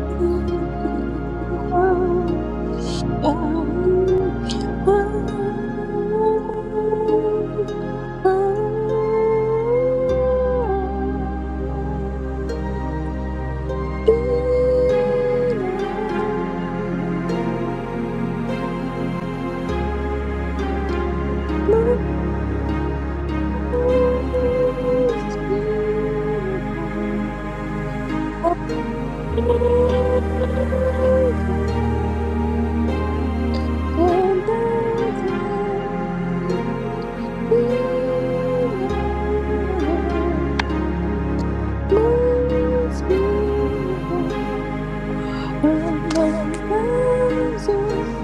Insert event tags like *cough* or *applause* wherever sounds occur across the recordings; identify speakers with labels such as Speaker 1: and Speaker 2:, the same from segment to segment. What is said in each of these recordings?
Speaker 1: Most beautiful. And that's the Redeemer, most beautiful among thousands.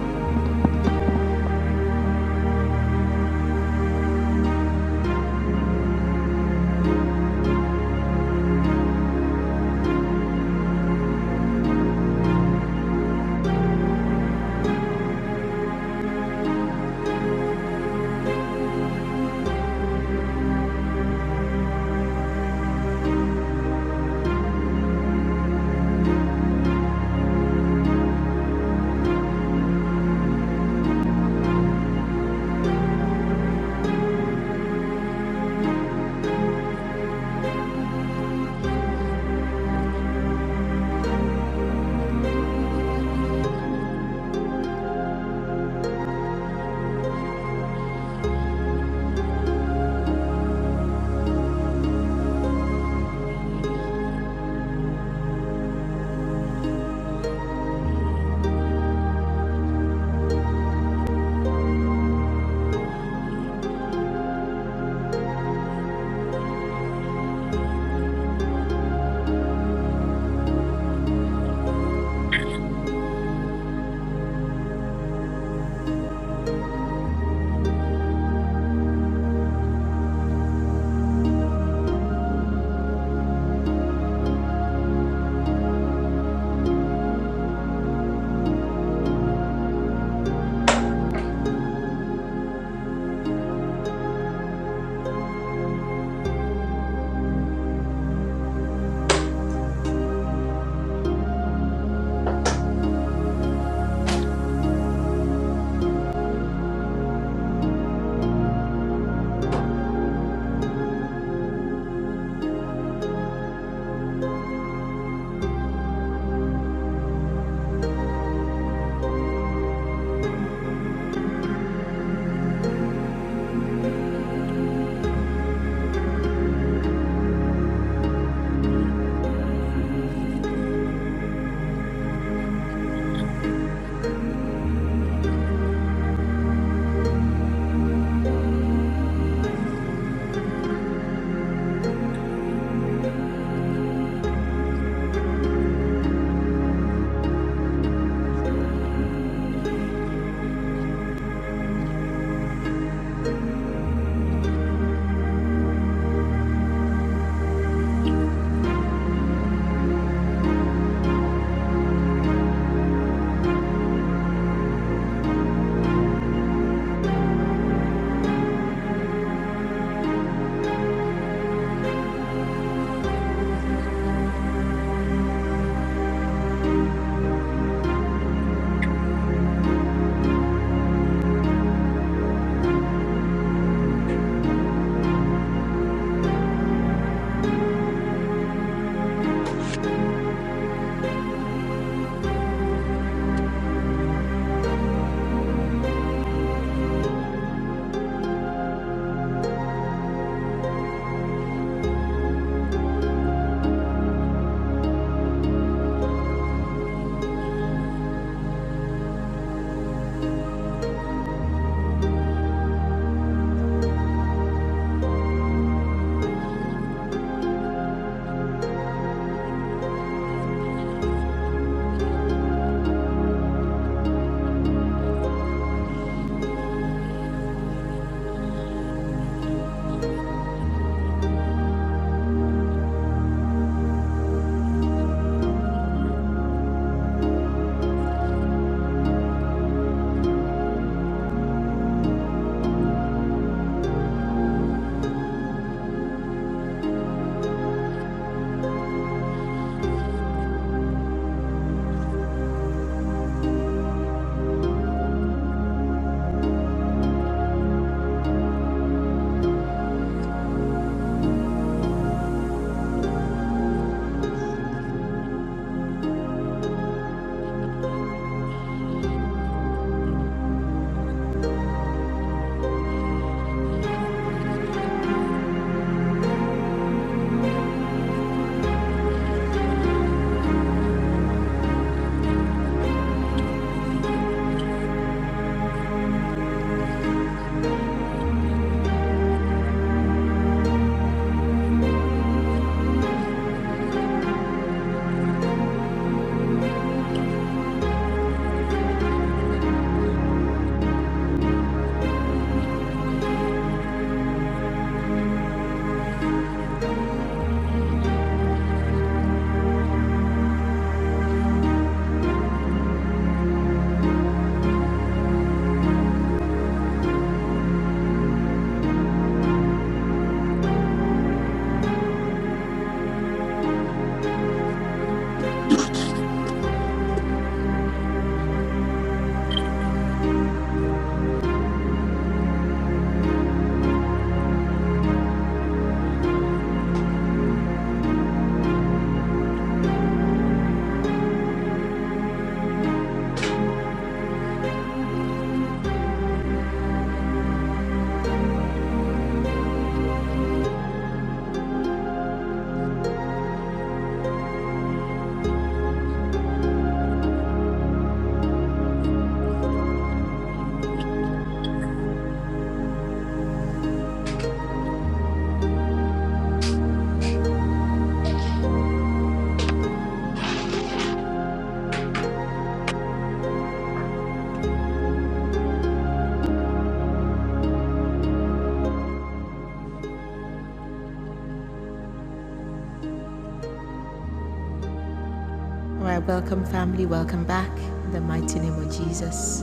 Speaker 2: All right, welcome, family. Welcome back in the mighty name of Jesus.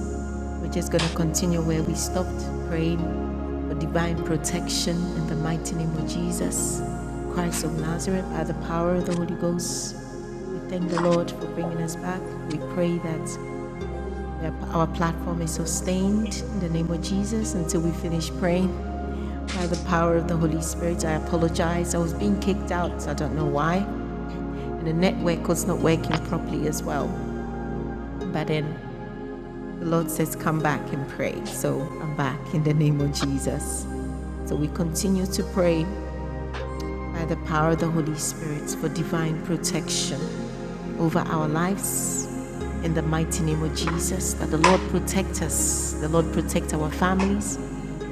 Speaker 2: We're just going to continue where we stopped, praying for divine protection in the mighty name of Jesus, Christ of Nazareth, by the power of the Holy Ghost. We thank the Lord for bringing us back. We pray that our platform is sustained in the name of Jesus until we finish praying by the power of the Holy Spirit. I apologize. I was being kicked out. so I don't know why. And the network was not working properly as well. But then the Lord says, Come back and pray. So I'm back in the name of Jesus. So we continue to pray by the power of the Holy Spirit for divine protection over our lives. In the mighty name of Jesus, that the Lord protect us, the Lord protect our families.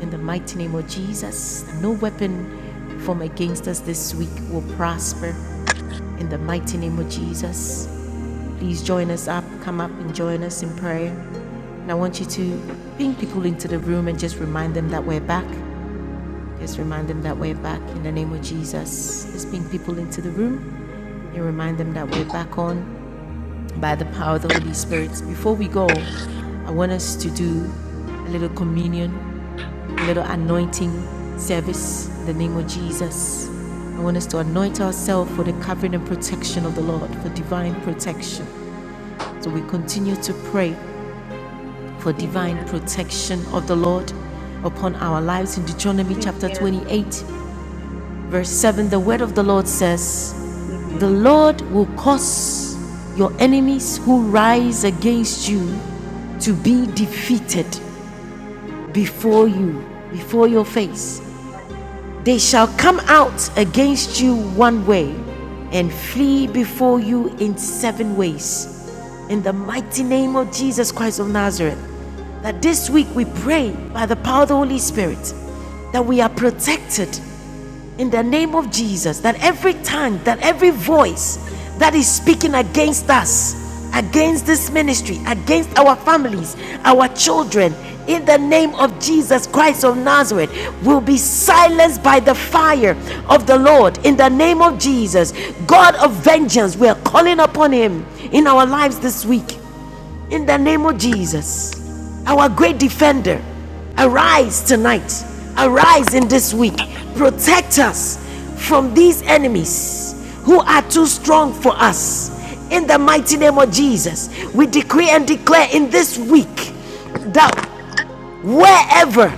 Speaker 2: In the mighty name of Jesus, no weapon formed against us this week will prosper. In the mighty name of Jesus, Please join us up, come up and join us in prayer. And I want you to bring people into the room and just remind them that we're back. Just remind them that we're back in the name of Jesus. Just bring people into the room and remind them that we're back on by the power of the Holy Spirit. Before we go, I want us to do a little communion, a little anointing service in the name of Jesus. I want us to anoint ourselves for the covering and protection of the Lord, for divine protection. So we continue to pray for divine
Speaker 3: CBN,
Speaker 2: protection of the Lord upon our lives in Deuteronomy chapter
Speaker 3: CBN,
Speaker 2: 28, verse 7. The word of the Lord says, The
Speaker 3: CBN.
Speaker 2: Lord will cause your enemies who rise against you to be defeated before you, before your face. They shall come out against you one way and flee before you in seven ways. In the mighty name of Jesus Christ of Nazareth, that this week we pray by the power of the Holy Spirit that we are protected in the name of Jesus that every tongue, that every voice that is speaking against us, against this ministry, against our families, our children, in the name of Jesus Christ of Nazareth, will be silenced by the fire of the Lord. In the name of Jesus, God of vengeance, we are calling upon Him in our lives this week. In the name of Jesus, our great defender, arise tonight. Arise in this week. Protect us from these enemies who are too strong for us. In the mighty name of Jesus, we decree and declare in this week that wherever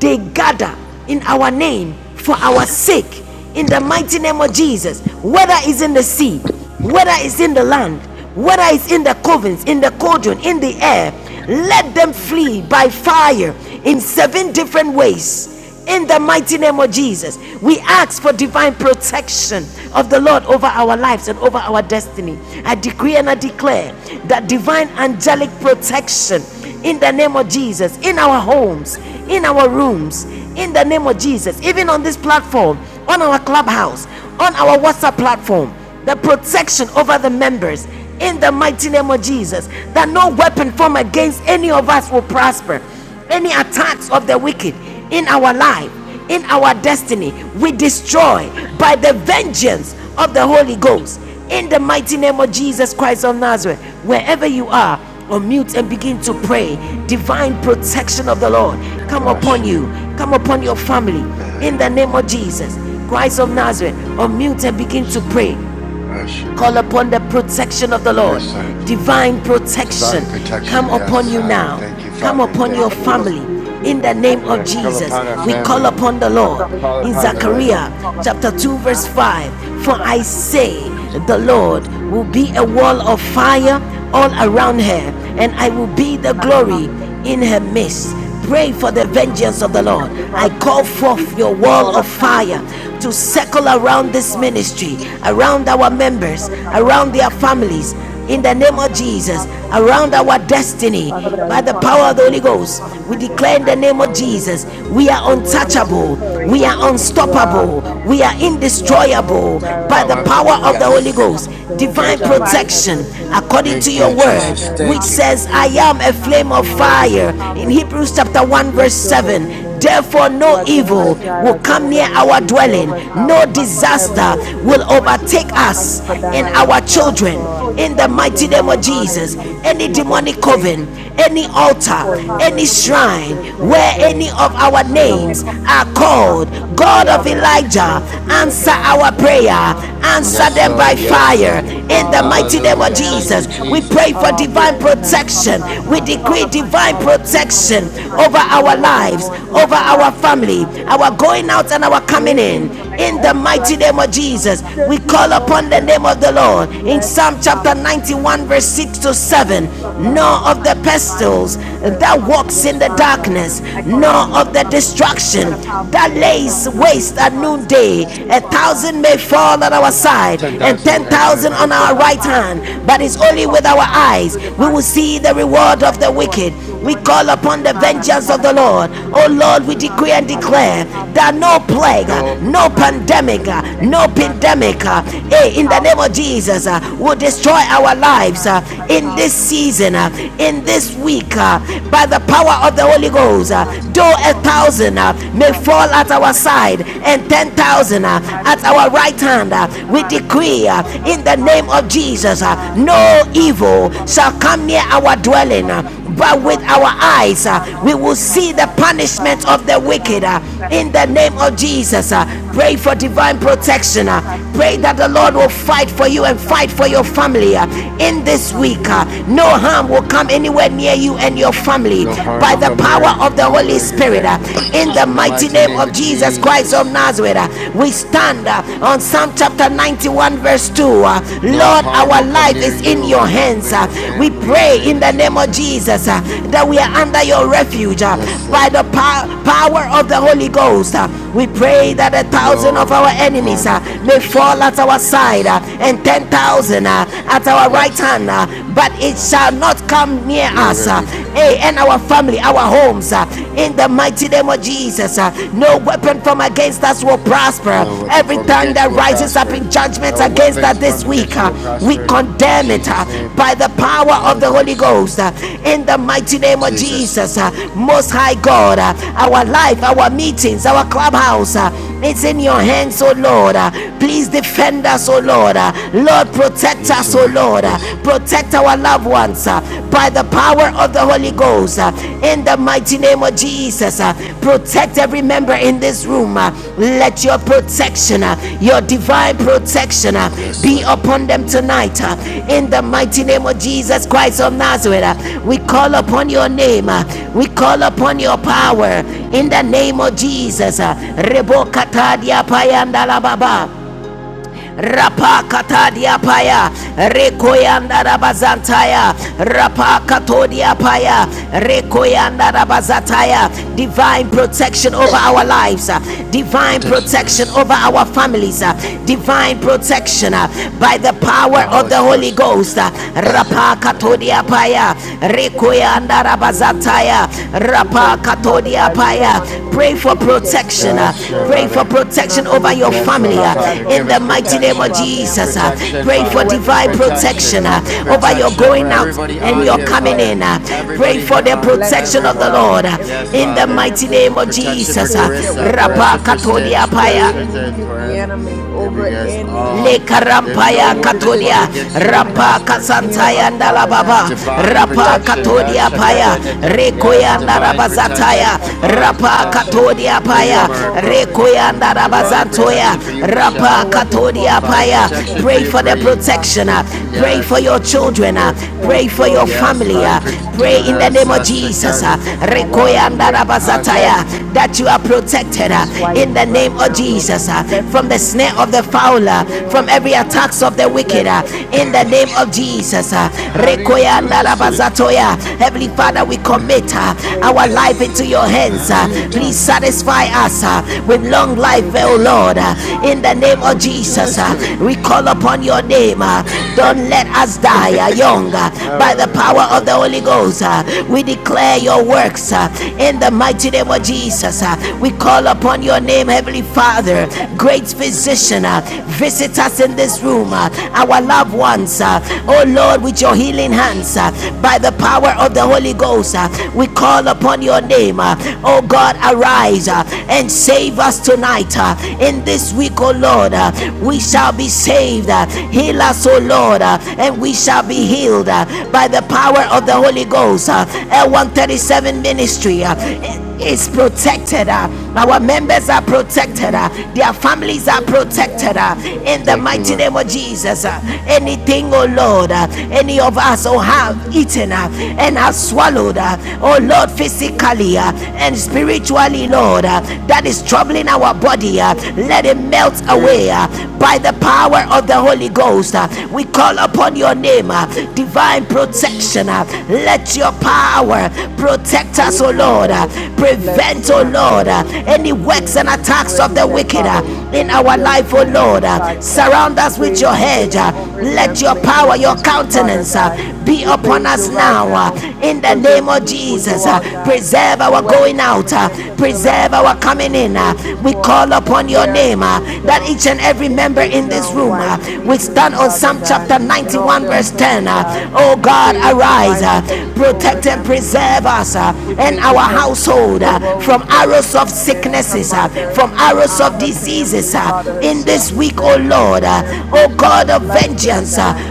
Speaker 2: they gather in our name for our sake, in the mighty name of Jesus, whether it's in the sea, whether it's in the land, whether it's in the covens, in the cauldron, in the air, let them flee by fire in seven different ways. In the mighty name of Jesus, we ask for divine protection of the Lord over our lives and over our destiny. I decree and I declare that divine angelic protection in the name of Jesus, in our homes, in our rooms, in the name of Jesus, even on this platform, on our clubhouse, on our WhatsApp platform, the protection over the members in the mighty name of Jesus, that no weapon formed against any of us will prosper any attacks of the wicked in our life, in our destiny, we destroy by the vengeance of the Holy Ghost. In the mighty name of Jesus Christ of Nazareth, wherever you are, unmute and begin to pray. Divine protection of the Lord come upon
Speaker 4: Ashaka,
Speaker 2: you, come upon your family. In the name of Jesus Christ of Nazareth, unmute and begin to pray. Call
Speaker 4: Ashaka,
Speaker 2: upon the protection of the Lord.
Speaker 4: yes, sir.
Speaker 2: Divine protection
Speaker 4: Divine
Speaker 2: come
Speaker 4: protection,
Speaker 2: upon
Speaker 4: yes,
Speaker 2: you
Speaker 4: Father.
Speaker 2: now.
Speaker 4: Thank you,
Speaker 2: Come
Speaker 4: Father.
Speaker 2: upon your
Speaker 4: Thank you, Lord.
Speaker 2: family. In the name of
Speaker 4: Yes, come
Speaker 2: Jesus,
Speaker 4: upon our
Speaker 2: we call
Speaker 4: family.
Speaker 2: upon the Lord.
Speaker 4: Call
Speaker 2: In
Speaker 4: upon the Lamb.
Speaker 2: Zechariah chapter 2, verse 5 For I say, the Lord will be a wall of fire all around her, and I will be the glory in her midst. Pray for the vengeance of the Lord. I call forth your wall of fire to circle around this ministry, around our members, around their families, in the name of Jesus, around our destiny,
Speaker 3: Father God,
Speaker 2: by
Speaker 3: we
Speaker 2: the
Speaker 3: come
Speaker 2: power of the
Speaker 3: into
Speaker 2: Holy
Speaker 3: your presence
Speaker 2: Ghost.
Speaker 3: to give
Speaker 2: We
Speaker 3: you
Speaker 2: declare
Speaker 3: thanks,
Speaker 2: in the
Speaker 3: praise,
Speaker 2: name of
Speaker 3: glory, and
Speaker 2: Jesus,
Speaker 3: honor.
Speaker 2: we are
Speaker 3: You're worthy to be
Speaker 2: untouchable, we
Speaker 3: praised.
Speaker 2: are
Speaker 3: You are,
Speaker 2: unstoppable, we are
Speaker 3: you are Jehovah
Speaker 2: indestructible
Speaker 3: Jireh,
Speaker 2: by
Speaker 4: Come
Speaker 2: the
Speaker 3: Jehovah
Speaker 2: power of the Holy
Speaker 3: Nissi,
Speaker 4: Yes,
Speaker 2: Ghost.
Speaker 3: Jehovah
Speaker 2: Divine
Speaker 4: thank you.
Speaker 3: Shalom. Have
Speaker 2: protection
Speaker 3: mercy on us,
Speaker 2: according to
Speaker 4: Thank
Speaker 2: your
Speaker 4: you,
Speaker 2: word,
Speaker 4: Jesus.
Speaker 3: Father.
Speaker 2: which
Speaker 4: Thank you.
Speaker 2: says, I
Speaker 3: We,
Speaker 2: am a flame of
Speaker 3: you're worthy to
Speaker 2: fire.
Speaker 3: be
Speaker 2: In
Speaker 3: praised.
Speaker 2: Hebrews chapter 1,
Speaker 3: Bless
Speaker 2: verse
Speaker 3: your holy
Speaker 2: 7,
Speaker 3: name.
Speaker 2: Therefore,
Speaker 3: You
Speaker 2: no
Speaker 3: are
Speaker 2: evil
Speaker 3: Jehovah
Speaker 2: will
Speaker 3: Jireh,
Speaker 2: come
Speaker 3: Jehovah
Speaker 2: near our
Speaker 3: Nissi,
Speaker 2: dwelling,
Speaker 3: Jehovah
Speaker 2: no
Speaker 3: Shalom. Have
Speaker 2: disaster
Speaker 3: mercy
Speaker 2: will
Speaker 3: on us.
Speaker 2: overtake
Speaker 3: Thank
Speaker 2: us
Speaker 3: you for
Speaker 2: and
Speaker 3: dying on the
Speaker 2: our
Speaker 3: cross
Speaker 2: children.
Speaker 3: for us.
Speaker 2: In the mighty
Speaker 3: And
Speaker 2: name of
Speaker 3: we honor
Speaker 2: Jesus,
Speaker 3: you. We give
Speaker 2: any
Speaker 3: you thanks.
Speaker 2: demonic coven,
Speaker 3: Praise
Speaker 2: any altar,
Speaker 3: for your
Speaker 2: any
Speaker 3: mercy.
Speaker 2: shrine
Speaker 3: Praise for your
Speaker 2: where any
Speaker 3: grace,
Speaker 2: of our names
Speaker 3: Lord.
Speaker 2: are called,
Speaker 3: Um, we
Speaker 2: God of
Speaker 3: gather
Speaker 2: Elijah,
Speaker 3: into your
Speaker 2: answer
Speaker 3: name
Speaker 2: our
Speaker 3: right
Speaker 2: prayer,
Speaker 3: now and we
Speaker 2: answer
Speaker 3: ask
Speaker 4: Yes,
Speaker 3: that
Speaker 2: them
Speaker 3: you
Speaker 2: by
Speaker 4: Lord.
Speaker 3: lift
Speaker 4: Yes, Lord.
Speaker 2: fire. In the
Speaker 3: all our
Speaker 2: mighty name of
Speaker 4: Hallelujah. Thank
Speaker 2: Jesus,
Speaker 4: you,
Speaker 3: families,
Speaker 2: we pray
Speaker 4: Jesus.
Speaker 3: all
Speaker 2: for
Speaker 3: our
Speaker 2: divine
Speaker 3: friends, and
Speaker 2: protection. We we
Speaker 3: Father
Speaker 2: decree divine
Speaker 3: all our church
Speaker 2: protection
Speaker 3: family,
Speaker 2: over
Speaker 3: God. You know
Speaker 2: our
Speaker 3: what they're
Speaker 2: lives,
Speaker 3: going through.
Speaker 2: over
Speaker 3: You know what
Speaker 2: our
Speaker 3: they've been
Speaker 2: family, our
Speaker 3: experiencing.
Speaker 2: going out and our coming in.
Speaker 3: Mm-mm.
Speaker 2: In the
Speaker 3: Ask God
Speaker 2: mighty name of Jesus, we
Speaker 3: that you
Speaker 2: call
Speaker 4: Come
Speaker 3: help
Speaker 4: on
Speaker 2: upon the
Speaker 4: here.
Speaker 2: name
Speaker 3: them.
Speaker 2: of the Lord. In
Speaker 3: Bless,
Speaker 2: Psalm chapter 91, verse 6 to
Speaker 3: bless,
Speaker 2: 7 nor
Speaker 3: um,
Speaker 2: of the pestilence that
Speaker 3: bless
Speaker 2: walks in
Speaker 3: Miss
Speaker 2: the
Speaker 3: Wood right
Speaker 2: darkness,
Speaker 3: now. Her and
Speaker 2: nor
Speaker 3: her
Speaker 2: of the
Speaker 3: husband, Mr.
Speaker 2: destruction
Speaker 3: Earl.
Speaker 2: that
Speaker 3: We ask that
Speaker 2: lays
Speaker 3: you be
Speaker 2: waste at
Speaker 3: with them, Father
Speaker 2: noonday.
Speaker 3: God. We
Speaker 2: A
Speaker 3: ask that
Speaker 2: thousand
Speaker 3: you
Speaker 2: may fall at
Speaker 3: that
Speaker 2: our
Speaker 3: you
Speaker 2: side and
Speaker 3: be
Speaker 4: 10,000
Speaker 2: ten
Speaker 4: at my
Speaker 2: thousand
Speaker 4: right
Speaker 2: on
Speaker 3: with
Speaker 2: our
Speaker 4: hand.
Speaker 3: their
Speaker 2: right
Speaker 3: um,
Speaker 2: hand, but it's only
Speaker 3: schoolwork.
Speaker 2: with our eyes we will see the reward of the wicked. We call upon the vengeance of the Lord. Oh Lord, we decree and declare
Speaker 3: Hallelujah.
Speaker 2: that
Speaker 3: We
Speaker 2: no
Speaker 3: declare,
Speaker 2: plague, uh,
Speaker 3: declare.
Speaker 4: No,
Speaker 2: no pandemic, uh, no
Speaker 3: Hallelujah.
Speaker 2: pandemic, uh, eh, in the name of Jesus, uh, will destroy our lives uh, in this season, uh, in this week, uh, by the power of the Holy Ghost arrows, uh, though a thousand uh, may fall at our side and ten thousand uh, at our right hand, uh, we decree uh, in the name of Jesus uh, no evil shall come near our dwelling. uh, but with our eyes, uh, we will see the punishment of the wicked. uh, in the name of Jesus, uh, pray for divine protection. uh, Pray that the Lord will fight for you and fight for your family uh, in this week. uh, No harm will come anywhere near you and your family
Speaker 4: no harm
Speaker 2: by
Speaker 4: will
Speaker 2: the
Speaker 4: come near
Speaker 2: power of the
Speaker 4: you
Speaker 2: Holy
Speaker 4: or your
Speaker 2: Spirit. uh,
Speaker 4: family.
Speaker 2: In the
Speaker 4: In the
Speaker 2: mighty
Speaker 4: mighty
Speaker 2: name
Speaker 4: name
Speaker 2: of
Speaker 4: of
Speaker 2: Jesus Christ of
Speaker 4: Jesus.
Speaker 2: Nazareth, uh, we stand uh, on Psalm chapter 91, verse 2. uh,
Speaker 4: No
Speaker 2: Lord,
Speaker 4: harm
Speaker 2: our
Speaker 4: will come
Speaker 2: life
Speaker 4: near
Speaker 2: is in your
Speaker 4: you and
Speaker 2: hands.
Speaker 4: your
Speaker 2: uh, We
Speaker 4: family in the
Speaker 2: pray
Speaker 4: name
Speaker 2: in
Speaker 4: of
Speaker 2: the name of
Speaker 4: Jesus.
Speaker 2: Jesus uh, that we are under your refuge uh,
Speaker 4: Yes,
Speaker 2: by
Speaker 4: Lord.
Speaker 2: the power of the Holy Ghost. uh, We pray that a thousand of
Speaker 4: No
Speaker 2: our enemies
Speaker 4: harm will
Speaker 2: uh,
Speaker 4: come
Speaker 2: may may
Speaker 4: against
Speaker 2: fall
Speaker 4: you.
Speaker 2: at our side
Speaker 4: Yes.
Speaker 2: uh, and 10,000 uh,
Speaker 4: Yes.
Speaker 2: at our right
Speaker 4: Yes.
Speaker 2: hand, uh, but it shall
Speaker 4: Yes.
Speaker 2: not come near
Speaker 4: You are
Speaker 2: us
Speaker 4: going
Speaker 2: uh,
Speaker 4: to be
Speaker 2: eh, and our family, our homes. uh, in the mighty name of Jesus, uh, no weapon from against us will prosper.
Speaker 4: no weapon
Speaker 2: Every
Speaker 4: formed
Speaker 2: tongue
Speaker 4: against you
Speaker 2: that
Speaker 4: will
Speaker 2: rises up
Speaker 4: prosper.
Speaker 2: in judgment
Speaker 4: No
Speaker 2: against
Speaker 4: weapons
Speaker 2: us this
Speaker 4: formed
Speaker 2: week,
Speaker 4: against you
Speaker 2: uh,
Speaker 4: will
Speaker 2: we
Speaker 4: prosper. In
Speaker 2: condemn it uh,
Speaker 4: Jesus' name,
Speaker 2: by the power
Speaker 4: the
Speaker 2: of
Speaker 4: Holy
Speaker 2: the Holy
Speaker 4: Ghost.
Speaker 2: Ghost. uh, in the mighty name of
Speaker 4: Jesus.
Speaker 2: Jesus, uh, Most High God, uh, our life, our meetings, our clubhouse, uh, it's in your hands, oh Lord. uh, Please defend us, oh Lord. Uh, Lord, protect
Speaker 4: Yes,
Speaker 2: us, oh
Speaker 4: Lord.
Speaker 2: Lord. Uh,
Speaker 4: Yes.
Speaker 2: Protect our loved ones uh, by the power of the Holy Ghost. uh, In the mighty name of Jesus, uh, protect every member in this room. uh, Let your protection, uh, your divine protection, uh,
Speaker 4: Yes,
Speaker 2: be
Speaker 4: Lord.
Speaker 2: upon them tonight. uh, In the mighty name of Jesus Christ of Nazareth, uh, we call upon your name. uh, We call upon your power. In the name of Jesus. uh, Rebo katadia payanda la
Speaker 4: Mm.
Speaker 2: baba rapa katadia paya rekoyanda rabazantaya rapa katodia paya rekoyanda rabazataya divine protection over our lives uh, divine
Speaker 4: Protection to
Speaker 2: protection
Speaker 4: us.
Speaker 2: over our families uh, divine protection uh, by the power
Speaker 4: The
Speaker 2: of
Speaker 4: Holy
Speaker 2: the holy
Speaker 4: Spirit.
Speaker 2: ghost uh,
Speaker 4: Back, back,
Speaker 2: rapa
Speaker 4: back, back.
Speaker 2: katodia
Speaker 4: back.
Speaker 2: paya rekoyanda Shanda
Speaker 3: Hallelujah.
Speaker 2: Rabazataya
Speaker 3: We
Speaker 2: Rapa
Speaker 3: praise you, Father
Speaker 2: Katodia
Speaker 3: God. We
Speaker 2: Paya.
Speaker 3: honor you.
Speaker 2: Pray
Speaker 3: We
Speaker 2: for
Speaker 3: give you thanks,
Speaker 2: protection.
Speaker 3: praise,
Speaker 2: uh,
Speaker 4: Yes, sure,
Speaker 3: glory,
Speaker 2: Pray for
Speaker 4: Father.
Speaker 3: and
Speaker 2: protection
Speaker 3: honor.
Speaker 2: over
Speaker 3: We
Speaker 2: your
Speaker 3: praise
Speaker 4: Yes,
Speaker 3: you,
Speaker 2: family
Speaker 4: Lord.
Speaker 2: uh,
Speaker 3: Father God,
Speaker 4: Father,
Speaker 3: for
Speaker 2: in
Speaker 4: give
Speaker 2: the
Speaker 4: us
Speaker 2: mighty
Speaker 3: protection
Speaker 2: name of
Speaker 3: of our
Speaker 4: protection.
Speaker 2: Jesus.
Speaker 3: family.
Speaker 2: uh,
Speaker 4: Protection,
Speaker 2: Pray
Speaker 3: We
Speaker 2: for
Speaker 3: no
Speaker 4: Father.
Speaker 3: weapon
Speaker 2: divine
Speaker 3: formed against us
Speaker 2: protection
Speaker 4: Protection.
Speaker 3: shall
Speaker 2: uh,
Speaker 3: ever
Speaker 2: over your
Speaker 3: prosper.
Speaker 4: Protection over
Speaker 2: going out
Speaker 3: We
Speaker 4: everybody
Speaker 2: and
Speaker 4: on
Speaker 3: decree
Speaker 2: your
Speaker 3: and
Speaker 4: here,
Speaker 2: coming
Speaker 3: declare
Speaker 2: in.
Speaker 4: Father.
Speaker 2: uh, Pray
Speaker 4: Everybody
Speaker 2: for
Speaker 4: here
Speaker 2: the
Speaker 4: on
Speaker 3: blessing
Speaker 2: protection of
Speaker 3: over
Speaker 2: the
Speaker 4: everyone.
Speaker 3: us
Speaker 2: Lord
Speaker 3: in
Speaker 2: uh,
Speaker 4: Yes,
Speaker 3: every
Speaker 2: in the
Speaker 3: in
Speaker 4: Father.
Speaker 2: mighty
Speaker 3: every
Speaker 2: name of
Speaker 4: Protection for
Speaker 2: Jesus. uh,
Speaker 3: place that we
Speaker 4: Carissa.
Speaker 3: go.
Speaker 4: Protection
Speaker 2: Rapa
Speaker 4: for
Speaker 3: We
Speaker 2: Katodia
Speaker 4: Stitch.
Speaker 2: Paya
Speaker 3: pray
Speaker 4: Protection
Speaker 3: and
Speaker 4: for
Speaker 3: rebuke the
Speaker 4: forever.
Speaker 3: enemy over
Speaker 4: Yes,
Speaker 3: any
Speaker 4: oh,
Speaker 2: leka
Speaker 4: There no
Speaker 2: rampaya
Speaker 3: any
Speaker 4: weapon formed
Speaker 2: katodia
Speaker 3: decision
Speaker 4: against you will
Speaker 2: rampa
Speaker 3: coming
Speaker 4: prosper.
Speaker 3: near
Speaker 2: kasantaya
Speaker 3: us,
Speaker 2: ndala
Speaker 3: Father God.
Speaker 2: baba,
Speaker 4: Divine
Speaker 3: We
Speaker 2: rapa
Speaker 3: bless
Speaker 4: protection.
Speaker 3: your
Speaker 4: Yes,
Speaker 2: katodia
Speaker 3: name.
Speaker 2: paya
Speaker 3: Bless
Speaker 4: shakatatatata.
Speaker 3: Bless
Speaker 4: Yes,
Speaker 2: rekoya
Speaker 3: our
Speaker 4: divine
Speaker 3: family. Bless
Speaker 2: ndarabazataya
Speaker 4: protection,
Speaker 3: our church,
Speaker 4: divine
Speaker 2: rapa
Speaker 3: Father.
Speaker 4: protection
Speaker 2: katodia
Speaker 4: for
Speaker 3: Bless
Speaker 4: you,
Speaker 3: our
Speaker 2: paya
Speaker 4: Miracle.
Speaker 3: co-workers,
Speaker 2: rekoya
Speaker 3: God.
Speaker 4: To divine
Speaker 3: Bless
Speaker 2: ndarabazantoya
Speaker 4: protection for you,
Speaker 3: everyone.
Speaker 2: rapa
Speaker 3: No
Speaker 4: Michelle.
Speaker 3: weapon formed
Speaker 2: katodia
Speaker 4: Divine
Speaker 3: against
Speaker 2: paya
Speaker 3: us shall
Speaker 4: protection for
Speaker 2: pray
Speaker 4: you,
Speaker 2: for the
Speaker 3: ever
Speaker 4: Bree.
Speaker 2: protection
Speaker 4: Di-
Speaker 2: uh,
Speaker 3: prosper. And
Speaker 2: pray
Speaker 3: we
Speaker 2: for
Speaker 3: give
Speaker 4: yes.
Speaker 2: your
Speaker 3: them faith,
Speaker 2: children uh,
Speaker 4: Uh,
Speaker 3: praise,
Speaker 2: pray for your
Speaker 3: glory, and
Speaker 4: Yes,
Speaker 2: family
Speaker 4: divine
Speaker 2: uh,
Speaker 3: honor.
Speaker 4: for
Speaker 2: pray
Speaker 3: You're
Speaker 4: divine.
Speaker 2: in the
Speaker 4: Yes,
Speaker 2: name
Speaker 3: worthy
Speaker 2: of
Speaker 4: ah,
Speaker 3: to be
Speaker 2: jesus uh,
Speaker 3: praised.
Speaker 4: shakata. Wow,
Speaker 2: rekoya
Speaker 4: you
Speaker 3: Hallelujah.
Speaker 4: wait. Hush.
Speaker 2: ndarabazataya
Speaker 3: Bless
Speaker 2: that you are protected uh,
Speaker 3: Miss White
Speaker 2: in the name
Speaker 3: right
Speaker 2: of
Speaker 3: now, Lord.
Speaker 2: jesus uh,
Speaker 3: Bless
Speaker 2: from the snare
Speaker 3: Miss
Speaker 2: of of the foul, uh, from
Speaker 3: Naomi.
Speaker 2: every attacks of the wicked.
Speaker 3: Bless
Speaker 2: uh, In the
Speaker 3: mine.
Speaker 2: name of Jesus, uh,
Speaker 4: How do you do
Speaker 2: Rekoyanda
Speaker 4: this to me?
Speaker 2: Rabazatoya.
Speaker 3: We
Speaker 2: Heavenly Father,
Speaker 3: praise
Speaker 2: we
Speaker 3: you.
Speaker 2: commit uh,
Speaker 3: Pray
Speaker 2: our
Speaker 3: for
Speaker 2: life
Speaker 3: your
Speaker 2: into
Speaker 3: grace.
Speaker 2: your
Speaker 3: Pray
Speaker 2: hands.
Speaker 4: How do
Speaker 3: for
Speaker 2: uh,
Speaker 4: you
Speaker 3: your
Speaker 2: Please
Speaker 4: do?
Speaker 3: help.
Speaker 2: satisfy us uh, with long life, O
Speaker 3: Hallelujah.
Speaker 2: Lord. uh, In the name of
Speaker 4: How do you do
Speaker 2: Jesus,
Speaker 4: this
Speaker 2: uh,
Speaker 4: to me?
Speaker 2: we call upon your name. uh, Don't let us
Speaker 4: *laughs* oh,
Speaker 2: die uh, young uh, by the
Speaker 4: oh,
Speaker 2: power of the Holy
Speaker 4: gosh.
Speaker 2: Ghost. uh, We declare your works uh, in the mighty name
Speaker 4: Oh,
Speaker 2: of Jesus. uh, We call upon your name, Heavenly Father. Great great
Speaker 4: yeah.
Speaker 2: physician, uh, visit us in this room, uh, our loved ones, uh, oh Lord, with your healing hands, uh, by the power of the Holy Ghost, uh, we call upon your name, uh, oh God, arise uh, and save us tonight. uh, in this week, oh Lord, uh, we shall be saved. uh, heal us, oh Lord, uh, and we shall be healed uh, by the power of the Holy Ghost. Uh, L137 Ministry. uh, is protected. uh, Our members are protected. uh, Their families are protected. uh, In the
Speaker 4: Thank you,
Speaker 2: mighty
Speaker 4: Lord.
Speaker 2: name of Jesus. uh, Anything, oh Lord, uh, any of us, oh, have eaten uh, and have swallowed, uh, oh Lord, physically uh, and spiritually, Lord, uh, that is troubling our body, uh, let it melt away
Speaker 4: Yeah.
Speaker 2: uh, by the power of the Holy Ghost. uh, We call upon your name, uh, divine protection. uh, Let your power protect us, oh Lord.
Speaker 3: Hallelujah.
Speaker 2: uh,
Speaker 3: Bless
Speaker 2: Prevent, oh
Speaker 3: my
Speaker 2: Lord, uh,
Speaker 3: brother
Speaker 2: any works and
Speaker 3: Jimmy
Speaker 2: attacks
Speaker 3: where
Speaker 2: of
Speaker 3: he's
Speaker 2: the
Speaker 3: at,
Speaker 2: wicked uh,
Speaker 3: Father. We
Speaker 2: in
Speaker 3: pray
Speaker 2: our
Speaker 3: healing
Speaker 2: life, oh
Speaker 3: over
Speaker 2: Lord.
Speaker 3: his
Speaker 2: Uh,
Speaker 3: body, God.
Speaker 2: Surround
Speaker 3: We
Speaker 2: us with your
Speaker 3: praise
Speaker 2: hedge.
Speaker 3: healing
Speaker 2: uh,
Speaker 3: over the
Speaker 2: Let your
Speaker 3: inflammation
Speaker 2: power,
Speaker 3: on
Speaker 2: your
Speaker 3: his foot, Father
Speaker 2: countenance uh,
Speaker 3: God.
Speaker 2: be
Speaker 3: We
Speaker 2: upon
Speaker 3: praise you
Speaker 2: us
Speaker 3: right
Speaker 2: now. uh,
Speaker 3: now
Speaker 2: In the
Speaker 3: because of
Speaker 2: name of
Speaker 3: you, who you
Speaker 2: Jesus, uh,
Speaker 3: are, God.
Speaker 2: preserve
Speaker 3: No
Speaker 2: our
Speaker 3: weapon
Speaker 2: going
Speaker 3: formed
Speaker 2: out, uh,
Speaker 3: against us shall ever
Speaker 2: preserve our
Speaker 3: prosper.
Speaker 2: coming
Speaker 3: We
Speaker 2: in. uh,
Speaker 3: praise you
Speaker 2: We
Speaker 3: for
Speaker 2: call upon your
Speaker 3: Pierre
Speaker 2: name
Speaker 3: and
Speaker 2: uh,
Speaker 3: his
Speaker 2: that
Speaker 3: uh,
Speaker 2: each and every member
Speaker 3: and his
Speaker 2: in
Speaker 3: uh,
Speaker 2: this room
Speaker 3: wife
Speaker 2: uh, we
Speaker 3: Nadine,
Speaker 2: stand on
Speaker 3: Father
Speaker 2: Psalm
Speaker 3: God,
Speaker 2: chapter
Speaker 3: and all
Speaker 2: 91,
Speaker 3: their
Speaker 2: verse 10.
Speaker 3: children,
Speaker 2: uh,
Speaker 3: God.
Speaker 2: Oh
Speaker 3: We
Speaker 2: God,
Speaker 3: praise
Speaker 2: arise,
Speaker 3: divine
Speaker 2: uh,
Speaker 3: protection over
Speaker 2: protect and
Speaker 3: them
Speaker 2: preserve us uh,
Speaker 3: we
Speaker 2: and
Speaker 3: praise you
Speaker 2: our
Speaker 3: for
Speaker 2: household cold,
Speaker 3: for
Speaker 2: uh, from
Speaker 3: Rose and
Speaker 2: arrows of
Speaker 3: and her
Speaker 2: sicknesses, uh,
Speaker 3: mother,
Speaker 2: from arrows
Speaker 3: uh,
Speaker 2: of
Speaker 3: her
Speaker 2: diseases.
Speaker 3: family,
Speaker 2: uh,
Speaker 3: Father, her
Speaker 2: in this
Speaker 3: sisters,
Speaker 2: week,
Speaker 3: her
Speaker 2: oh
Speaker 3: niece
Speaker 2: Lord,
Speaker 3: and
Speaker 2: uh, oh
Speaker 3: nephews.
Speaker 2: God
Speaker 3: Father,
Speaker 2: of
Speaker 3: bless them,
Speaker 2: vengeance, uh,
Speaker 3: God.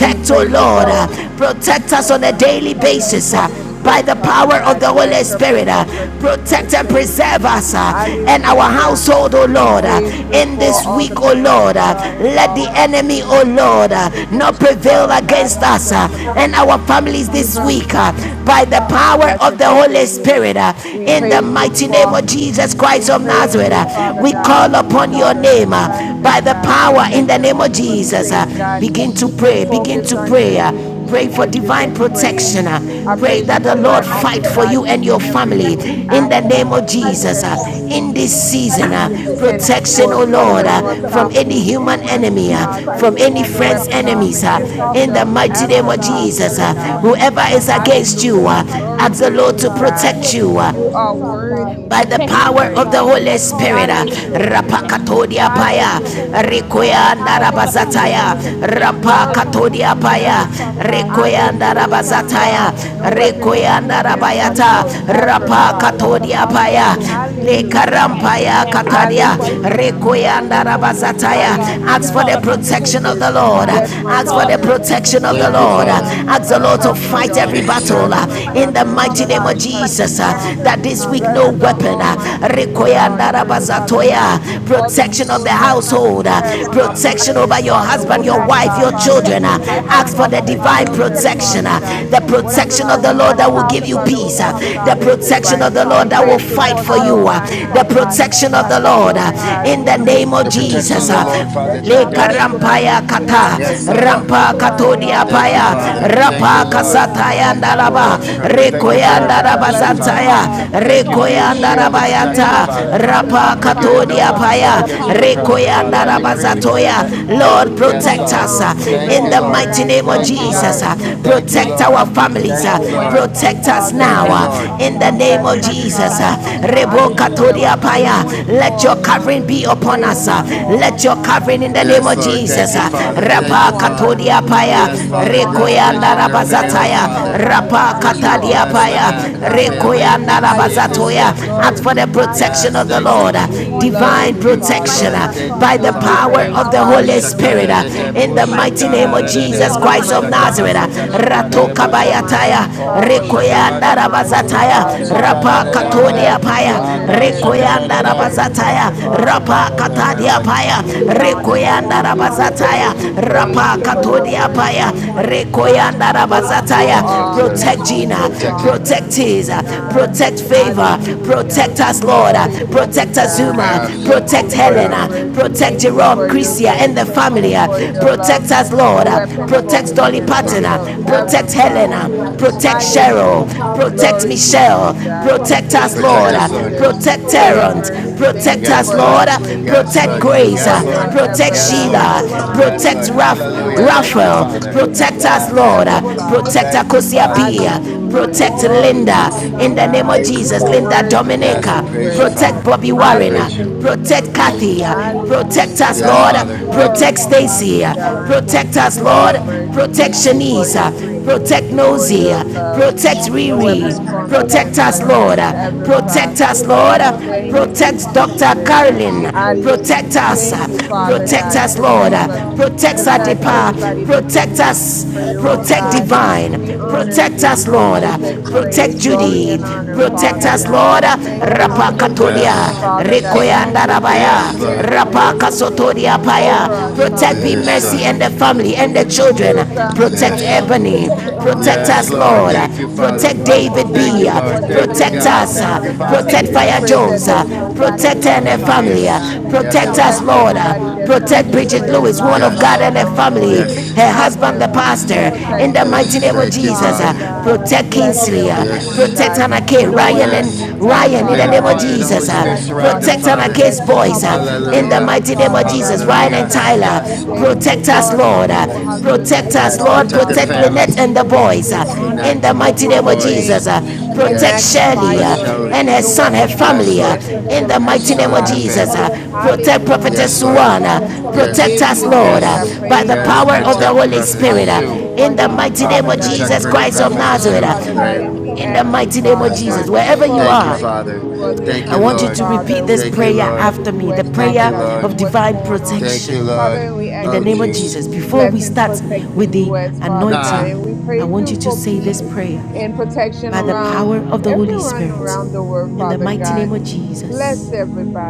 Speaker 3: We
Speaker 2: oh
Speaker 3: praise you
Speaker 2: Lord, uh,
Speaker 3: for
Speaker 2: protect us on a
Speaker 3: we
Speaker 2: daily
Speaker 3: praise you
Speaker 2: basis. uh,
Speaker 3: for Miss
Speaker 2: by
Speaker 3: White,
Speaker 2: the
Speaker 3: Father
Speaker 2: power of the
Speaker 3: God.
Speaker 2: Holy
Speaker 3: Bless her,
Speaker 2: Spirit. uh,
Speaker 3: protect her, keep her
Speaker 2: protect and
Speaker 3: safe.
Speaker 2: preserve us uh, and our
Speaker 3: Hallelujah.
Speaker 2: household, O
Speaker 3: We
Speaker 2: Lord, uh,
Speaker 3: praise you
Speaker 2: in this
Speaker 3: for all
Speaker 2: week,
Speaker 3: the
Speaker 2: O
Speaker 3: parents
Speaker 2: Lord.
Speaker 3: that
Speaker 2: uh,
Speaker 3: are
Speaker 2: let
Speaker 3: involved,
Speaker 2: the
Speaker 3: helping
Speaker 2: enemy, O
Speaker 3: all
Speaker 2: Lord,
Speaker 3: the
Speaker 2: uh,
Speaker 3: kids at
Speaker 2: not
Speaker 3: school,
Speaker 2: prevail
Speaker 3: Father God.
Speaker 2: against
Speaker 3: Help
Speaker 2: us
Speaker 3: them,
Speaker 2: uh, and
Speaker 3: protect
Speaker 2: our
Speaker 3: them,
Speaker 2: families
Speaker 3: give
Speaker 2: this
Speaker 3: them
Speaker 2: week uh, by the
Speaker 3: the
Speaker 2: power
Speaker 3: blessing
Speaker 2: of the
Speaker 3: that
Speaker 2: Holy
Speaker 3: they need.
Speaker 2: Spirit. uh,
Speaker 3: We
Speaker 2: in the
Speaker 3: praise you
Speaker 2: mighty name
Speaker 3: for,
Speaker 2: of Jesus Christ
Speaker 3: we
Speaker 2: of
Speaker 3: praise
Speaker 2: Nazareth.
Speaker 3: you,
Speaker 2: uh,
Speaker 3: Father
Speaker 2: We
Speaker 3: God,
Speaker 2: call
Speaker 3: for my
Speaker 2: upon your
Speaker 3: daughters.
Speaker 2: name uh,
Speaker 3: Bless
Speaker 2: by
Speaker 3: them,
Speaker 2: the
Speaker 3: God.
Speaker 2: power in
Speaker 3: Protect
Speaker 2: the
Speaker 3: them.
Speaker 2: name of
Speaker 3: Keep them
Speaker 2: Jesus.
Speaker 3: safe,
Speaker 2: uh,
Speaker 3: God.
Speaker 2: Begin to
Speaker 3: Keep them
Speaker 2: pray, begin to
Speaker 3: focused on
Speaker 2: pray.
Speaker 3: you,
Speaker 2: uh,
Speaker 3: Jesus.
Speaker 2: Pray
Speaker 3: We
Speaker 2: for
Speaker 3: give you
Speaker 2: divine
Speaker 3: thanks, praise.
Speaker 2: protection. uh,
Speaker 3: I
Speaker 2: Pray
Speaker 3: praise you
Speaker 2: that the
Speaker 3: for my
Speaker 2: Lord
Speaker 3: office,
Speaker 2: fight for
Speaker 3: God.
Speaker 2: you
Speaker 3: Each
Speaker 2: and your
Speaker 3: and every
Speaker 2: family
Speaker 3: day we
Speaker 2: in the
Speaker 3: ask
Speaker 2: name
Speaker 3: you
Speaker 2: of Jesus.
Speaker 3: that
Speaker 2: uh,
Speaker 3: you
Speaker 2: In this season, uh,
Speaker 3: would you send
Speaker 2: protection,
Speaker 3: people
Speaker 2: oh
Speaker 5: by
Speaker 3: from
Speaker 5: the
Speaker 3: the
Speaker 2: Lord, uh,
Speaker 5: power of
Speaker 3: north,
Speaker 5: the
Speaker 2: from
Speaker 3: south,
Speaker 5: Holy
Speaker 2: any
Speaker 3: east,
Speaker 5: Ghost.
Speaker 3: and
Speaker 2: human
Speaker 5: In the name
Speaker 3: west,
Speaker 5: of
Speaker 2: enemy, uh,
Speaker 5: Jesus
Speaker 3: Father.
Speaker 5: Christ
Speaker 2: from
Speaker 5: in
Speaker 2: any
Speaker 3: No
Speaker 5: Nazareth,
Speaker 2: friend's
Speaker 5: Father
Speaker 3: weapon
Speaker 5: God,
Speaker 3: formed
Speaker 2: enemies, uh,
Speaker 3: against
Speaker 5: against all
Speaker 3: us
Speaker 2: in
Speaker 5: friend
Speaker 2: the
Speaker 3: shall
Speaker 5: enemies,
Speaker 2: mighty name
Speaker 5: Father
Speaker 3: ever
Speaker 2: of
Speaker 5: God,
Speaker 2: Jesus.
Speaker 3: prosper,
Speaker 2: uh,
Speaker 5: against all
Speaker 3: God.
Speaker 5: enemies,
Speaker 2: Whoever is
Speaker 5: Father God,
Speaker 2: against you,
Speaker 3: Hallelujah.
Speaker 2: uh,
Speaker 5: whoever's fighting
Speaker 3: Glory
Speaker 2: ask
Speaker 5: against
Speaker 2: the
Speaker 5: me,
Speaker 3: be
Speaker 2: Lord
Speaker 5: Father
Speaker 3: to
Speaker 2: to
Speaker 5: God,
Speaker 3: God.
Speaker 2: protect
Speaker 5: whoever
Speaker 2: you.
Speaker 5: went to
Speaker 2: uh,
Speaker 3: You
Speaker 5: bewitch me,
Speaker 3: are
Speaker 5: Father God,
Speaker 3: worthy
Speaker 2: by the
Speaker 3: to
Speaker 5: protect
Speaker 3: be
Speaker 5: me,
Speaker 2: power
Speaker 5: Father
Speaker 2: of
Speaker 3: praised.
Speaker 2: the
Speaker 5: God.
Speaker 2: Holy
Speaker 5: I call
Speaker 2: Spirit.
Speaker 5: upon your spirit of
Speaker 3: Hallelujah.
Speaker 5: protection. I
Speaker 2: Rapakatodia
Speaker 5: call
Speaker 2: paya,
Speaker 5: upon your Holy Ghost and
Speaker 3: Hallelujah.
Speaker 5: fire.
Speaker 2: Rikoyanda
Speaker 5: I call upon your
Speaker 2: rabazataya,
Speaker 3: Hallelujah.
Speaker 5: angels of protection. I
Speaker 3: Glory
Speaker 5: call
Speaker 3: be
Speaker 5: upon your
Speaker 2: Rapakatodia
Speaker 3: to
Speaker 5: angels of
Speaker 2: paya,
Speaker 5: vengeance,
Speaker 3: God.
Speaker 5: Father God, against
Speaker 2: Rikoyanda
Speaker 5: whoever, Father
Speaker 3: Hallelujah.
Speaker 2: rabazataya,
Speaker 5: God
Speaker 3: No weapon
Speaker 5: that's
Speaker 3: formed
Speaker 5: more
Speaker 2: Rikoyanda
Speaker 5: against me,
Speaker 3: against us
Speaker 5: Father God.
Speaker 2: rabayata,
Speaker 3: shall
Speaker 5: Whoever wants to be
Speaker 3: ever
Speaker 5: with me, Father God, by the
Speaker 2: Rapakatodia
Speaker 3: prosper.
Speaker 5: power of the Holy Ghost,
Speaker 2: paya.
Speaker 5: in the name of Jesus
Speaker 3: Hallelujah.
Speaker 5: Christ of
Speaker 2: Lekarampaya
Speaker 5: Nazareth.
Speaker 2: kataria
Speaker 5: Anybody coming against
Speaker 3: Hallelujah.
Speaker 5: the Air
Speaker 2: rekoyanda
Speaker 5: 137 ministry, Father
Speaker 2: rabazataya.
Speaker 5: God, we
Speaker 2: Ask
Speaker 3: Hallelujah.
Speaker 2: for
Speaker 5: call
Speaker 2: the
Speaker 3: Thank
Speaker 5: upon
Speaker 3: you,
Speaker 5: your Holy
Speaker 2: protection of
Speaker 5: Ghost
Speaker 3: Jesus.
Speaker 2: the
Speaker 5: and your
Speaker 2: Lord.
Speaker 5: fire.
Speaker 3: Bless my
Speaker 5: We
Speaker 2: Ask
Speaker 5: call
Speaker 2: for the
Speaker 5: upon your
Speaker 3: daughter.
Speaker 5: angels of
Speaker 2: protection of the
Speaker 4: Thank
Speaker 5: protection,
Speaker 3: I,
Speaker 4: you,
Speaker 2: Lord.
Speaker 5: Father
Speaker 3: We.
Speaker 4: Father.
Speaker 5: God,
Speaker 4: *laughs*
Speaker 2: Ask the
Speaker 5: by the
Speaker 2: Lord to
Speaker 5: power
Speaker 3: Bless
Speaker 5: of the
Speaker 3: my
Speaker 5: Holy
Speaker 2: fight
Speaker 5: Ghost,
Speaker 2: every
Speaker 3: daughters,
Speaker 4: Yes,
Speaker 5: Father God.
Speaker 3: bless
Speaker 2: battle
Speaker 4: Lord.
Speaker 2: uh,
Speaker 3: my
Speaker 5: Fight
Speaker 2: in
Speaker 5: for
Speaker 2: the
Speaker 5: me,
Speaker 3: brothers,
Speaker 2: mighty
Speaker 5: Father
Speaker 3: bless
Speaker 2: name
Speaker 5: God.
Speaker 2: of
Speaker 3: my
Speaker 5: Fight this
Speaker 3: cousins,
Speaker 2: Jesus. uh,
Speaker 5: battle,
Speaker 3: Father.
Speaker 2: That
Speaker 5: Father
Speaker 2: this
Speaker 5: God.
Speaker 2: week no
Speaker 5: By
Speaker 3: Bless the,
Speaker 2: weapon
Speaker 3: all
Speaker 2: uh,
Speaker 5: the power of the Holy
Speaker 3: my the
Speaker 5: Ghost,
Speaker 3: people
Speaker 5: you
Speaker 3: at
Speaker 5: have
Speaker 3: our
Speaker 2: rekoyanda
Speaker 5: performed the
Speaker 3: church, Father
Speaker 5: shall
Speaker 3: God.
Speaker 5: prosper. And
Speaker 3: All
Speaker 5: I
Speaker 3: the
Speaker 2: protection of
Speaker 5: can
Speaker 2: the
Speaker 3: people
Speaker 5: count
Speaker 3: that
Speaker 5: the
Speaker 2: household,
Speaker 3: we
Speaker 2: uh,
Speaker 3: have on our
Speaker 5: righteous.
Speaker 3: prayer
Speaker 2: protection over
Speaker 3: list,
Speaker 2: your
Speaker 3: Father.
Speaker 2: husband,
Speaker 3: We
Speaker 5: Ghost,
Speaker 2: your
Speaker 5: Father
Speaker 3: ask
Speaker 2: wife,
Speaker 3: you,
Speaker 5: God,
Speaker 2: your
Speaker 3: Father,
Speaker 2: children.
Speaker 5: protecting
Speaker 2: uh,
Speaker 5: over my
Speaker 3: that you
Speaker 2: Ask
Speaker 5: household,
Speaker 2: for
Speaker 3: help
Speaker 2: the
Speaker 5: Father
Speaker 1: Our
Speaker 3: them,
Speaker 5: God,
Speaker 2: divine
Speaker 3: heal them,
Speaker 1: children,
Speaker 5: protecting over
Speaker 2: protection,
Speaker 3: Father
Speaker 2: uh,
Speaker 5: my
Speaker 3: God.
Speaker 2: the
Speaker 5: children, Father
Speaker 2: protection
Speaker 3: Whatever's
Speaker 5: God,
Speaker 2: of the
Speaker 3: going
Speaker 5: by
Speaker 2: Lord
Speaker 5: the
Speaker 2: that will
Speaker 5: power of
Speaker 2: give
Speaker 3: wrong,
Speaker 5: the
Speaker 2: you
Speaker 5: Holy
Speaker 3: Father, we
Speaker 2: peace.
Speaker 5: Ghost,
Speaker 2: uh,
Speaker 3: ask
Speaker 5: Father
Speaker 3: that
Speaker 2: The
Speaker 3: you
Speaker 2: the
Speaker 5: God,
Speaker 3: make it
Speaker 5: protection,
Speaker 2: protection
Speaker 3: right.
Speaker 2: of the
Speaker 5: Father
Speaker 2: Lord
Speaker 3: We
Speaker 2: that
Speaker 5: God,
Speaker 2: will
Speaker 3: praise you
Speaker 5: by the
Speaker 2: fight
Speaker 3: for
Speaker 2: for
Speaker 5: power of the
Speaker 2: you,
Speaker 3: Cheryl
Speaker 5: Holy
Speaker 2: uh,
Speaker 3: and
Speaker 5: Ghost,
Speaker 2: the
Speaker 3: I
Speaker 5: Father God,
Speaker 3: and
Speaker 2: protection
Speaker 5: over
Speaker 2: of
Speaker 5: my
Speaker 2: the
Speaker 3: Pastor
Speaker 5: home,
Speaker 2: Lord
Speaker 5: Father
Speaker 2: uh,
Speaker 3: Sylvan,
Speaker 5: God,
Speaker 3: God.
Speaker 2: in
Speaker 3: We
Speaker 2: the
Speaker 5: over the home of
Speaker 2: name
Speaker 3: praise you
Speaker 5: my
Speaker 2: of
Speaker 4: The
Speaker 5: children,
Speaker 4: protection
Speaker 2: Jesus.
Speaker 4: of
Speaker 5: Father
Speaker 4: the
Speaker 2: uh,
Speaker 5: God,
Speaker 4: Lord,
Speaker 5: by
Speaker 4: Father.
Speaker 5: the
Speaker 3: that you
Speaker 5: power
Speaker 4: Thank
Speaker 5: of the
Speaker 4: you,
Speaker 2: Leka
Speaker 5: Holy
Speaker 3: bless
Speaker 5: Ghost, in
Speaker 4: Shaka.
Speaker 5: the
Speaker 3: them.
Speaker 5: name of
Speaker 2: rampaya
Speaker 5: Jesus
Speaker 3: And
Speaker 5: Christ.
Speaker 3: I
Speaker 2: kata
Speaker 4: Yes,
Speaker 3: praise you for
Speaker 4: Father.
Speaker 5: Fight
Speaker 2: rampa
Speaker 5: for us,
Speaker 3: everybody
Speaker 5: Father
Speaker 2: katodia
Speaker 3: else,
Speaker 5: God.
Speaker 4: Thank you,
Speaker 5: By
Speaker 3: Father
Speaker 5: the
Speaker 2: paya
Speaker 5: power
Speaker 3: God,
Speaker 5: of the
Speaker 4: Father.
Speaker 5: Holy
Speaker 4: Thank you,
Speaker 2: rapa
Speaker 5: Ghost,
Speaker 3: who's
Speaker 5: Father
Speaker 4: Lord.
Speaker 3: willing
Speaker 5: God,
Speaker 3: to
Speaker 2: Kasataya
Speaker 5: we
Speaker 3: help me
Speaker 5: call
Speaker 3: in my
Speaker 4: Oh,
Speaker 2: yandalaba
Speaker 5: upon your
Speaker 4: Shaka.
Speaker 5: angels,
Speaker 4: Thank
Speaker 2: reko
Speaker 3: situation,
Speaker 4: you
Speaker 5: Father
Speaker 4: for
Speaker 3: Father
Speaker 4: your
Speaker 5: God,
Speaker 3: God.
Speaker 2: yandaraba
Speaker 5: for
Speaker 3: Bless
Speaker 4: protection,
Speaker 5: peace,
Speaker 3: them,
Speaker 4: Father.
Speaker 5: Father
Speaker 2: zantaya
Speaker 3: help
Speaker 5: God.
Speaker 3: them
Speaker 5: We
Speaker 4: Thank you
Speaker 5: call
Speaker 2: reko
Speaker 4: for your
Speaker 5: upon your
Speaker 3: to,
Speaker 4: shield
Speaker 5: warring
Speaker 4: of
Speaker 2: yandaraba
Speaker 5: angels,
Speaker 3: and
Speaker 4: protection,
Speaker 5: Father
Speaker 2: yanta
Speaker 3: help us,
Speaker 5: God,
Speaker 4: Father.
Speaker 5: to
Speaker 3: Father,
Speaker 2: rapa
Speaker 5: walk for
Speaker 3: to
Speaker 4: Thank you
Speaker 5: us,
Speaker 4: that
Speaker 3: find
Speaker 5: Father
Speaker 4: no
Speaker 2: katodia
Speaker 3: money
Speaker 5: God.
Speaker 4: weapon
Speaker 3: to
Speaker 4: formed
Speaker 5: By
Speaker 2: paya
Speaker 5: the
Speaker 4: against
Speaker 3: be
Speaker 5: power
Speaker 4: me
Speaker 5: of
Speaker 4: will
Speaker 5: the
Speaker 3: able
Speaker 5: Holy
Speaker 2: reko
Speaker 3: to
Speaker 4: prosper,
Speaker 5: Ghost,
Speaker 3: repay
Speaker 4: Father. I
Speaker 3: them
Speaker 5: in the
Speaker 3: and
Speaker 5: name
Speaker 2: yandaraba
Speaker 5: of
Speaker 4: decree and
Speaker 3: every
Speaker 5: Jesus
Speaker 4: declare
Speaker 2: zatoya
Speaker 5: Christ
Speaker 4: that.
Speaker 5: of Nazareth,
Speaker 2: Lord
Speaker 5: we
Speaker 4: Yes,
Speaker 5: call
Speaker 3: everything's
Speaker 2: protect
Speaker 5: upon
Speaker 4: Lord.
Speaker 2: us
Speaker 5: your
Speaker 2: uh,
Speaker 3: um,
Speaker 5: angels of
Speaker 3: favor
Speaker 4: Thank
Speaker 2: in
Speaker 4: you,
Speaker 5: war,
Speaker 2: the
Speaker 3: that
Speaker 5: Father
Speaker 4: Lord.
Speaker 3: there
Speaker 2: mighty
Speaker 5: God,
Speaker 3: is
Speaker 2: name
Speaker 5: by
Speaker 2: of
Speaker 3: for
Speaker 5: the
Speaker 4: Thank
Speaker 3: me,
Speaker 4: you,
Speaker 5: power of the
Speaker 3: God.
Speaker 2: Jesus
Speaker 4: Lord.
Speaker 5: Holy
Speaker 2: uh,
Speaker 5: Ghost. In
Speaker 4: Thank
Speaker 5: the
Speaker 4: you,
Speaker 2: protect
Speaker 5: mighty name
Speaker 2: our
Speaker 4: Lord.
Speaker 3: Help
Speaker 5: of
Speaker 3: me
Speaker 2: families
Speaker 5: Jesus
Speaker 3: to
Speaker 2: families.
Speaker 4: Thank
Speaker 3: know
Speaker 5: Christ
Speaker 4: you,
Speaker 5: of
Speaker 2: uh,
Speaker 3: what to
Speaker 5: Nazareth,
Speaker 4: Lord.
Speaker 5: Father
Speaker 3: do,
Speaker 2: Protect
Speaker 5: God,
Speaker 2: us
Speaker 3: Father
Speaker 4: Thank
Speaker 2: now
Speaker 4: you,
Speaker 3: God,
Speaker 5: protect
Speaker 2: uh,
Speaker 5: us,
Speaker 4: Lord.
Speaker 5: Father
Speaker 2: in
Speaker 3: in
Speaker 2: the
Speaker 3: your
Speaker 5: God.
Speaker 2: name of
Speaker 5: Father
Speaker 3: presence,
Speaker 5: God, lead us,
Speaker 2: Jesus.
Speaker 5: guide
Speaker 3: Father.
Speaker 2: uh,
Speaker 5: us, Father God.
Speaker 2: Rebo
Speaker 5: Deploy,
Speaker 3: Hallelujah. We
Speaker 5: Father God, your
Speaker 3: praise
Speaker 5: warring
Speaker 3: you
Speaker 5: angels,
Speaker 2: Let your
Speaker 3: for,
Speaker 5: Father God.
Speaker 2: covering be
Speaker 3: we
Speaker 6: Father, in
Speaker 5: Deploy
Speaker 2: upon
Speaker 3: praise
Speaker 5: your
Speaker 2: us.
Speaker 3: you
Speaker 2: uh,
Speaker 5: warring angels,
Speaker 3: for
Speaker 2: Let
Speaker 5: Father
Speaker 2: your
Speaker 5: God,
Speaker 2: covering
Speaker 5: and
Speaker 2: in the name
Speaker 5: locate
Speaker 4: Yes,
Speaker 5: us
Speaker 2: of
Speaker 4: Lord.
Speaker 5: wherever we're
Speaker 4: Thank
Speaker 2: Jesus.
Speaker 4: you,
Speaker 2: uh,
Speaker 5: at, Father
Speaker 4: Father.
Speaker 5: God.
Speaker 3: Praise
Speaker 4: Thank you,
Speaker 2: Rapa
Speaker 5: Father
Speaker 3: one
Speaker 5: God,
Speaker 4: Father.
Speaker 3: now
Speaker 5: send
Speaker 2: Katodia
Speaker 3: and
Speaker 5: your
Speaker 3: we
Speaker 5: warring
Speaker 2: Paya.
Speaker 3: praise
Speaker 5: angels
Speaker 3: you
Speaker 4: Yes,
Speaker 5: to
Speaker 3: for
Speaker 5: locate
Speaker 4: Father.
Speaker 5: us,
Speaker 4: Bless
Speaker 5: Father
Speaker 3: Margaret,
Speaker 2: Rekoyanda
Speaker 5: God,
Speaker 4: Bridget and her
Speaker 5: and
Speaker 3: Father. No
Speaker 5: fight
Speaker 4: family,
Speaker 5: for us,
Speaker 2: Rabazataya.
Speaker 3: weapon
Speaker 5: Father
Speaker 3: formed
Speaker 4: Father.
Speaker 5: God,
Speaker 3: against
Speaker 5: by
Speaker 2: Rapa
Speaker 4: We
Speaker 5: the
Speaker 4: ask
Speaker 3: you,
Speaker 4: you
Speaker 5: power
Speaker 4: to
Speaker 5: of the
Speaker 2: Katadia
Speaker 3: for
Speaker 5: Holy
Speaker 4: bless
Speaker 5: Ghost.
Speaker 3: ever
Speaker 4: Lynette and
Speaker 5: We
Speaker 4: her
Speaker 5: call
Speaker 3: prosper.
Speaker 4: family
Speaker 5: upon your
Speaker 4: and
Speaker 5: warring
Speaker 4: Kingsley
Speaker 5: angels,
Speaker 4: and his
Speaker 5: Father
Speaker 3: Hallelujah.
Speaker 4: family,
Speaker 5: God,
Speaker 3: Glory
Speaker 2: Ask
Speaker 5: to
Speaker 4: Father.
Speaker 2: for
Speaker 5: lead
Speaker 3: be
Speaker 2: the
Speaker 5: and
Speaker 3: to
Speaker 5: guide us.
Speaker 2: protection
Speaker 3: God.
Speaker 4: Yes,
Speaker 2: of
Speaker 5: We
Speaker 2: the
Speaker 4: thank
Speaker 5: call
Speaker 4: you.
Speaker 2: Lord.
Speaker 5: upon
Speaker 2: uh,
Speaker 4: J-
Speaker 5: your
Speaker 3: We
Speaker 5: warring
Speaker 3: love
Speaker 2: Divine
Speaker 5: angels
Speaker 4: Thank
Speaker 3: you,
Speaker 4: you for
Speaker 5: to fight
Speaker 2: protection
Speaker 5: for
Speaker 3: Father.
Speaker 4: divine.
Speaker 2: uh,
Speaker 5: us,
Speaker 4: Thank
Speaker 3: We
Speaker 5: Father
Speaker 2: by
Speaker 4: you,
Speaker 2: the
Speaker 3: give
Speaker 5: God,
Speaker 3: you
Speaker 5: by
Speaker 2: power
Speaker 4: Father.
Speaker 5: the
Speaker 3: thanks,
Speaker 2: of
Speaker 5: power of
Speaker 2: the
Speaker 5: the
Speaker 4: Ah,
Speaker 2: Holy
Speaker 5: Holy
Speaker 3: Father. No
Speaker 5: Ghost.
Speaker 4: shaka
Speaker 2: Spirit.
Speaker 4: da
Speaker 5: In
Speaker 2: uh,
Speaker 4: da
Speaker 5: the
Speaker 3: weapon
Speaker 5: name of
Speaker 4: da,
Speaker 3: formed
Speaker 2: In
Speaker 4: boo
Speaker 5: Jesus
Speaker 2: the
Speaker 3: against
Speaker 4: shaka
Speaker 5: Christ of
Speaker 2: mighty
Speaker 3: you.
Speaker 2: name
Speaker 4: da
Speaker 2: of
Speaker 5: Nazareth,
Speaker 4: da
Speaker 3: We
Speaker 4: da
Speaker 5: we
Speaker 4: da,
Speaker 3: praise
Speaker 2: Jesus
Speaker 5: call
Speaker 3: you for
Speaker 4: woo
Speaker 5: upon
Speaker 2: Christ. Jesus
Speaker 3: my
Speaker 5: your
Speaker 2: of
Speaker 4: shaka
Speaker 5: divine
Speaker 4: ma
Speaker 2: Nazareth.
Speaker 3: cousin, Miss
Speaker 5: protection,
Speaker 4: saka
Speaker 3: Now. We
Speaker 4: shaka
Speaker 5: Father God,
Speaker 4: da da
Speaker 3: praise
Speaker 2: Ratoka
Speaker 4: ba
Speaker 3: you
Speaker 5: by the
Speaker 3: for
Speaker 4: da,
Speaker 5: power of the
Speaker 3: Mary,
Speaker 2: bayataya,
Speaker 5: Holy Ghost.
Speaker 4: oh
Speaker 3: Father. We
Speaker 5: In
Speaker 4: shaka
Speaker 5: the
Speaker 3: praise
Speaker 5: name
Speaker 3: you
Speaker 4: ma
Speaker 5: of
Speaker 3: for
Speaker 2: rekoyanda
Speaker 4: da,
Speaker 5: Jesus,
Speaker 3: Mary,
Speaker 5: Father
Speaker 3: Lord,
Speaker 5: God,
Speaker 2: rabazataya,
Speaker 4: ah
Speaker 5: we
Speaker 3: Father,
Speaker 5: call
Speaker 4: shaka
Speaker 5: upon
Speaker 4: da
Speaker 2: rapa
Speaker 4: da
Speaker 5: your
Speaker 4: da
Speaker 5: our
Speaker 3: and
Speaker 4: ba,
Speaker 2: katodia
Speaker 5: Lord,
Speaker 3: their
Speaker 5: and
Speaker 7: action
Speaker 2: paya,
Speaker 5: Father
Speaker 4: ah
Speaker 5: God.
Speaker 3: children
Speaker 5: We
Speaker 3: and
Speaker 4: ka
Speaker 5: call
Speaker 3: their
Speaker 5: upon
Speaker 4: shaka
Speaker 7: in
Speaker 3: grand
Speaker 4: da da
Speaker 2: rekoyanda
Speaker 4: da,
Speaker 2: rabazataya,
Speaker 3: grandchildren,
Speaker 4: oh
Speaker 7: the
Speaker 4: shaka
Speaker 3: Father.
Speaker 2: rapa
Speaker 4: da
Speaker 7: light
Speaker 4: da. I
Speaker 7: and the
Speaker 4: don't
Speaker 2: katadia
Speaker 4: like this
Speaker 2: paya,
Speaker 4: chocolate
Speaker 3: We
Speaker 4: bar.
Speaker 3: honor you.
Speaker 2: rekoyanda
Speaker 3: We give you
Speaker 2: rabazataya,
Speaker 3: thanks. We praise
Speaker 2: rapa
Speaker 3: you for your
Speaker 2: katodia
Speaker 3: mercy.
Speaker 2: paya,
Speaker 3: We praise you
Speaker 2: rekoyanda
Speaker 3: because you
Speaker 2: rabazataya.
Speaker 4: Yeah,
Speaker 7: perfect
Speaker 3: are.
Speaker 7: the
Speaker 4: protect
Speaker 7: Holy
Speaker 2: Protect
Speaker 7: Spirit
Speaker 2: Gina,
Speaker 4: protecting.
Speaker 2: protect
Speaker 3: Father,
Speaker 2: Tisa,
Speaker 3: God.
Speaker 2: protect favor,
Speaker 3: Hallelujah.
Speaker 2: protect us, Lord,
Speaker 3: Glory be to
Speaker 2: protect
Speaker 3: God.
Speaker 2: Azuma,
Speaker 4: Yes,
Speaker 7: in
Speaker 3: Thank
Speaker 7: the
Speaker 3: you
Speaker 2: protect
Speaker 3: for
Speaker 7: light
Speaker 3: your
Speaker 4: yes.
Speaker 7: and
Speaker 2: Helena,
Speaker 3: mercy.
Speaker 2: protect
Speaker 3: Thank you
Speaker 2: Jerome,
Speaker 3: for your
Speaker 2: Christia,
Speaker 3: grace.
Speaker 2: and the
Speaker 3: Thank you
Speaker 2: family.
Speaker 7: the
Speaker 3: for
Speaker 7: wicked
Speaker 3: your love.
Speaker 2: Protect us, Lord.
Speaker 3: No weapon
Speaker 7: in
Speaker 3: formed
Speaker 7: the
Speaker 2: Protect
Speaker 7: light
Speaker 2: Dolly
Speaker 3: against
Speaker 2: Parton.
Speaker 3: us
Speaker 4: mm.
Speaker 3: shall ever
Speaker 2: Protect Helena.
Speaker 3: prosper.
Speaker 2: Protect Cheryl.
Speaker 3: Hallelujah.
Speaker 2: Protect
Speaker 3: Glory be
Speaker 2: Michelle.
Speaker 3: to God.
Speaker 5: Father,
Speaker 2: Protect
Speaker 5: thank
Speaker 2: us,
Speaker 3: Thank
Speaker 5: you this
Speaker 3: you,
Speaker 4: Protect
Speaker 2: Lord.
Speaker 5: war,
Speaker 4: us,
Speaker 5: Father
Speaker 4: Lord.
Speaker 5: God.
Speaker 3: Jesus,
Speaker 2: Protect
Speaker 5: Father
Speaker 3: for
Speaker 5: God,
Speaker 7: and the
Speaker 5: we
Speaker 3: your
Speaker 5: call
Speaker 2: Terrence.
Speaker 5: upon you
Speaker 3: mercy.
Speaker 5: to
Speaker 3: Thank
Speaker 5: we
Speaker 8: Thank
Speaker 2: Protect
Speaker 3: you
Speaker 5: bring
Speaker 8: you.
Speaker 2: us,
Speaker 4: Yes,
Speaker 3: for
Speaker 5: this
Speaker 7: Jesus
Speaker 4: Lord.
Speaker 5: to
Speaker 3: your
Speaker 2: Lord.
Speaker 5: the
Speaker 3: grace.
Speaker 5: business,
Speaker 7: in the
Speaker 4: Yes,
Speaker 5: Father
Speaker 2: Protect
Speaker 5: God.
Speaker 3: Thank
Speaker 4: Lord.
Speaker 7: light
Speaker 3: you
Speaker 5: Father
Speaker 2: Grace.
Speaker 5: God,
Speaker 3: for
Speaker 4: Yes,
Speaker 5: the
Speaker 7: as we
Speaker 4: Lord.
Speaker 3: your
Speaker 5: fighter,
Speaker 2: Protect
Speaker 5: Father
Speaker 4: Yes,
Speaker 5: God.
Speaker 4: Lord.
Speaker 2: Sheila.
Speaker 5: The
Speaker 3: everlasting
Speaker 5: Lord
Speaker 3: life.
Speaker 5: our
Speaker 4: Yes,
Speaker 2: Protect
Speaker 4: Lord.
Speaker 5: home, Father
Speaker 2: Raph.
Speaker 3: No
Speaker 5: God.
Speaker 4: Hallelujah.
Speaker 3: weapon
Speaker 4: Thank
Speaker 5: Lord,
Speaker 4: you,
Speaker 5: we
Speaker 2: Raphael,
Speaker 5: give
Speaker 3: formed
Speaker 7: in
Speaker 4: Father.
Speaker 5: you
Speaker 7: the
Speaker 3: against
Speaker 5: to
Speaker 3: us
Speaker 5: Father
Speaker 2: protect
Speaker 7: light and
Speaker 3: shall
Speaker 7: the
Speaker 2: us,
Speaker 5: God.
Speaker 4: Yes.
Speaker 2: Lord.
Speaker 5: Father God,
Speaker 3: ever
Speaker 5: where the fire
Speaker 2: Protect
Speaker 7: Jesus
Speaker 3: prosper.
Speaker 7: of
Speaker 4: Thank you,
Speaker 5: is,
Speaker 4: Father.
Speaker 5: Father God.
Speaker 2: Akosiapia.
Speaker 5: Around
Speaker 3: Hallelujah.
Speaker 5: the
Speaker 2: Protect
Speaker 5: walls of my
Speaker 3: Glory
Speaker 5: home,
Speaker 2: Linda
Speaker 3: be
Speaker 5: Father
Speaker 4: Yes.
Speaker 3: to
Speaker 2: in
Speaker 5: God.
Speaker 2: the name
Speaker 3: God.
Speaker 5: Around
Speaker 2: of
Speaker 5: every
Speaker 4: Praise
Speaker 7: children
Speaker 4: you,
Speaker 2: Jesus.
Speaker 7: of
Speaker 3: You're
Speaker 5: window
Speaker 4: Father.
Speaker 5: around
Speaker 2: Linda
Speaker 7: God
Speaker 5: my
Speaker 3: worthy
Speaker 5: home,
Speaker 3: to
Speaker 5: Father
Speaker 4: Yes, we
Speaker 2: Dominica.
Speaker 3: be
Speaker 5: God.
Speaker 4: praise you,
Speaker 5: At a
Speaker 2: Protect
Speaker 3: praised.
Speaker 5: power
Speaker 4: Father.
Speaker 5: of
Speaker 2: Bobby
Speaker 5: Jesus.
Speaker 4: We
Speaker 2: Warren.
Speaker 4: praise
Speaker 5: In the
Speaker 4: you.
Speaker 5: name of
Speaker 7: in
Speaker 5: Jesus
Speaker 2: Protect
Speaker 3: Hallelujah.
Speaker 7: the light
Speaker 5: Christ, and
Speaker 2: Kathy.
Speaker 5: I
Speaker 7: and
Speaker 5: will,
Speaker 7: the
Speaker 5: Father God.
Speaker 2: Protect us,
Speaker 5: Call
Speaker 3: Hallelujah.
Speaker 7: Jesus
Speaker 4: Yes,
Speaker 2: Lord.
Speaker 4: Father.
Speaker 5: upon
Speaker 4: Thank
Speaker 5: you,
Speaker 4: you.
Speaker 2: Protect
Speaker 3: Glory
Speaker 5: Father
Speaker 3: be
Speaker 5: God.
Speaker 3: to
Speaker 2: Stacy.
Speaker 5: Call
Speaker 3: God.
Speaker 5: upon you
Speaker 3: Thank
Speaker 5: to
Speaker 2: Protect
Speaker 3: you
Speaker 2: us,
Speaker 5: business,
Speaker 3: for
Speaker 2: Lord.
Speaker 4: Oh,
Speaker 3: your
Speaker 5: Father
Speaker 3: mercy.
Speaker 5: God.
Speaker 2: Protect
Speaker 5: By
Speaker 3: Thank
Speaker 5: the
Speaker 3: you for
Speaker 5: power
Speaker 3: your
Speaker 5: of
Speaker 2: Shanice.
Speaker 3: grace. Thank
Speaker 2: Protect
Speaker 3: you
Speaker 7: in
Speaker 3: for
Speaker 7: the
Speaker 5: Jesus.
Speaker 2: Nosy.
Speaker 3: your
Speaker 7: light
Speaker 3: love.
Speaker 7: and the
Speaker 2: Protect
Speaker 3: No
Speaker 7: Jesus
Speaker 5: Father
Speaker 1: I
Speaker 7: Christ
Speaker 3: weapon
Speaker 5: God,
Speaker 1: thought
Speaker 2: Riri.
Speaker 3: formed
Speaker 1: about
Speaker 5: Father
Speaker 1: the
Speaker 5: God,
Speaker 2: Protect
Speaker 5: we
Speaker 3: against
Speaker 1: put
Speaker 5: call
Speaker 2: us,
Speaker 3: us
Speaker 1: what
Speaker 5: upon
Speaker 2: Lord.
Speaker 3: shall
Speaker 5: you,
Speaker 7: children
Speaker 5: Father
Speaker 3: ever
Speaker 5: God.
Speaker 2: Protect us,
Speaker 5: Father God,
Speaker 3: prosper.
Speaker 5: we
Speaker 2: Lord.
Speaker 7: in the
Speaker 5: call upon you
Speaker 3: Thank
Speaker 5: right
Speaker 7: light and the
Speaker 5: now,
Speaker 3: you,
Speaker 2: Protect
Speaker 5: Father
Speaker 7: Jesus
Speaker 5: God.
Speaker 7: Christ
Speaker 2: Dr.
Speaker 5: By
Speaker 3: Jesus.
Speaker 5: the
Speaker 1: thank
Speaker 5: power of
Speaker 1: you
Speaker 5: the
Speaker 2: Carolyn.
Speaker 5: Holy
Speaker 1: for
Speaker 7: in the light
Speaker 3: Hallelujah.
Speaker 1: this
Speaker 5: Ghost,
Speaker 2: Protect
Speaker 1: protection
Speaker 5: in the name
Speaker 3: Thank
Speaker 5: of
Speaker 2: us.
Speaker 3: you,
Speaker 5: Jesus
Speaker 3: Father
Speaker 5: Christ,
Speaker 2: Protect
Speaker 5: who
Speaker 3: God.
Speaker 1: and
Speaker 5: has
Speaker 2: us,
Speaker 5: this,
Speaker 2: Lord.
Speaker 3: Protect
Speaker 5: Father
Speaker 3: us
Speaker 5: God. By
Speaker 2: Protect
Speaker 1: what
Speaker 5: the
Speaker 2: our
Speaker 1: about
Speaker 5: power of
Speaker 3: protect
Speaker 5: the Holy
Speaker 2: Sadipa.
Speaker 5: Ghost,
Speaker 3: everybody
Speaker 5: in the
Speaker 7: in the
Speaker 5: name
Speaker 3: that's
Speaker 5: of
Speaker 3: in
Speaker 2: Protect
Speaker 7: mighty
Speaker 5: Jesus.
Speaker 7: name
Speaker 3: this
Speaker 2: us.
Speaker 7: of
Speaker 5: By the
Speaker 3: prayer
Speaker 5: power of
Speaker 3: room,
Speaker 5: the
Speaker 7: Jesus
Speaker 2: Protect
Speaker 5: Holy
Speaker 3: God.
Speaker 5: Ghost,
Speaker 7: Christ
Speaker 3: We
Speaker 5: in the
Speaker 2: divine.
Speaker 5: name of
Speaker 3: honor
Speaker 5: Jesus.
Speaker 2: Protect
Speaker 3: you. We
Speaker 2: us,
Speaker 5: By the
Speaker 3: give
Speaker 5: power
Speaker 2: Lord.
Speaker 5: of
Speaker 3: you
Speaker 5: the
Speaker 7: of
Speaker 5: Holy
Speaker 3: thanks,
Speaker 5: Ghost.
Speaker 3: praise,
Speaker 2: Protect
Speaker 7: Christ
Speaker 5: In the name
Speaker 3: glory,
Speaker 5: of
Speaker 2: Judy.
Speaker 7: in
Speaker 3: and
Speaker 5: Jesus
Speaker 3: honor,
Speaker 5: Christ,
Speaker 2: Protect
Speaker 5: now
Speaker 3: Father
Speaker 5: we
Speaker 2: us,
Speaker 3: God.
Speaker 5: Father
Speaker 2: Lord.
Speaker 5: God. By
Speaker 3: Thank
Speaker 5: the
Speaker 3: you.
Speaker 5: power
Speaker 7: Jesus'
Speaker 5: of
Speaker 3: We
Speaker 5: the
Speaker 3: need
Speaker 5: Holy
Speaker 7: mighty
Speaker 5: Ghost, Father
Speaker 2: Rapakatodia.
Speaker 3: deliverance,
Speaker 4: yes.
Speaker 5: God.
Speaker 3: Father God.
Speaker 1: this
Speaker 3: We
Speaker 1: what
Speaker 5: Protect
Speaker 1: about
Speaker 3: need
Speaker 5: our
Speaker 2: Rekoyanda
Speaker 3: your
Speaker 5: room, Father
Speaker 3: divine
Speaker 5: God.
Speaker 8: Whatever
Speaker 2: Rabaya.
Speaker 4: Yes,
Speaker 8: they
Speaker 5: Protect
Speaker 7: in
Speaker 5: our
Speaker 4: Lord.
Speaker 8: say,
Speaker 3: protection
Speaker 7: the
Speaker 1: the
Speaker 3: and
Speaker 5: 137,
Speaker 7: mighty
Speaker 3: everything
Speaker 5: Father
Speaker 8: Hallelujah,
Speaker 7: name
Speaker 2: Rapakasotodia
Speaker 7: of
Speaker 5: God. By the
Speaker 2: Paya.
Speaker 5: power
Speaker 3: over
Speaker 7: Jesus
Speaker 3: us,
Speaker 5: of the Holy
Speaker 2: Protect be
Speaker 3: Father
Speaker 5: Ghost,
Speaker 4: Yes,
Speaker 5: Father
Speaker 3: God.
Speaker 2: mercy
Speaker 4: Lord.
Speaker 5: God.
Speaker 2: and the
Speaker 5: In the
Speaker 2: family
Speaker 5: name of
Speaker 2: and
Speaker 3: We
Speaker 2: the
Speaker 5: Jesus
Speaker 8: Hallelujah,
Speaker 5: Jesus
Speaker 3: rebuke
Speaker 5: Christ,
Speaker 2: children.
Speaker 3: uh,
Speaker 5: now
Speaker 7: Jesus,
Speaker 5: we
Speaker 2: Protect
Speaker 7: we
Speaker 8: Hallelujah,
Speaker 5: Father
Speaker 7: give
Speaker 4: Yes.
Speaker 7: you
Speaker 5: God.
Speaker 3: any
Speaker 8: Kadesh,
Speaker 2: Ebony.
Speaker 5: Protect
Speaker 3: satan-
Speaker 5: our
Speaker 8: Baba,
Speaker 2: Protect
Speaker 3: plans
Speaker 1: what
Speaker 4: Yes,
Speaker 2: us,
Speaker 5: 137
Speaker 4: Lord.
Speaker 3: of
Speaker 2: Lord.
Speaker 5: families.
Speaker 7: Jesus,
Speaker 4: Thank
Speaker 3: this
Speaker 4: you,
Speaker 7: mighty
Speaker 5: And
Speaker 8: and
Speaker 4: Father.
Speaker 5: as
Speaker 7: name.
Speaker 5: you
Speaker 3: of,
Speaker 2: Protect
Speaker 3: of
Speaker 5: remember,
Speaker 2: David
Speaker 5: Father
Speaker 4: Thank
Speaker 5: God,
Speaker 2: B.
Speaker 3: satanic
Speaker 4: you,
Speaker 8: Sadamadu,
Speaker 4: Lord.
Speaker 5: protect
Speaker 3: forces
Speaker 4: Thank
Speaker 5: our
Speaker 4: you,
Speaker 2: Protect
Speaker 5: room,
Speaker 3: against
Speaker 8: Hallelujah,
Speaker 3: us,
Speaker 4: God.
Speaker 2: us.
Speaker 5: Father
Speaker 4: Thank
Speaker 5: God.
Speaker 4: you,
Speaker 3: Father
Speaker 8: Papa.
Speaker 3: God.
Speaker 5: Protect
Speaker 4: Father.
Speaker 2: Protect
Speaker 5: this
Speaker 3: We
Speaker 2: Fire
Speaker 3: pray
Speaker 1: about
Speaker 4: Yes.
Speaker 5: platform,
Speaker 3: that
Speaker 2: Jones.
Speaker 3: they
Speaker 5: Father
Speaker 7: We
Speaker 1: Jesus
Speaker 5: God.
Speaker 3: go
Speaker 7: pray
Speaker 1: what
Speaker 7: for
Speaker 3: back
Speaker 5: Nothing
Speaker 2: Protect
Speaker 3: to
Speaker 2: her
Speaker 1: about
Speaker 3: them,
Speaker 2: and
Speaker 5: formed
Speaker 2: her
Speaker 4: Hallelujah.
Speaker 7: divine
Speaker 5: against this
Speaker 3: Father
Speaker 2: family.
Speaker 1: the
Speaker 4: Yes.
Speaker 3: God.
Speaker 5: platform.
Speaker 7: protection
Speaker 4: Yes,
Speaker 2: Protect
Speaker 5: shall
Speaker 2: us,
Speaker 4: Lord.
Speaker 3: Protect
Speaker 5: apostle,
Speaker 2: Lord.
Speaker 5: Father
Speaker 3: everybody
Speaker 5: God,
Speaker 3: that's
Speaker 5: and we
Speaker 1: blood,
Speaker 3: on
Speaker 2: Protect
Speaker 7: in
Speaker 1: to
Speaker 3: this
Speaker 1: the back
Speaker 5: present
Speaker 1: of
Speaker 2: Bridget
Speaker 5: every
Speaker 3: prayer
Speaker 7: the
Speaker 2: Lewis,
Speaker 7: name
Speaker 5: time,
Speaker 1: our
Speaker 2: woman
Speaker 7: of
Speaker 3: line
Speaker 2: of
Speaker 5: Father
Speaker 2: God,
Speaker 3: right
Speaker 4: Yes.
Speaker 2: and
Speaker 5: God.
Speaker 2: her
Speaker 7: Jesus.
Speaker 3: now,
Speaker 1: enemies,
Speaker 5: We come
Speaker 1: this
Speaker 3: Lord.
Speaker 2: family,
Speaker 1: hood of our enemies. Oh, to
Speaker 5: against
Speaker 1: the back
Speaker 5: this
Speaker 4: Yes.
Speaker 2: her
Speaker 5: action,
Speaker 3: Help
Speaker 2: husband,
Speaker 5: Father
Speaker 2: the
Speaker 3: them,
Speaker 5: God,
Speaker 2: pastor,
Speaker 5: by the
Speaker 2: in
Speaker 5: power
Speaker 3: protect
Speaker 5: of
Speaker 2: the
Speaker 5: the
Speaker 1: what
Speaker 5: Holy
Speaker 2: mighty
Speaker 4: Yes.
Speaker 3: them,
Speaker 2: name
Speaker 5: Ghost in
Speaker 2: of
Speaker 5: the
Speaker 4: Thank
Speaker 1: about
Speaker 5: name
Speaker 4: you,
Speaker 5: of
Speaker 2: Jesus. uh,
Speaker 3: Father
Speaker 5: Jesus,
Speaker 1: what
Speaker 4: Father.
Speaker 1: about
Speaker 3: God.
Speaker 5: Father God.
Speaker 2: protect
Speaker 5: Father
Speaker 3: Bless
Speaker 5: God, we
Speaker 2: Kingsley,
Speaker 5: call
Speaker 2: uh,
Speaker 1: Jesus
Speaker 5: upon your
Speaker 3: everyone,
Speaker 5: Holy
Speaker 4: Yes.
Speaker 2: protect
Speaker 5: Ghost, we
Speaker 3: God.
Speaker 2: Hannah
Speaker 5: call
Speaker 3: You
Speaker 2: K,
Speaker 5: upon
Speaker 3: know
Speaker 5: your
Speaker 3: what
Speaker 2: Ryan,
Speaker 5: fire,
Speaker 3: their
Speaker 4: Yes.
Speaker 5: Father
Speaker 2: and
Speaker 3: needs
Speaker 1: what
Speaker 5: God.
Speaker 3: are,
Speaker 1: about
Speaker 2: Ryan, in
Speaker 4: May
Speaker 2: the
Speaker 5: We
Speaker 3: Father
Speaker 4: the
Speaker 5: call
Speaker 2: name of
Speaker 3: God,
Speaker 5: upon
Speaker 4: fire
Speaker 5: your
Speaker 3: and
Speaker 4: of the
Speaker 5: image
Speaker 2: Jesus.
Speaker 4: Holy
Speaker 3: we
Speaker 5: of
Speaker 2: uh,
Speaker 1: yes
Speaker 4: Spirit
Speaker 5: war,
Speaker 3: ask,
Speaker 5: Father
Speaker 4: surround him,
Speaker 5: God.
Speaker 2: protect
Speaker 3: Father,
Speaker 2: Hannah
Speaker 5: We
Speaker 4: Father.
Speaker 5: pray
Speaker 2: K's
Speaker 3: that
Speaker 5: us
Speaker 3: you
Speaker 5: wherever
Speaker 2: boys,
Speaker 3: help
Speaker 2: uh,
Speaker 5: we
Speaker 3: them
Speaker 5: at,
Speaker 3: to
Speaker 5: Father
Speaker 2: in
Speaker 1: what
Speaker 2: the
Speaker 3: know
Speaker 5: God,
Speaker 1: about
Speaker 3: you,
Speaker 4: Hallelujah.
Speaker 2: mighty
Speaker 1: what
Speaker 5: and
Speaker 2: name of
Speaker 3: Father
Speaker 5: fight
Speaker 3: God,
Speaker 5: for
Speaker 2: Jesus.
Speaker 5: us,
Speaker 3: in
Speaker 4: Hallelujah.
Speaker 2: Ryan
Speaker 5: Father
Speaker 2: and
Speaker 4: Yes.
Speaker 5: God,
Speaker 2: Tyler,
Speaker 5: by the
Speaker 4: Yes.
Speaker 5: power
Speaker 3: return
Speaker 5: of the
Speaker 2: protect
Speaker 5: Holy
Speaker 3: tell
Speaker 2: us,
Speaker 5: Ghost.
Speaker 3: other
Speaker 2: Lord.
Speaker 5: In the
Speaker 2: uh,
Speaker 3: people
Speaker 5: name of
Speaker 3: how
Speaker 4: Yes.
Speaker 5: Jesus
Speaker 3: good that
Speaker 2: Protect
Speaker 5: Christ, we
Speaker 2: us,
Speaker 3: you
Speaker 4: Yes.
Speaker 5: have
Speaker 3: are,
Speaker 5: this,
Speaker 2: Lord.
Speaker 4: Protect their
Speaker 5: Father
Speaker 3: Father
Speaker 2: Protect
Speaker 3: God.
Speaker 5: God.
Speaker 2: Lynette
Speaker 4: families.
Speaker 5: In
Speaker 2: and
Speaker 5: the
Speaker 2: the
Speaker 5: name of
Speaker 3: You,
Speaker 2: boys.
Speaker 5: Jesus,
Speaker 3: we
Speaker 2: uh,
Speaker 4: Bless
Speaker 5: Father
Speaker 4: the
Speaker 3: honor
Speaker 5: God,
Speaker 2: in
Speaker 3: you.
Speaker 2: the
Speaker 4: net,
Speaker 5: by
Speaker 3: We
Speaker 5: the
Speaker 2: mighty
Speaker 3: give
Speaker 4: the
Speaker 5: power
Speaker 2: name
Speaker 5: of the
Speaker 2: of
Speaker 3: you
Speaker 1: the
Speaker 5: Holy
Speaker 1: new
Speaker 2: Jesus.
Speaker 4: boys.
Speaker 3: thanks.
Speaker 5: Ghost.
Speaker 2: uh,
Speaker 1: disease
Speaker 5: In the
Speaker 3: We
Speaker 5: mighty
Speaker 2: protect
Speaker 5: name
Speaker 4: Yes.
Speaker 5: of Jesus
Speaker 3: magnify
Speaker 2: Shirley
Speaker 4: Bless
Speaker 2: uh,
Speaker 5: Father,
Speaker 3: your
Speaker 5: we
Speaker 2: and
Speaker 4: Shelley.
Speaker 3: name.
Speaker 2: her
Speaker 3: No
Speaker 5: remember,
Speaker 2: son,
Speaker 5: Father
Speaker 2: her
Speaker 3: weapon
Speaker 5: God,
Speaker 3: formed
Speaker 4: Yes,
Speaker 2: family.
Speaker 5: help
Speaker 2: uh,
Speaker 3: against
Speaker 4: Lord.
Speaker 5: me,
Speaker 3: us
Speaker 2: in
Speaker 5: brother,
Speaker 1: what
Speaker 3: shall
Speaker 2: the
Speaker 5: to
Speaker 1: about
Speaker 4: Her
Speaker 5: the
Speaker 2: mighty
Speaker 3: ever
Speaker 2: name
Speaker 5: Father
Speaker 4: son
Speaker 2: of
Speaker 4: and her
Speaker 5: God.
Speaker 3: prosper.
Speaker 2: Jesus.
Speaker 1: what
Speaker 5: Father
Speaker 2: uh,
Speaker 4: family.
Speaker 5: God, keep us,
Speaker 2: protect
Speaker 5: Father God.
Speaker 4: Yes,
Speaker 2: Prophetess
Speaker 3: Hallelujah.
Speaker 5: Lead
Speaker 4: Lord.
Speaker 5: and
Speaker 2: Suwan.
Speaker 1: about
Speaker 2: uh,
Speaker 5: guide us, Father
Speaker 3: We
Speaker 5: God,
Speaker 1: what
Speaker 5: by
Speaker 1: about
Speaker 2: protect
Speaker 4: Yes,
Speaker 3: give
Speaker 5: the
Speaker 2: us,
Speaker 3: you
Speaker 5: power of the
Speaker 2: Lord,
Speaker 3: thanks.
Speaker 5: Holy
Speaker 2: uh,
Speaker 3: I
Speaker 4: yes,
Speaker 5: Ghost,
Speaker 2: by
Speaker 5: Father
Speaker 2: the
Speaker 3: praise
Speaker 5: God.
Speaker 4: yes.
Speaker 3: you
Speaker 2: power
Speaker 5: And
Speaker 2: of
Speaker 3: for
Speaker 5: the
Speaker 2: the
Speaker 5: name
Speaker 4: Protect
Speaker 5: of
Speaker 2: Holy
Speaker 5: Jesus
Speaker 4: Prophet
Speaker 3: I
Speaker 2: Spirit.
Speaker 5: Christ, the
Speaker 2: uh,
Speaker 3: praise
Speaker 5: Holy
Speaker 4: Sue,
Speaker 3: you for
Speaker 2: in
Speaker 5: Father
Speaker 2: the
Speaker 5: God.
Speaker 3: Haiti,
Speaker 2: mighty name
Speaker 3: Father
Speaker 4: Father.
Speaker 5: Help
Speaker 2: of
Speaker 5: me,
Speaker 3: God.
Speaker 5: the
Speaker 3: You
Speaker 4: Protect
Speaker 5: brother,
Speaker 2: Jesus
Speaker 3: know
Speaker 5: to
Speaker 4: Pre-
Speaker 2: Christ
Speaker 3: what's
Speaker 5: the
Speaker 2: of
Speaker 4: Prophet
Speaker 3: going
Speaker 5: Father
Speaker 3: on,
Speaker 2: Nazareth.
Speaker 5: God.
Speaker 4: Sue,
Speaker 2: uh,
Speaker 3: Father
Speaker 4: Father.
Speaker 3: God,
Speaker 5: Cover
Speaker 4: And
Speaker 3: and
Speaker 5: us,
Speaker 3: we
Speaker 1: what about
Speaker 2: in
Speaker 5: Father
Speaker 1: what
Speaker 2: the
Speaker 3: ask
Speaker 5: God,
Speaker 3: you,
Speaker 2: mighty name
Speaker 5: by
Speaker 2: of
Speaker 3: Father
Speaker 5: the
Speaker 4: yes,
Speaker 5: power of
Speaker 2: Jesus,
Speaker 3: God,
Speaker 4: Lord.
Speaker 5: the
Speaker 2: wherever
Speaker 5: Holy
Speaker 2: you
Speaker 3: for a
Speaker 5: Ghost,
Speaker 4: Thank you,
Speaker 2: are,
Speaker 5: Father God.
Speaker 3: breakthrough
Speaker 4: Father.
Speaker 1: about
Speaker 5: In
Speaker 3: for
Speaker 5: the
Speaker 3: this
Speaker 5: name
Speaker 4: Thank
Speaker 2: I
Speaker 5: of
Speaker 4: you,
Speaker 5: Jesus.
Speaker 2: want
Speaker 3: country,
Speaker 2: you to
Speaker 4: Lord.
Speaker 1: what
Speaker 2: repeat
Speaker 3: Father.
Speaker 1: about
Speaker 3: We
Speaker 2: this
Speaker 4: Thank you,
Speaker 3: praise
Speaker 2: prayer
Speaker 3: you for
Speaker 4: Lord.
Speaker 3: the
Speaker 2: after me the
Speaker 3: U.S.,
Speaker 4: Thank
Speaker 3: Father
Speaker 4: you,
Speaker 2: prayer
Speaker 3: God. You know
Speaker 4: Lord.
Speaker 2: of
Speaker 3: what's
Speaker 2: divine
Speaker 3: going on,
Speaker 4: Thank
Speaker 2: protection.
Speaker 4: you,
Speaker 3: Father,
Speaker 4: Lord.
Speaker 3: and we
Speaker 2: In
Speaker 3: ask
Speaker 2: the
Speaker 4: Oh,
Speaker 2: name
Speaker 3: that
Speaker 2: of
Speaker 3: you
Speaker 4: jeez.
Speaker 2: Jesus, before
Speaker 3: bless
Speaker 2: we
Speaker 3: and
Speaker 2: start
Speaker 3: protect the
Speaker 2: with the
Speaker 3: U.S., Father God.
Speaker 4: Ah,
Speaker 3: And we
Speaker 2: anointing, I
Speaker 3: praise
Speaker 2: want
Speaker 3: you
Speaker 2: you to
Speaker 3: for
Speaker 2: say this
Speaker 3: peace
Speaker 4: sorry.
Speaker 2: prayer
Speaker 3: and protection
Speaker 2: by the power
Speaker 3: around
Speaker 2: of the Holy
Speaker 3: everyone
Speaker 2: Spirit.
Speaker 3: around the world,
Speaker 2: In the
Speaker 3: Father
Speaker 2: mighty name
Speaker 3: God.
Speaker 2: of Jesus.
Speaker 3: Bless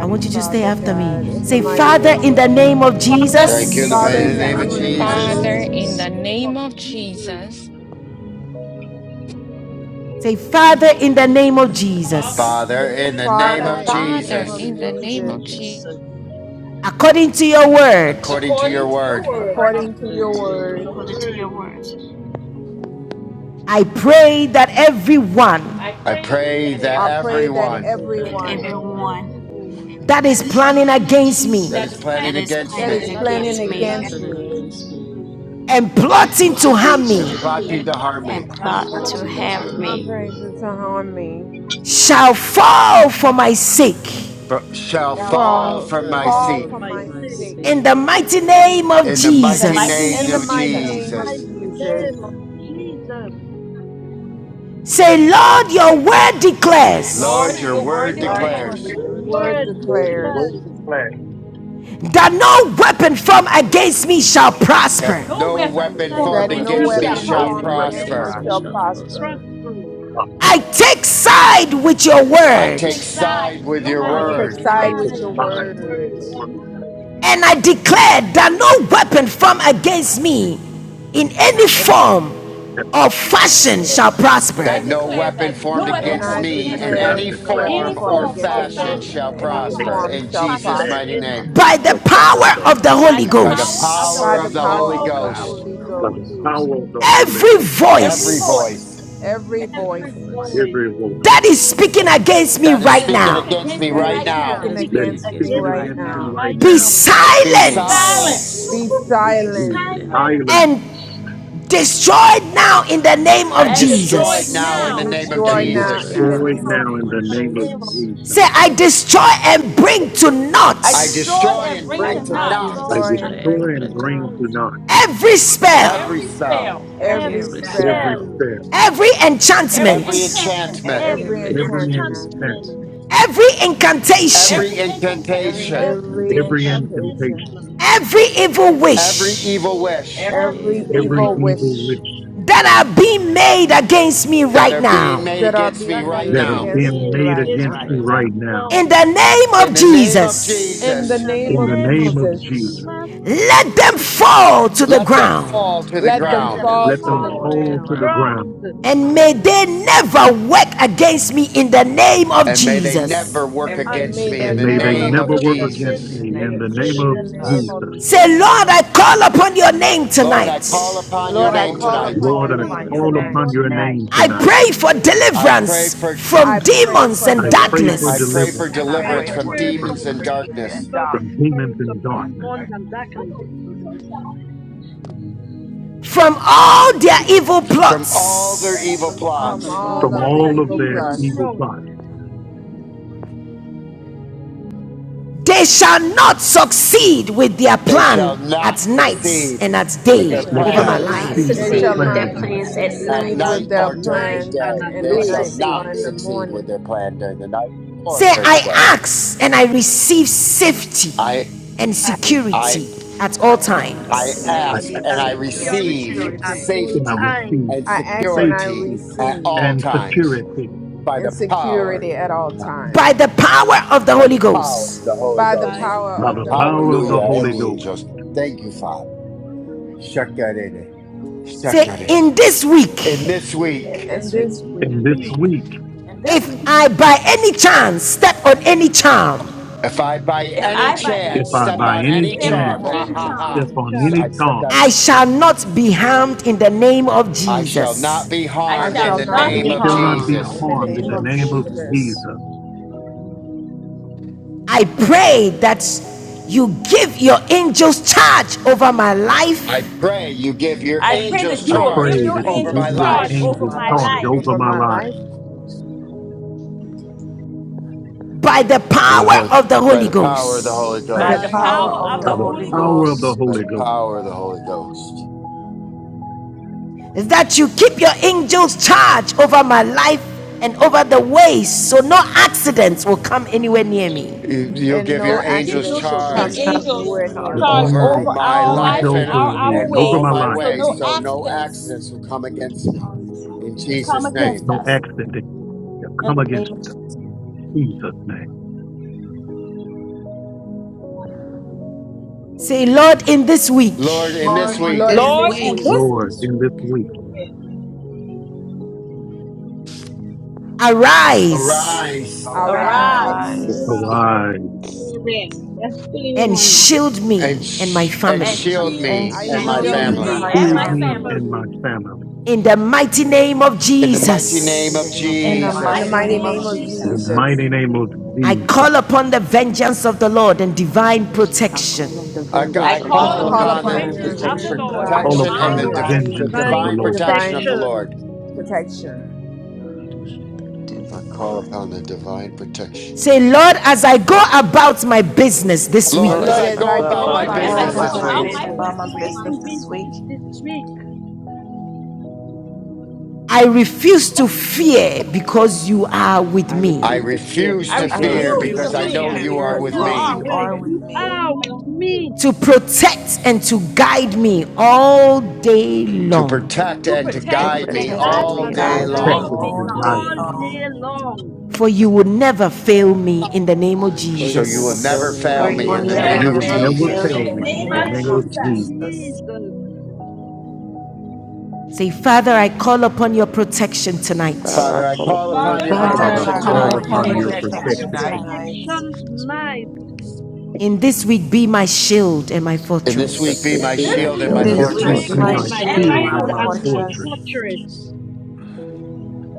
Speaker 2: I want you to stay
Speaker 3: Father
Speaker 2: after
Speaker 3: God,
Speaker 2: me.
Speaker 3: in the
Speaker 2: Say,
Speaker 3: mighty
Speaker 2: Father,
Speaker 3: name
Speaker 2: in
Speaker 3: of
Speaker 2: the name
Speaker 3: Jesus.
Speaker 2: of
Speaker 4: Thank you in
Speaker 2: Jesus.
Speaker 4: the
Speaker 3: Father,
Speaker 4: in
Speaker 7: Father,
Speaker 3: in
Speaker 4: the
Speaker 3: the
Speaker 7: in
Speaker 4: name
Speaker 7: the
Speaker 4: of
Speaker 3: name of
Speaker 1: Amen
Speaker 7: name
Speaker 1: and
Speaker 7: of
Speaker 1: if
Speaker 4: Jesus,
Speaker 3: Jesus.
Speaker 9: Father,
Speaker 6: the
Speaker 9: in the
Speaker 7: Jesus,
Speaker 6: name
Speaker 9: name
Speaker 6: of
Speaker 9: of
Speaker 6: Jesus,
Speaker 9: Jesus.
Speaker 2: Say, Father, in the name of
Speaker 5: Father,
Speaker 2: Jesus.
Speaker 5: in the
Speaker 4: Father.
Speaker 5: name
Speaker 4: In the
Speaker 5: of
Speaker 1: I
Speaker 4: name
Speaker 5: Jesus,
Speaker 3: Father,
Speaker 4: of
Speaker 7: Father,
Speaker 3: in
Speaker 6: Father,
Speaker 3: the
Speaker 7: in the
Speaker 3: name
Speaker 6: in
Speaker 9: Father,
Speaker 3: of
Speaker 6: the
Speaker 4: Jesus,
Speaker 9: in
Speaker 7: name
Speaker 9: the
Speaker 7: of
Speaker 6: name of
Speaker 9: name
Speaker 3: Jesus,
Speaker 9: of Jesus.
Speaker 7: Jesus,
Speaker 6: Jesus,
Speaker 2: According to your word,
Speaker 4: according to
Speaker 5: according
Speaker 4: your
Speaker 5: to your
Speaker 4: word,
Speaker 5: word,
Speaker 1: according
Speaker 3: according to
Speaker 7: according
Speaker 3: your
Speaker 7: to
Speaker 6: according to
Speaker 7: your
Speaker 3: word,
Speaker 6: your
Speaker 7: word,
Speaker 10: according to your
Speaker 6: word, we
Speaker 10: words.
Speaker 2: I pray that everyone
Speaker 5: I
Speaker 4: I
Speaker 5: pray
Speaker 4: pray
Speaker 5: that
Speaker 4: that
Speaker 3: I
Speaker 5: everyone
Speaker 3: pray that
Speaker 7: I
Speaker 4: everyone
Speaker 7: pray that
Speaker 10: And
Speaker 6: pray
Speaker 3: everyone
Speaker 6: that
Speaker 7: everyone
Speaker 10: everyone
Speaker 6: everyone
Speaker 2: that
Speaker 10: that
Speaker 2: is
Speaker 10: is
Speaker 2: planning
Speaker 10: planning
Speaker 2: against
Speaker 10: against
Speaker 2: me
Speaker 4: that
Speaker 5: that
Speaker 10: me
Speaker 4: is
Speaker 5: is planning
Speaker 10: that
Speaker 4: planning
Speaker 10: is
Speaker 4: against
Speaker 3: that
Speaker 5: against
Speaker 1: that
Speaker 10: planning
Speaker 1: it
Speaker 3: is
Speaker 4: me
Speaker 5: me
Speaker 6: that is
Speaker 3: planning
Speaker 10: against
Speaker 7: that
Speaker 10: me
Speaker 7: is
Speaker 3: against
Speaker 6: planning
Speaker 7: planning
Speaker 3: me,
Speaker 6: against
Speaker 7: against me
Speaker 6: me
Speaker 2: and
Speaker 10: and
Speaker 2: plotting to
Speaker 10: plotting
Speaker 2: harm
Speaker 10: to
Speaker 4: and
Speaker 2: me
Speaker 10: harm
Speaker 4: plotting
Speaker 5: and
Speaker 10: me
Speaker 4: to harm
Speaker 5: plotting
Speaker 4: me.
Speaker 10: and
Speaker 5: to
Speaker 1: am
Speaker 6: and
Speaker 7: and
Speaker 5: harm
Speaker 10: plotting
Speaker 1: nothing
Speaker 10: to
Speaker 7: plotting
Speaker 6: plotting
Speaker 10: have
Speaker 6: to
Speaker 7: to
Speaker 1: harming
Speaker 6: harm
Speaker 10: me,
Speaker 7: harm me
Speaker 3: trying
Speaker 6: me
Speaker 3: to harm me,
Speaker 2: shall fall for my sake.
Speaker 4: fr- shall
Speaker 1: shall fall
Speaker 4: fall
Speaker 6: shall
Speaker 3: fall,
Speaker 4: from
Speaker 7: shall
Speaker 4: my
Speaker 6: fall
Speaker 3: fall
Speaker 7: fall
Speaker 4: seat
Speaker 6: for
Speaker 3: for
Speaker 6: my
Speaker 7: for
Speaker 3: my
Speaker 7: my
Speaker 6: sake
Speaker 3: sake.
Speaker 7: sake
Speaker 2: in the mighty name of
Speaker 4: in the
Speaker 5: me, in the
Speaker 4: mighty
Speaker 5: mighty
Speaker 4: name
Speaker 3: In
Speaker 5: name
Speaker 2: Jesus.
Speaker 3: the
Speaker 5: of
Speaker 4: of
Speaker 7: in
Speaker 6: in
Speaker 3: mighty
Speaker 7: the
Speaker 6: the
Speaker 5: Jesus,
Speaker 3: name
Speaker 7: mighty
Speaker 3: of
Speaker 4: Jesus.
Speaker 6: mighty
Speaker 7: name of
Speaker 3: Jesus,
Speaker 6: name
Speaker 7: Jesus.
Speaker 6: of Jesus.
Speaker 2: Say, Lord, your word
Speaker 5: Lord,
Speaker 4: Lord,
Speaker 2: declares
Speaker 4: your
Speaker 5: your word
Speaker 4: word
Speaker 3: you-
Speaker 5: declares.
Speaker 1: larger
Speaker 8: Round,
Speaker 6: Lord,
Speaker 4: declares
Speaker 3: you-
Speaker 6: your
Speaker 7: Lord,
Speaker 3: your
Speaker 7: your
Speaker 3: word
Speaker 6: word
Speaker 7: word
Speaker 11: For the
Speaker 7: declares.
Speaker 3: declares
Speaker 11: word
Speaker 6: declares
Speaker 11: declares
Speaker 2: that no weapon formed against me shall
Speaker 5: that
Speaker 4: that
Speaker 2: prosper.
Speaker 5: no
Speaker 4: no
Speaker 5: weapon
Speaker 4: weapon
Speaker 6: that
Speaker 1: than
Speaker 5: formed
Speaker 6: no
Speaker 12: No
Speaker 3: that
Speaker 4: formed
Speaker 1: no one.
Speaker 7: But
Speaker 5: against
Speaker 3: no
Speaker 12: weapon
Speaker 5: me
Speaker 7: no
Speaker 4: against
Speaker 11: that
Speaker 4: me
Speaker 12: formed
Speaker 5: shall
Speaker 6: weapon
Speaker 3: weapon
Speaker 11: no
Speaker 7: weapon
Speaker 4: shall
Speaker 12: against
Speaker 6: formed
Speaker 3: formed
Speaker 12: me
Speaker 5: prosper.
Speaker 7: formed
Speaker 12: shall
Speaker 3: against
Speaker 11: weapon
Speaker 6: against
Speaker 3: me
Speaker 4: prosper.
Speaker 7: against
Speaker 12: prosper.
Speaker 7: me
Speaker 11: formed
Speaker 3: shall
Speaker 6: me
Speaker 7: shall
Speaker 11: is
Speaker 6: shall
Speaker 3: prosper.
Speaker 7: prosper.
Speaker 6: prosper.
Speaker 11: not
Speaker 2: I take side with your
Speaker 4: I
Speaker 5: I
Speaker 2: word
Speaker 4: take
Speaker 5: take sides
Speaker 4: side
Speaker 5: with
Speaker 4: with
Speaker 1: I
Speaker 5: your
Speaker 4: your
Speaker 12: Amen.
Speaker 6: I
Speaker 3: I
Speaker 5: word,
Speaker 1: take
Speaker 3: take
Speaker 6: take
Speaker 4: word
Speaker 7: I
Speaker 1: sight
Speaker 3: side
Speaker 7: taste
Speaker 11: until
Speaker 3: with
Speaker 6: side
Speaker 12: This
Speaker 3: your
Speaker 12: is
Speaker 7: which
Speaker 6: with
Speaker 12: the
Speaker 7: is
Speaker 6: your
Speaker 7: the
Speaker 11: signed
Speaker 12: word.
Speaker 11: with
Speaker 7: word.
Speaker 6: word
Speaker 11: the
Speaker 3: words
Speaker 11: word.
Speaker 2: and I declare that no weapon formed against me in
Speaker 1: and
Speaker 2: any
Speaker 6: and,
Speaker 7: And
Speaker 2: form
Speaker 11: that
Speaker 2: or
Speaker 12: I
Speaker 7: and
Speaker 2: fashion
Speaker 7: that
Speaker 12: declare
Speaker 2: shall
Speaker 5: and
Speaker 2: prosper.
Speaker 5: I
Speaker 4: that no
Speaker 12: forms
Speaker 5: declare
Speaker 4: weapon
Speaker 5: that
Speaker 12: against
Speaker 4: formed
Speaker 5: no
Speaker 7: and
Speaker 12: me
Speaker 7: I
Speaker 6: and
Speaker 5: weapon
Speaker 3: And
Speaker 12: and
Speaker 4: against
Speaker 6: I
Speaker 3: I
Speaker 5: formed
Speaker 12: from
Speaker 4: me
Speaker 12: the
Speaker 1: I
Speaker 5: against
Speaker 4: in
Speaker 5: me
Speaker 11: And I
Speaker 3: declare
Speaker 7: declare
Speaker 4: any
Speaker 6: declare
Speaker 3: no
Speaker 5: in
Speaker 11: declare
Speaker 3: weapon
Speaker 6: that
Speaker 4: form
Speaker 5: any
Speaker 7: that
Speaker 3: formed
Speaker 4: or
Speaker 11: weapon
Speaker 6: any
Speaker 5: form
Speaker 7: there's
Speaker 3: against
Speaker 5: or
Speaker 3: us
Speaker 11: formed
Speaker 1: attack,
Speaker 7: no
Speaker 4: fashion
Speaker 3: shall
Speaker 6: weapon
Speaker 4: shall
Speaker 5: fashion
Speaker 7: weapon
Speaker 6: from
Speaker 3: in
Speaker 6: the
Speaker 5: shall
Speaker 3: any
Speaker 7: formed
Speaker 4: prosper.
Speaker 7: against
Speaker 6: form
Speaker 11: anything
Speaker 5: prosper.
Speaker 3: form
Speaker 7: me.
Speaker 6: of
Speaker 4: In
Speaker 3: shall
Speaker 4: Jesus'
Speaker 6: fashion
Speaker 11: fast
Speaker 4: mighty
Speaker 3: prosper.
Speaker 6: against
Speaker 4: name,
Speaker 6: me
Speaker 2: By the
Speaker 11: shall
Speaker 6: shall
Speaker 3: In
Speaker 2: power
Speaker 11: prosper.
Speaker 2: of
Speaker 3: Jesus'
Speaker 2: the
Speaker 3: name.
Speaker 5: By
Speaker 2: Holy
Speaker 5: the
Speaker 6: prosper
Speaker 4: by the
Speaker 5: power of the
Speaker 3: By
Speaker 4: power
Speaker 2: Ghost,
Speaker 6: by
Speaker 3: the
Speaker 4: of
Speaker 5: Holy
Speaker 6: the
Speaker 4: the
Speaker 5: Ghost,
Speaker 3: power
Speaker 7: By
Speaker 4: Holy
Speaker 12: the
Speaker 7: the
Speaker 3: of
Speaker 6: power
Speaker 3: the
Speaker 12: power
Speaker 6: of
Speaker 7: power
Speaker 4: Ghost,
Speaker 12: of
Speaker 6: the
Speaker 7: of
Speaker 3: Holy
Speaker 12: the
Speaker 7: the
Speaker 11: By
Speaker 6: Holy
Speaker 11: the
Speaker 12: Holy
Speaker 7: Holy
Speaker 3: Ghost,
Speaker 12: Ghost.
Speaker 6: Ghost.
Speaker 7: Ghost.
Speaker 11: power of the Holy
Speaker 2: every
Speaker 11: Ghost,
Speaker 5: every
Speaker 4: every
Speaker 2: voice
Speaker 5: voice
Speaker 4: voice
Speaker 3: every
Speaker 7: Every
Speaker 6: Every
Speaker 3: voice
Speaker 12: But
Speaker 7: voice
Speaker 6: voice
Speaker 11: every voice
Speaker 2: that is speaking against me
Speaker 4: that is
Speaker 5: that
Speaker 2: right
Speaker 5: is
Speaker 4: speaking
Speaker 2: now,
Speaker 5: speaking
Speaker 4: against
Speaker 5: against
Speaker 4: me
Speaker 5: me
Speaker 3: that
Speaker 4: right
Speaker 3: is
Speaker 5: right
Speaker 6: that
Speaker 12: it's
Speaker 6: is
Speaker 12: me
Speaker 4: now
Speaker 7: that
Speaker 5: now
Speaker 3: speaking
Speaker 7: is
Speaker 11: that
Speaker 7: speaking
Speaker 6: speaking
Speaker 11: is
Speaker 3: against me
Speaker 7: against
Speaker 11: speaking
Speaker 7: me
Speaker 6: against
Speaker 7: right
Speaker 12: right
Speaker 3: right
Speaker 11: against
Speaker 6: me
Speaker 7: now,
Speaker 11: you
Speaker 3: now,
Speaker 12: now.
Speaker 11: right
Speaker 6: right
Speaker 2: be
Speaker 11: now,
Speaker 6: now
Speaker 4: be
Speaker 5: be
Speaker 2: silenced
Speaker 5: silenced
Speaker 4: silenced
Speaker 3: be
Speaker 6: be
Speaker 7: be
Speaker 11: be
Speaker 3: silenced
Speaker 12: I let
Speaker 7: silent
Speaker 6: silent
Speaker 11: silent
Speaker 2: and destroy it now in the name of
Speaker 4: and
Speaker 5: and
Speaker 4: destroyed
Speaker 5: destroyed
Speaker 2: Jesus.
Speaker 4: now in
Speaker 3: and
Speaker 4: the
Speaker 5: now
Speaker 6: and
Speaker 4: name
Speaker 12: the
Speaker 5: in
Speaker 4: of
Speaker 6: be
Speaker 5: the
Speaker 7: and
Speaker 3: destroy
Speaker 11: and
Speaker 7: be
Speaker 5: name of
Speaker 3: now
Speaker 12: Lord
Speaker 7: destroyed
Speaker 4: Jesus.
Speaker 6: destroyed
Speaker 3: in the
Speaker 12: down
Speaker 7: now
Speaker 11: destroyed
Speaker 12: in
Speaker 3: name
Speaker 7: in
Speaker 5: Jesus.
Speaker 12: the
Speaker 7: the
Speaker 3: of
Speaker 6: now
Speaker 11: now
Speaker 12: name
Speaker 11: in
Speaker 7: name
Speaker 12: of
Speaker 11: the
Speaker 7: of
Speaker 6: in the
Speaker 11: name
Speaker 3: Jesus.
Speaker 12: Jesus.
Speaker 6: name
Speaker 11: of
Speaker 6: of
Speaker 7: Jesus.
Speaker 11: Jesus.
Speaker 2: Say, I
Speaker 6: Jesus.
Speaker 2: destroy and bring to naught
Speaker 5: I
Speaker 4: I
Speaker 5: destroy
Speaker 4: destroy
Speaker 5: and
Speaker 4: and
Speaker 5: bring
Speaker 6: I
Speaker 4: bring
Speaker 5: to
Speaker 4: to
Speaker 3: I
Speaker 5: naught
Speaker 7: I
Speaker 11: I
Speaker 4: naught
Speaker 6: destroy
Speaker 3: destroy
Speaker 7: destroy
Speaker 3: and
Speaker 6: and
Speaker 7: and
Speaker 3: bring
Speaker 11: destroy
Speaker 6: bring
Speaker 3: you
Speaker 11: and
Speaker 6: to
Speaker 7: brattle
Speaker 11: bring
Speaker 3: not
Speaker 7: out
Speaker 6: naught
Speaker 11: to naught
Speaker 2: every spell,
Speaker 4: every
Speaker 5: every
Speaker 4: spell,
Speaker 5: spell,
Speaker 1: every
Speaker 3: every
Speaker 6: every
Speaker 7: every
Speaker 12: Every
Speaker 1: step,
Speaker 11: every
Speaker 3: spell,
Speaker 7: spell,
Speaker 12: spell,
Speaker 6: spell
Speaker 11: spell,
Speaker 2: every
Speaker 5: every
Speaker 4: every
Speaker 2: enchantment,
Speaker 5: enchantment,
Speaker 4: enchantment,
Speaker 1: every
Speaker 3: every
Speaker 6: every
Speaker 7: every
Speaker 12: every
Speaker 1: attack,
Speaker 11: every
Speaker 12: defense
Speaker 3: enchantment,
Speaker 7: enchantment,
Speaker 6: enchantment,
Speaker 11: enchantment,
Speaker 2: every incantation,
Speaker 4: every
Speaker 5: every incantation,
Speaker 1: every
Speaker 7: every
Speaker 4: incantation,
Speaker 6: every
Speaker 3: every
Speaker 11: every
Speaker 7: incantation
Speaker 3: incantation,
Speaker 11: incantation,
Speaker 6: incantation,
Speaker 2: every evil
Speaker 4: every
Speaker 2: wish
Speaker 4: evil
Speaker 1: every
Speaker 4: wish
Speaker 6: every
Speaker 3: every
Speaker 1: people
Speaker 7: every
Speaker 11: every
Speaker 6: evil
Speaker 3: evil
Speaker 7: evil
Speaker 11: evil
Speaker 6: wish
Speaker 3: wish
Speaker 7: wish
Speaker 11: wish.
Speaker 2: that are being made against me
Speaker 4: that
Speaker 2: right
Speaker 4: are
Speaker 2: now.
Speaker 4: being made
Speaker 3: that are
Speaker 4: against me
Speaker 12: that
Speaker 3: being
Speaker 6: that
Speaker 12: is
Speaker 6: has
Speaker 4: right
Speaker 7: that
Speaker 3: made
Speaker 1: way
Speaker 11: that
Speaker 7: have
Speaker 1: to
Speaker 12: being
Speaker 1: make
Speaker 6: been
Speaker 11: have
Speaker 4: now.
Speaker 12: laid
Speaker 7: been
Speaker 3: against
Speaker 11: been
Speaker 7: made
Speaker 3: me
Speaker 6: made
Speaker 11: made
Speaker 12: against
Speaker 1: me
Speaker 3: right
Speaker 12: me
Speaker 6: against
Speaker 7: against
Speaker 3: now.
Speaker 11: against
Speaker 7: me
Speaker 12: right
Speaker 6: me
Speaker 11: me
Speaker 7: right
Speaker 1: unstable,
Speaker 12: now,
Speaker 11: right
Speaker 7: now.
Speaker 6: right
Speaker 11: now.
Speaker 2: In the
Speaker 6: now.
Speaker 2: name
Speaker 4: In
Speaker 2: of
Speaker 4: the name of
Speaker 2: Jesus,
Speaker 3: In the
Speaker 6: In
Speaker 4: Jesus,
Speaker 6: the
Speaker 7: In the
Speaker 3: name
Speaker 11: In the
Speaker 7: name
Speaker 3: of
Speaker 6: name
Speaker 7: of
Speaker 6: of
Speaker 11: name of
Speaker 3: Jesus,
Speaker 7: Jesus,
Speaker 11: Jesus,
Speaker 6: Jesus,
Speaker 2: let them fall to the
Speaker 4: let them
Speaker 2: ground
Speaker 4: fall to the
Speaker 3: let
Speaker 1: lift
Speaker 6: let
Speaker 3: them
Speaker 12: let
Speaker 7: let
Speaker 12: them
Speaker 4: ground
Speaker 6: them
Speaker 7: them
Speaker 1: up
Speaker 3: fall
Speaker 11: let
Speaker 3: to
Speaker 11: them
Speaker 3: the
Speaker 6: fall
Speaker 7: fall
Speaker 12: fall
Speaker 6: to
Speaker 7: to
Speaker 12: to
Speaker 7: the
Speaker 6: the
Speaker 12: the
Speaker 11: fall to
Speaker 3: ground
Speaker 11: the
Speaker 12: ground.
Speaker 7: ground
Speaker 11: ground
Speaker 6: ground
Speaker 2: and may they never work against me in the name of
Speaker 4: and may they
Speaker 2: Jesus.
Speaker 4: never work
Speaker 1: and
Speaker 6: and
Speaker 1: make
Speaker 3: and
Speaker 7: and
Speaker 4: against
Speaker 3: may
Speaker 6: may
Speaker 7: may
Speaker 1: me
Speaker 4: me in
Speaker 3: they
Speaker 6: they
Speaker 7: they
Speaker 11: and
Speaker 4: the
Speaker 11: may
Speaker 1: desperate.
Speaker 11: they
Speaker 7: never
Speaker 12: No
Speaker 6: never
Speaker 3: never.
Speaker 4: name
Speaker 7: work
Speaker 12: work
Speaker 4: of
Speaker 11: never
Speaker 6: work
Speaker 11: work
Speaker 12: against
Speaker 7: against me
Speaker 12: me
Speaker 11: against
Speaker 7: in
Speaker 12: in
Speaker 6: against
Speaker 7: the
Speaker 12: the
Speaker 4: Jesus.
Speaker 11: me.
Speaker 6: me
Speaker 11: In
Speaker 12: name
Speaker 7: name
Speaker 11: the
Speaker 7: of
Speaker 12: of
Speaker 3: In
Speaker 6: again
Speaker 11: name
Speaker 6: in
Speaker 11: of
Speaker 6: the
Speaker 3: the name
Speaker 12: Jesus.
Speaker 6: name
Speaker 3: of
Speaker 7: Jesus.
Speaker 6: of
Speaker 11: Jesus,
Speaker 2: Say,
Speaker 3: Jesus.
Speaker 2: Lord, I
Speaker 6: Jesus.
Speaker 2: call upon your name
Speaker 4: Lord, I call
Speaker 2: tonight.
Speaker 4: upon your
Speaker 3: Lord,
Speaker 1: Lord,
Speaker 3: I
Speaker 12: Lord,
Speaker 4: name
Speaker 6: Lord,
Speaker 7: Lord,
Speaker 3: call
Speaker 1: help.
Speaker 12: I
Speaker 7: I
Speaker 6: I
Speaker 4: tonight.
Speaker 3: upon
Speaker 12: call
Speaker 11: Lord,
Speaker 3: your
Speaker 7: call
Speaker 11: I
Speaker 6: call
Speaker 3: name
Speaker 12: upon
Speaker 7: upon your
Speaker 12: your
Speaker 11: call
Speaker 6: upon
Speaker 3: tonight.
Speaker 7: name
Speaker 12: name
Speaker 11: upon
Speaker 6: your
Speaker 11: your
Speaker 7: tonight.
Speaker 6: name
Speaker 12: tonight.
Speaker 11: name
Speaker 2: I
Speaker 11: tonight.
Speaker 2: pray
Speaker 6: tonight.
Speaker 2: for
Speaker 4: I pray
Speaker 2: deliverance
Speaker 4: for
Speaker 2: from
Speaker 3: I
Speaker 7: I
Speaker 12: I,
Speaker 3: pray
Speaker 2: demons
Speaker 3: for
Speaker 2: and
Speaker 11: I
Speaker 7: pray
Speaker 11: pray
Speaker 7: for
Speaker 11: for
Speaker 3: deliverance
Speaker 4: I pray
Speaker 2: darkness,
Speaker 11: deliverance
Speaker 4: for
Speaker 1: I
Speaker 7: deliverance
Speaker 12: I
Speaker 1: pray
Speaker 7: from
Speaker 6: I
Speaker 4: deliverance
Speaker 12: pray
Speaker 1: for
Speaker 4: from
Speaker 12: for the
Speaker 6: pray
Speaker 1: deliverance,
Speaker 11: from,
Speaker 4: demons
Speaker 12: lyrical
Speaker 4: and
Speaker 6: from,
Speaker 7: demons and
Speaker 12: demons
Speaker 6: from
Speaker 1: forgiveness,
Speaker 4: darkness.
Speaker 12: and
Speaker 7: darkness,
Speaker 6: deliverance,
Speaker 1: for
Speaker 12: doctors.
Speaker 11: from demons
Speaker 6: deliverance of
Speaker 11: and darkness,
Speaker 6: demons
Speaker 1: God,
Speaker 6: and darkness. Yes.
Speaker 2: from all their evil
Speaker 4: From all their
Speaker 2: plots.
Speaker 4: evil
Speaker 1: from all
Speaker 6: From
Speaker 3: from
Speaker 7: from
Speaker 4: plots,
Speaker 7: all
Speaker 3: all
Speaker 11: from
Speaker 6: all
Speaker 3: of
Speaker 7: their
Speaker 3: the
Speaker 6: their
Speaker 11: all
Speaker 7: evil
Speaker 11: of
Speaker 3: evil
Speaker 11: their
Speaker 6: evil
Speaker 7: plots.
Speaker 3: plots.
Speaker 11: evil
Speaker 6: thoughts,
Speaker 11: plots.
Speaker 2: They shall not succeed with their
Speaker 4: they shall
Speaker 2: plan
Speaker 4: not
Speaker 2: at night
Speaker 4: succeed
Speaker 2: and at
Speaker 4: with
Speaker 7: They
Speaker 12: They
Speaker 4: their
Speaker 2: day
Speaker 1: insane
Speaker 12: will
Speaker 7: shall
Speaker 11: They
Speaker 12: not
Speaker 10: they
Speaker 7: not
Speaker 2: over
Speaker 11: should
Speaker 2: my
Speaker 4: plan
Speaker 10: will not
Speaker 12: with
Speaker 2: life.
Speaker 6: they
Speaker 7: succeed
Speaker 12: their
Speaker 11: succeed with
Speaker 6: shall
Speaker 3: They
Speaker 7: with
Speaker 11: their
Speaker 10: succeed
Speaker 7: their
Speaker 3: shall
Speaker 12: plans
Speaker 6: not
Speaker 10: with
Speaker 11: plan
Speaker 3: not
Speaker 11: at
Speaker 10: their
Speaker 7: plan
Speaker 12: tonight.
Speaker 11: night.
Speaker 10: plans
Speaker 1: attack.
Speaker 6: succeed
Speaker 10: at
Speaker 6: in their
Speaker 7: this
Speaker 10: night,
Speaker 4: at
Speaker 3: succeed
Speaker 7: morning
Speaker 3: with
Speaker 4: night
Speaker 6: plans
Speaker 7: with
Speaker 3: their
Speaker 6: at
Speaker 4: or
Speaker 7: their plan
Speaker 4: during
Speaker 7: of
Speaker 4: the
Speaker 6: night
Speaker 3: plans
Speaker 6: and
Speaker 7: Jesus.
Speaker 4: day.
Speaker 6: at
Speaker 3: in
Speaker 4: They
Speaker 3: the
Speaker 10: nor
Speaker 6: day.
Speaker 4: shall
Speaker 3: night
Speaker 4: not
Speaker 10: succeed.
Speaker 3: or in the
Speaker 4: succeed with
Speaker 3: morning.
Speaker 4: their plan during the night or
Speaker 2: Say,
Speaker 4: during the
Speaker 2: I
Speaker 4: day.
Speaker 2: ask and I receive safety
Speaker 4: I,
Speaker 2: and
Speaker 1: How
Speaker 6: I
Speaker 4: I,
Speaker 2: security
Speaker 6: ask
Speaker 2: at all
Speaker 6: and I
Speaker 7: I
Speaker 6: receive
Speaker 12: And I
Speaker 4: I
Speaker 7: ask
Speaker 2: times
Speaker 1: can I I
Speaker 7: and I
Speaker 11: I,
Speaker 4: ask
Speaker 12: receive
Speaker 1: receive
Speaker 6: safety
Speaker 7: receive
Speaker 4: and
Speaker 6: and
Speaker 4: I
Speaker 12: this
Speaker 1: David
Speaker 7: safety and
Speaker 12: your
Speaker 4: receive
Speaker 6: security at
Speaker 7: security
Speaker 12: security
Speaker 6: all
Speaker 11: and I
Speaker 4: safety
Speaker 6: times
Speaker 11: receive
Speaker 4: and
Speaker 3: I ask and I
Speaker 4: security
Speaker 11: safety
Speaker 4: at
Speaker 3: receive
Speaker 4: all
Speaker 11: and
Speaker 4: times
Speaker 11: security
Speaker 4: by
Speaker 3: in
Speaker 4: the power,
Speaker 3: security at all times.
Speaker 2: by the power of the
Speaker 4: by
Speaker 2: Holy
Speaker 4: the power of
Speaker 2: Ghost.
Speaker 4: the Holy
Speaker 3: by the
Speaker 7: by
Speaker 6: by
Speaker 4: Ghost.
Speaker 7: the
Speaker 6: the
Speaker 3: power
Speaker 11: by
Speaker 12: power
Speaker 3: of
Speaker 11: the
Speaker 3: the
Speaker 7: power
Speaker 6: power
Speaker 7: of
Speaker 12: of
Speaker 6: of
Speaker 7: the
Speaker 11: power
Speaker 3: Holy
Speaker 12: the
Speaker 11: of
Speaker 6: the
Speaker 7: Holy
Speaker 11: the
Speaker 4: Hallelujah
Speaker 12: Holy
Speaker 6: Holy
Speaker 11: Holy
Speaker 3: Ghost.
Speaker 4: and
Speaker 7: Ghost.
Speaker 12: Ghost.
Speaker 4: the
Speaker 11: Ghost.
Speaker 4: angels.
Speaker 6: Ghost.
Speaker 4: Thank you, Father. Shakarede.
Speaker 2: Say,
Speaker 4: Shakarede.
Speaker 2: in this week,
Speaker 4: And this
Speaker 1: in
Speaker 4: week,
Speaker 3: And
Speaker 1: this week
Speaker 6: In
Speaker 3: this
Speaker 6: this
Speaker 3: week,
Speaker 11: And
Speaker 12: This
Speaker 7: And
Speaker 11: this
Speaker 7: this
Speaker 6: week,
Speaker 12: week,
Speaker 7: week,
Speaker 11: week,
Speaker 5: and this
Speaker 2: If
Speaker 5: week
Speaker 2: I by any chance step on any charm,
Speaker 4: if I
Speaker 1: if
Speaker 4: by
Speaker 5: If
Speaker 1: I
Speaker 4: any
Speaker 5: I
Speaker 1: might?
Speaker 5: by
Speaker 6: if by
Speaker 11: If
Speaker 4: chance
Speaker 5: any
Speaker 11: I
Speaker 4: step
Speaker 6: any
Speaker 11: by
Speaker 4: on
Speaker 5: chance
Speaker 11: any
Speaker 7: if
Speaker 4: any
Speaker 6: chance
Speaker 5: step
Speaker 7: after
Speaker 3: in
Speaker 6: I
Speaker 11: chance
Speaker 4: charm,
Speaker 5: on
Speaker 4: wah
Speaker 6: step
Speaker 5: any
Speaker 7: Elisha
Speaker 6: on
Speaker 3: time,
Speaker 4: ha
Speaker 7: has
Speaker 5: tongue,
Speaker 11: step
Speaker 4: ha,
Speaker 6: any
Speaker 7: instead
Speaker 11: on any
Speaker 4: I
Speaker 7: mentioned,
Speaker 6: charm,
Speaker 4: stepped on,
Speaker 2: I
Speaker 11: tongue
Speaker 2: shall not be harmed in the name of
Speaker 4: I shall not
Speaker 2: Jesus.
Speaker 4: be
Speaker 5: I
Speaker 1: I,
Speaker 3: I
Speaker 4: harmed
Speaker 12: that
Speaker 7: I
Speaker 4: in
Speaker 5: shall
Speaker 3: shall
Speaker 12: you
Speaker 6: I
Speaker 4: the
Speaker 7: shall
Speaker 3: not
Speaker 11: that
Speaker 6: shall
Speaker 5: not
Speaker 12: not
Speaker 3: be
Speaker 4: name
Speaker 5: be
Speaker 4: of
Speaker 7: not
Speaker 12: be
Speaker 11: shall
Speaker 6: not
Speaker 7: be
Speaker 11: not
Speaker 5: harmed.
Speaker 3: harmed
Speaker 6: be
Speaker 11: be
Speaker 12: harmed
Speaker 7: harmed
Speaker 4: Jesus.
Speaker 3: in
Speaker 12: in
Speaker 7: in
Speaker 3: the
Speaker 12: the
Speaker 5: In
Speaker 7: the
Speaker 5: the
Speaker 6: harmed
Speaker 11: harmed
Speaker 12: name
Speaker 11: in
Speaker 6: in
Speaker 3: name
Speaker 5: name
Speaker 7: name
Speaker 11: the
Speaker 12: of
Speaker 6: the
Speaker 5: of
Speaker 7: of
Speaker 3: of
Speaker 11: name
Speaker 12: Jesus.
Speaker 11: of
Speaker 6: name
Speaker 5: Jesus,
Speaker 6: of
Speaker 3: Jesus
Speaker 7: Jesus.
Speaker 11: Jesus,
Speaker 6: Jesus.
Speaker 2: I pray that you give your angels charge over my
Speaker 4: I
Speaker 2: life
Speaker 4: pray you give your
Speaker 5: I pray
Speaker 4: angels
Speaker 5: that
Speaker 7: I
Speaker 11: I
Speaker 5: you
Speaker 12: Pray
Speaker 7: pray
Speaker 5: will
Speaker 12: that you
Speaker 11: pray
Speaker 7: that
Speaker 5: give
Speaker 6: Pray
Speaker 7: you
Speaker 4: charge
Speaker 12: give
Speaker 5: your
Speaker 11: that
Speaker 6: that
Speaker 7: give
Speaker 11: you
Speaker 6: you
Speaker 4: over
Speaker 7: your
Speaker 12: angels
Speaker 6: give
Speaker 4: my
Speaker 11: give
Speaker 5: angels
Speaker 6: your
Speaker 11: your
Speaker 12: charge
Speaker 5: charge
Speaker 7: angels
Speaker 4: life
Speaker 6: angels
Speaker 12: over
Speaker 5: over
Speaker 11: angels
Speaker 12: my
Speaker 5: my
Speaker 6: charge
Speaker 7: charge
Speaker 12: life.
Speaker 11: charge
Speaker 5: life
Speaker 6: over
Speaker 7: over
Speaker 11: over
Speaker 6: my
Speaker 3: over
Speaker 7: my
Speaker 11: my
Speaker 3: my
Speaker 7: life
Speaker 6: life.
Speaker 11: life
Speaker 3: life
Speaker 2: by the
Speaker 4: and the Holy,
Speaker 2: power of the
Speaker 4: by
Speaker 2: Holy
Speaker 4: the power of the
Speaker 2: Ghost.
Speaker 4: Holy
Speaker 13: by
Speaker 5: by
Speaker 3: by
Speaker 13: the
Speaker 3: the
Speaker 5: the
Speaker 6: by
Speaker 12: I
Speaker 4: Ghost.
Speaker 6: the
Speaker 7: by
Speaker 3: power
Speaker 7: the
Speaker 13: power
Speaker 5: power
Speaker 12: will
Speaker 3: of
Speaker 13: of
Speaker 5: of
Speaker 3: the
Speaker 6: power
Speaker 11: by
Speaker 5: the
Speaker 13: the
Speaker 12: hope.
Speaker 7: power
Speaker 11: the
Speaker 7: of the
Speaker 6: of
Speaker 13: Holy
Speaker 3: Holy
Speaker 5: Holy
Speaker 6: the
Speaker 7: Holy
Speaker 11: power
Speaker 5: Ghost.
Speaker 11: of
Speaker 3: Ghost.
Speaker 6: Holy
Speaker 11: the
Speaker 13: Ghost,
Speaker 4: By
Speaker 7: Ghost.
Speaker 11: Holy
Speaker 4: the
Speaker 6: Ghost,
Speaker 11: Ghost.
Speaker 4: power of the Holy Ghost,
Speaker 2: That you keep your angels charge over my life and over the ways so no accidents will come anywhere near me.
Speaker 4: you, you'll
Speaker 3: And
Speaker 4: give
Speaker 5: So
Speaker 3: no
Speaker 4: your
Speaker 5: you
Speaker 7: And
Speaker 5: keep
Speaker 4: angels
Speaker 3: accident
Speaker 5: your
Speaker 6: and
Speaker 3: shall
Speaker 6: to
Speaker 7: keep
Speaker 5: cha-
Speaker 13: that
Speaker 3: come
Speaker 6: keep
Speaker 7: the
Speaker 4: charge
Speaker 13: shall
Speaker 6: your
Speaker 5: angels
Speaker 12: Angels
Speaker 3: anywhere
Speaker 7: angels
Speaker 3: near
Speaker 12: charge
Speaker 11: Your
Speaker 6: angels
Speaker 12: over
Speaker 3: me.
Speaker 12: my
Speaker 5: charge
Speaker 7: charge
Speaker 12: life
Speaker 4: over
Speaker 11: angels
Speaker 5: over
Speaker 7: in
Speaker 6: towards the
Speaker 12: and
Speaker 4: my
Speaker 12: over
Speaker 5: our
Speaker 12: my
Speaker 11: charge
Speaker 5: life
Speaker 4: life
Speaker 12: way,
Speaker 6: enemy,
Speaker 5: and
Speaker 4: and
Speaker 12: but
Speaker 11: over
Speaker 5: our,
Speaker 7: the
Speaker 12: no
Speaker 6: so
Speaker 11: me
Speaker 5: our
Speaker 7: garden
Speaker 4: and
Speaker 11: and
Speaker 6: that
Speaker 7: of
Speaker 12: accidents
Speaker 11: over
Speaker 4: all
Speaker 7: love
Speaker 11: my
Speaker 5: ways,
Speaker 7: life
Speaker 6: no
Speaker 4: my
Speaker 12: come
Speaker 11: life
Speaker 5: so
Speaker 7: that
Speaker 12: near
Speaker 7: I
Speaker 4: ways,
Speaker 5: no
Speaker 12: me.
Speaker 4: so
Speaker 7: cannot
Speaker 4: no
Speaker 7: even
Speaker 5: accidents
Speaker 4: accidents will come
Speaker 6: one
Speaker 4: against me.
Speaker 6: will come
Speaker 4: In
Speaker 6: to
Speaker 7: by
Speaker 5: will
Speaker 6: come
Speaker 5: come
Speaker 4: Jesus'
Speaker 11: that
Speaker 6: with
Speaker 7: accident.
Speaker 4: name.
Speaker 5: against
Speaker 11: no
Speaker 7: I
Speaker 5: us.
Speaker 11: accident
Speaker 6: others
Speaker 11: shall
Speaker 5: In
Speaker 11: come
Speaker 5: the
Speaker 6: anyway.
Speaker 5: name
Speaker 11: against
Speaker 5: of
Speaker 11: us.
Speaker 5: Jesus,
Speaker 11: in Jesus' name.
Speaker 2: Say, Lord, in this
Speaker 4: Lord,
Speaker 2: week,
Speaker 4: in
Speaker 13: Lord,
Speaker 4: this
Speaker 12: Lord,
Speaker 13: in
Speaker 12: in
Speaker 3: Lord,
Speaker 4: week,
Speaker 1: Lord,
Speaker 3: in
Speaker 12: this
Speaker 13: this
Speaker 5: Lord,
Speaker 3: this
Speaker 12: week,
Speaker 13: week,
Speaker 5: and
Speaker 3: week,
Speaker 7: pray
Speaker 6: Lord,
Speaker 5: this
Speaker 7: in
Speaker 5: week
Speaker 11: Lord,
Speaker 7: this
Speaker 6: in
Speaker 11: in
Speaker 8: don't
Speaker 11: this
Speaker 6: this
Speaker 7: week,
Speaker 11: week,
Speaker 6: week,
Speaker 2: arise
Speaker 4: arise
Speaker 1: arise
Speaker 12: alright.
Speaker 3: arise.
Speaker 5: arise
Speaker 13: arise
Speaker 7: arise
Speaker 6: arise
Speaker 11: arise
Speaker 8: Yes, good
Speaker 2: and
Speaker 8: morning.
Speaker 2: shield
Speaker 4: and
Speaker 2: me and my
Speaker 4: sh- and
Speaker 5: and
Speaker 2: family
Speaker 6: and
Speaker 4: shield
Speaker 5: shield
Speaker 13: and
Speaker 4: me
Speaker 3: I
Speaker 7: and
Speaker 4: and
Speaker 12: Heal
Speaker 6: shield
Speaker 5: and
Speaker 4: my
Speaker 13: shield
Speaker 12: me
Speaker 14: me
Speaker 7: show
Speaker 3: shield
Speaker 5: shield
Speaker 14: and
Speaker 12: and
Speaker 7: me
Speaker 6: me
Speaker 13: me
Speaker 3: me
Speaker 11: and
Speaker 14: my
Speaker 3: and
Speaker 12: my
Speaker 4: family
Speaker 13: and
Speaker 5: me
Speaker 7: and
Speaker 13: my
Speaker 3: my
Speaker 6: and
Speaker 7: my
Speaker 5: and
Speaker 12: family.
Speaker 6: my
Speaker 14: family.
Speaker 11: shield
Speaker 5: my
Speaker 12: In
Speaker 13: son
Speaker 11: me
Speaker 7: family.
Speaker 3: family.
Speaker 11: and
Speaker 5: family
Speaker 11: my
Speaker 6: family
Speaker 11: family.
Speaker 2: In the mighty name of
Speaker 4: in the
Speaker 14: In the
Speaker 4: mighty
Speaker 14: mighty
Speaker 4: name of
Speaker 14: name
Speaker 7: In
Speaker 2: Jesus,
Speaker 14: of
Speaker 13: in
Speaker 7: the
Speaker 12: the
Speaker 5: In
Speaker 6: in
Speaker 13: the
Speaker 5: the
Speaker 7: mighty
Speaker 6: the
Speaker 14: Jesus,
Speaker 3: In the
Speaker 4: Jesus.
Speaker 13: mighty
Speaker 12: mighty
Speaker 5: mighty
Speaker 3: mighty
Speaker 13: name
Speaker 7: name
Speaker 12: name
Speaker 5: name
Speaker 7: of
Speaker 6: mighty
Speaker 13: of
Speaker 3: name
Speaker 5: of
Speaker 12: of
Speaker 3: of
Speaker 11: In
Speaker 6: name
Speaker 12: Jesus.
Speaker 11: the
Speaker 6: of
Speaker 5: Jesus,
Speaker 13: Jesus.
Speaker 7: Jesus.
Speaker 3: Jesus,
Speaker 11: mighty name
Speaker 6: Jesus.
Speaker 11: of
Speaker 2: I call
Speaker 11: Jesus,
Speaker 2: upon the vengeance of the Lord and
Speaker 13: I
Speaker 2: divine
Speaker 14: I
Speaker 2: protection.
Speaker 14: call on the
Speaker 4: I,
Speaker 14: vengeance
Speaker 5: I
Speaker 4: I
Speaker 1: and
Speaker 14: of the
Speaker 5: call
Speaker 1: help
Speaker 6: I
Speaker 4: call
Speaker 14: Lord
Speaker 13: call
Speaker 3: call
Speaker 5: upon
Speaker 14: and
Speaker 12: Lord,
Speaker 6: call
Speaker 4: upon
Speaker 5: the
Speaker 13: upon
Speaker 7: The
Speaker 3: upon
Speaker 13: the
Speaker 4: the,
Speaker 12: bless
Speaker 14: divine
Speaker 6: upon
Speaker 3: your
Speaker 5: vengeance
Speaker 12: the
Speaker 4: the
Speaker 6: the
Speaker 5: of
Speaker 13: vengeance
Speaker 7: called
Speaker 12: grace
Speaker 5: the
Speaker 13: of
Speaker 14: protection.
Speaker 3: n-
Speaker 13: the
Speaker 12: of the
Speaker 5: Lord
Speaker 6: vengeance
Speaker 5: and
Speaker 13: Lord
Speaker 6: of
Speaker 3: life
Speaker 13: and
Speaker 11: call
Speaker 12: Lord
Speaker 6: the
Speaker 4: protection
Speaker 7: upon
Speaker 12: and
Speaker 4: and
Speaker 3: for
Speaker 11: upon
Speaker 5: divine
Speaker 7: the
Speaker 4: the
Speaker 13: divine
Speaker 11: the
Speaker 6: Lord
Speaker 3: your
Speaker 4: div-
Speaker 6: and
Speaker 12: divine
Speaker 13: protection
Speaker 5: protection.
Speaker 7: vengeance
Speaker 4: the
Speaker 3: name
Speaker 11: vengeance
Speaker 7: of
Speaker 12: protection.
Speaker 11: of the
Speaker 6: divine
Speaker 4: divine
Speaker 7: Allah,
Speaker 3: and
Speaker 11: Lord
Speaker 4: protection of the
Speaker 3: divine
Speaker 6: protection.
Speaker 4: Lord.
Speaker 3: protection.
Speaker 13: to be
Speaker 4: I call
Speaker 13: part.
Speaker 4: upon the divine protection,
Speaker 2: Say, Lord, as I go about my business this
Speaker 4: Lord,
Speaker 14: Lord,
Speaker 4: as
Speaker 3: Lord,
Speaker 14: as
Speaker 4: I
Speaker 2: week,
Speaker 14: I
Speaker 3: as
Speaker 4: go
Speaker 3: I
Speaker 14: go
Speaker 4: about
Speaker 3: go
Speaker 14: about
Speaker 4: my
Speaker 5: Lord,
Speaker 12: Lord,
Speaker 14: my
Speaker 12: as
Speaker 3: about
Speaker 12: I
Speaker 5: as
Speaker 3: my
Speaker 7: is
Speaker 12: go
Speaker 5: I
Speaker 13: Lord,
Speaker 6: Lord,
Speaker 4: business
Speaker 7: a
Speaker 14: business
Speaker 5: go
Speaker 13: as
Speaker 12: about
Speaker 6: I
Speaker 4: this
Speaker 13: I
Speaker 14: this
Speaker 3: business
Speaker 12: my
Speaker 7: God,
Speaker 5: about
Speaker 13: go
Speaker 4: week.
Speaker 3: this
Speaker 14: week,
Speaker 5: my
Speaker 12: business
Speaker 6: go
Speaker 3: week,
Speaker 12: this
Speaker 13: about my
Speaker 5: business
Speaker 6: about
Speaker 12: week,
Speaker 5: this
Speaker 6: my
Speaker 13: business
Speaker 5: week,
Speaker 13: this
Speaker 6: business
Speaker 13: week,
Speaker 6: this
Speaker 7: Jesus speak.
Speaker 6: week
Speaker 2: I refuse to fear because you are with
Speaker 14: I
Speaker 2: me,
Speaker 4: I
Speaker 14: refuse to fear
Speaker 4: refuse
Speaker 5: I
Speaker 4: to
Speaker 14: because
Speaker 13: I
Speaker 14: you are
Speaker 12: I
Speaker 6: I
Speaker 14: with
Speaker 4: fear
Speaker 7: I
Speaker 8: In
Speaker 14: me
Speaker 5: refuse
Speaker 12: refuse
Speaker 5: to
Speaker 13: refuse
Speaker 4: because
Speaker 12: to
Speaker 4: I
Speaker 7: refuse
Speaker 13: to
Speaker 6: refuse
Speaker 7: to
Speaker 12: fear
Speaker 4: know
Speaker 5: fear
Speaker 6: to
Speaker 7: fear
Speaker 4: you are
Speaker 13: fear
Speaker 12: because
Speaker 5: because
Speaker 12: you
Speaker 4: with
Speaker 5: you
Speaker 7: because
Speaker 6: fear
Speaker 12: are
Speaker 7: you are
Speaker 13: because
Speaker 12: with
Speaker 5: are
Speaker 13: you
Speaker 4: me
Speaker 5: with
Speaker 7: with
Speaker 6: because
Speaker 12: me.
Speaker 13: are
Speaker 5: me
Speaker 7: me.
Speaker 13: with
Speaker 6: you
Speaker 13: me
Speaker 8: in
Speaker 6: are
Speaker 8: my
Speaker 6: with
Speaker 8: own food,
Speaker 6: me
Speaker 2: to protect and to guide me all day
Speaker 4: to
Speaker 14: to pro-
Speaker 2: long.
Speaker 4: protect
Speaker 5: to
Speaker 4: and to
Speaker 13: to
Speaker 5: protect
Speaker 6: to
Speaker 14: protect
Speaker 4: guide
Speaker 14: and
Speaker 5: and
Speaker 4: me
Speaker 14: to
Speaker 7: Protect
Speaker 12: Protect
Speaker 13: protect
Speaker 7: and
Speaker 14: guide
Speaker 5: guide
Speaker 6: protect
Speaker 13: and
Speaker 12: me
Speaker 7: to
Speaker 4: all
Speaker 5: me
Speaker 14: me
Speaker 12: and
Speaker 6: and
Speaker 11: to
Speaker 6: to
Speaker 7: guide
Speaker 4: day
Speaker 12: guide
Speaker 14: all
Speaker 12: me
Speaker 13: guide
Speaker 14: day
Speaker 7: me
Speaker 11: protect
Speaker 13: me
Speaker 6: guide
Speaker 5: all
Speaker 4: long.
Speaker 14: long.
Speaker 5: day
Speaker 11: and
Speaker 7: all
Speaker 6: me
Speaker 11: to
Speaker 13: all
Speaker 7: day
Speaker 12: all
Speaker 5: long.
Speaker 11: guide
Speaker 13: day
Speaker 6: all
Speaker 12: day
Speaker 11: me.
Speaker 7: long,
Speaker 13: long.
Speaker 6: day
Speaker 12: long.
Speaker 6: long.
Speaker 2: For you will never fail me in the name of
Speaker 14: For
Speaker 4: so
Speaker 14: you
Speaker 4: you will
Speaker 14: never
Speaker 2: Jesus.
Speaker 14: fail
Speaker 4: never
Speaker 14: me in
Speaker 6: For
Speaker 14: the
Speaker 7: for
Speaker 1: for
Speaker 4: fail
Speaker 5: For
Speaker 6: you
Speaker 7: you
Speaker 14: name
Speaker 5: you
Speaker 7: will
Speaker 1: you.
Speaker 4: me
Speaker 12: You
Speaker 13: For
Speaker 6: will
Speaker 14: of
Speaker 4: in
Speaker 5: will
Speaker 12: will
Speaker 4: the
Speaker 13: you
Speaker 12: never
Speaker 6: never
Speaker 5: never
Speaker 11: And
Speaker 7: never
Speaker 13: will
Speaker 4: name
Speaker 11: you
Speaker 14: Jesus.
Speaker 4: of
Speaker 11: will
Speaker 7: fail
Speaker 13: never
Speaker 6: fail
Speaker 12: fail
Speaker 5: fail me
Speaker 7: me
Speaker 11: never
Speaker 12: me in
Speaker 7: in
Speaker 6: me
Speaker 12: the
Speaker 13: fail
Speaker 4: Jesus.
Speaker 5: in
Speaker 6: in
Speaker 11: fail
Speaker 12: name
Speaker 5: the
Speaker 7: the
Speaker 11: me
Speaker 13: me
Speaker 6: the
Speaker 12: of
Speaker 11: in
Speaker 5: name
Speaker 13: in
Speaker 7: name
Speaker 11: the
Speaker 13: the
Speaker 5: of
Speaker 7: of
Speaker 6: name
Speaker 11: name
Speaker 13: name
Speaker 12: Jesus.
Speaker 6: of
Speaker 13: of
Speaker 11: of
Speaker 7: Jesus.
Speaker 5: Jesus.
Speaker 11: Jesus.
Speaker 13: Jesus.
Speaker 6: Jesus.
Speaker 2: Say, Father, I call upon your protection tonight.
Speaker 14: Father, I
Speaker 4: Father, I
Speaker 14: call
Speaker 4: call
Speaker 14: upon your
Speaker 4: upon
Speaker 5: Father,
Speaker 4: your
Speaker 5: I
Speaker 12: Father,
Speaker 1: Father,
Speaker 12: I
Speaker 11: Father,
Speaker 13: Father,
Speaker 1: I
Speaker 14: protection
Speaker 5: call
Speaker 6: Father,
Speaker 4: protection
Speaker 13: I
Speaker 11: I
Speaker 12: call
Speaker 5: upon
Speaker 6: I
Speaker 14: tonight
Speaker 1: call
Speaker 5: your
Speaker 13: call
Speaker 11: call
Speaker 7: And
Speaker 4: tonight,
Speaker 12: upon your
Speaker 13: upon
Speaker 1: upon
Speaker 11: upon
Speaker 13: your
Speaker 1: you
Speaker 6: call
Speaker 11: your
Speaker 5: protection
Speaker 7: call
Speaker 12: protection
Speaker 5: tonight
Speaker 6: upon
Speaker 7: for
Speaker 6: your
Speaker 13: protection
Speaker 11: protection
Speaker 12: tonight.
Speaker 7: protection
Speaker 11: tonight.
Speaker 13: tonight.
Speaker 6: protection
Speaker 7: in this
Speaker 6: tonight
Speaker 7: morning.
Speaker 2: In this week, be my shield and my
Speaker 4: and this
Speaker 14: and
Speaker 2: fortress.
Speaker 4: week
Speaker 14: this
Speaker 4: be
Speaker 14: week
Speaker 4: my
Speaker 5: and
Speaker 14: be
Speaker 5: this
Speaker 14: my
Speaker 4: shield and
Speaker 5: week
Speaker 6: in
Speaker 13: In
Speaker 1: in
Speaker 4: my
Speaker 14: shield
Speaker 8: in
Speaker 11: And
Speaker 14: and
Speaker 11: this
Speaker 5: be
Speaker 6: this
Speaker 13: this
Speaker 14: my
Speaker 1: this
Speaker 7: And
Speaker 5: my
Speaker 1: week
Speaker 11: week
Speaker 13: week, be
Speaker 7: this
Speaker 6: week.
Speaker 1: with
Speaker 7: will
Speaker 12: My
Speaker 4: fortress.
Speaker 11: be
Speaker 13: my
Speaker 14: fortress.
Speaker 1: my
Speaker 6: Be
Speaker 7: be
Speaker 11: my
Speaker 5: shield
Speaker 7: my
Speaker 6: my
Speaker 1: super.
Speaker 5: and
Speaker 12: shield
Speaker 8: this
Speaker 7: shoulder
Speaker 13: shield
Speaker 12: and
Speaker 5: my
Speaker 11: shield
Speaker 13: and
Speaker 7: and
Speaker 12: my
Speaker 7: my
Speaker 13: my
Speaker 11: and
Speaker 6: shield
Speaker 11: my
Speaker 6: and
Speaker 8: is
Speaker 5: fortress.
Speaker 12: fortress.
Speaker 6: my
Speaker 13: fortress.
Speaker 11: fortress
Speaker 6: fortress
Speaker 7: fortress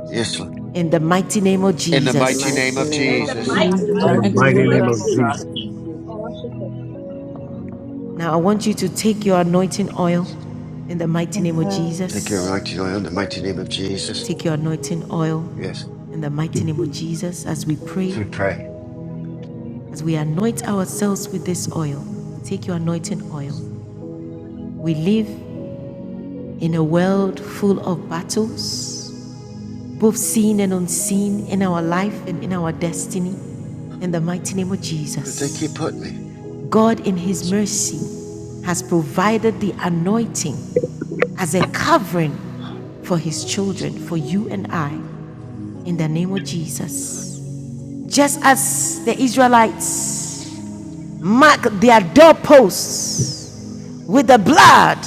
Speaker 4: Yes, Lord.
Speaker 2: in the mighty name of
Speaker 4: in the
Speaker 14: In the
Speaker 4: mighty
Speaker 14: mighty
Speaker 4: name
Speaker 2: Jesus.
Speaker 4: of
Speaker 14: name
Speaker 5: In
Speaker 14: of
Speaker 5: the
Speaker 13: In the
Speaker 6: in
Speaker 7: in
Speaker 4: Jesus.
Speaker 8: Amen.
Speaker 1: In
Speaker 6: the
Speaker 7: the
Speaker 5: mighty
Speaker 14: Jesus.
Speaker 12: To
Speaker 13: mighty name
Speaker 11: in
Speaker 7: mighty
Speaker 1: the
Speaker 12: bless
Speaker 8: Amen.
Speaker 11: the
Speaker 7: name
Speaker 13: of
Speaker 7: of
Speaker 1: mighty
Speaker 6: mighty
Speaker 7: Jesus.
Speaker 11: mighty
Speaker 12: you,
Speaker 5: name
Speaker 1: name
Speaker 5: of
Speaker 11: name
Speaker 1: of
Speaker 6: name
Speaker 11: of
Speaker 6: of
Speaker 13: Jesus.
Speaker 12: Jesus.
Speaker 5: Jesus.
Speaker 11: Jesus.
Speaker 6: Jesus.
Speaker 8: Oh, what's
Speaker 2: Now I want you to take your anointing oil in the mighty name of
Speaker 13: Amen.
Speaker 4: Take your
Speaker 2: Jesus.
Speaker 4: mighty oil in the mighty name of Jesus.
Speaker 2: Take your anointing oil
Speaker 4: Yes,
Speaker 14: Mhm.
Speaker 2: in the mighty name of Jesus as we pray,
Speaker 4: we pray.
Speaker 2: as we anoint ourselves with this oil. Take your anointing oil. We live in a world full of battles, both seen and unseen in our life and in our destiny. In the mighty name of
Speaker 4: Where did they
Speaker 2: Jesus,
Speaker 4: keep putting me?
Speaker 2: God in His mercy has provided the anointing as a covering for his children, for you and I, in the name of Jesus. Just as the Israelites mark their doorposts with the blood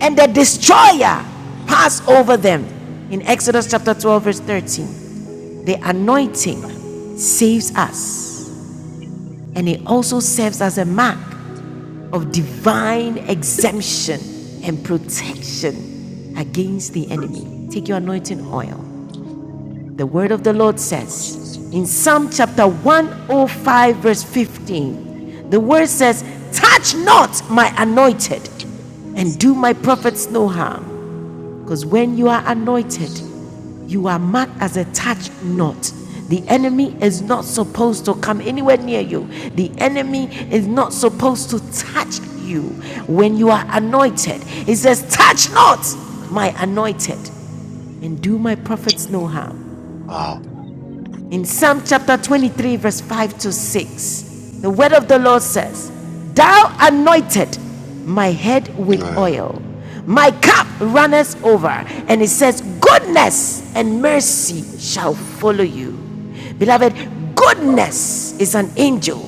Speaker 2: and the destroyer passed over them in Exodus chapter 12, verse 13, the anointing saves us and it also serves as a mark of divine exemption and protection against the enemy. Take your anointing oil The word of the Lord says in Psalm chapter 105, verse 15, the word says, Touch not my anointed and do my prophets no harm. Because when you are anointed, you are marked as a touch not. The enemy is not supposed to come anywhere near you. The enemy is not supposed to touch you when you are anointed. It says, Touch not my anointed and do my prophets no harm.
Speaker 4: Oh.
Speaker 2: In Psalm chapter 23, verse 5 to 6, the word of the Lord says, Thou anointed my head with
Speaker 4: Uh.
Speaker 2: oil, my cup runneth over. And it says, Goodness and mercy shall follow you. Beloved, goodness is an angel,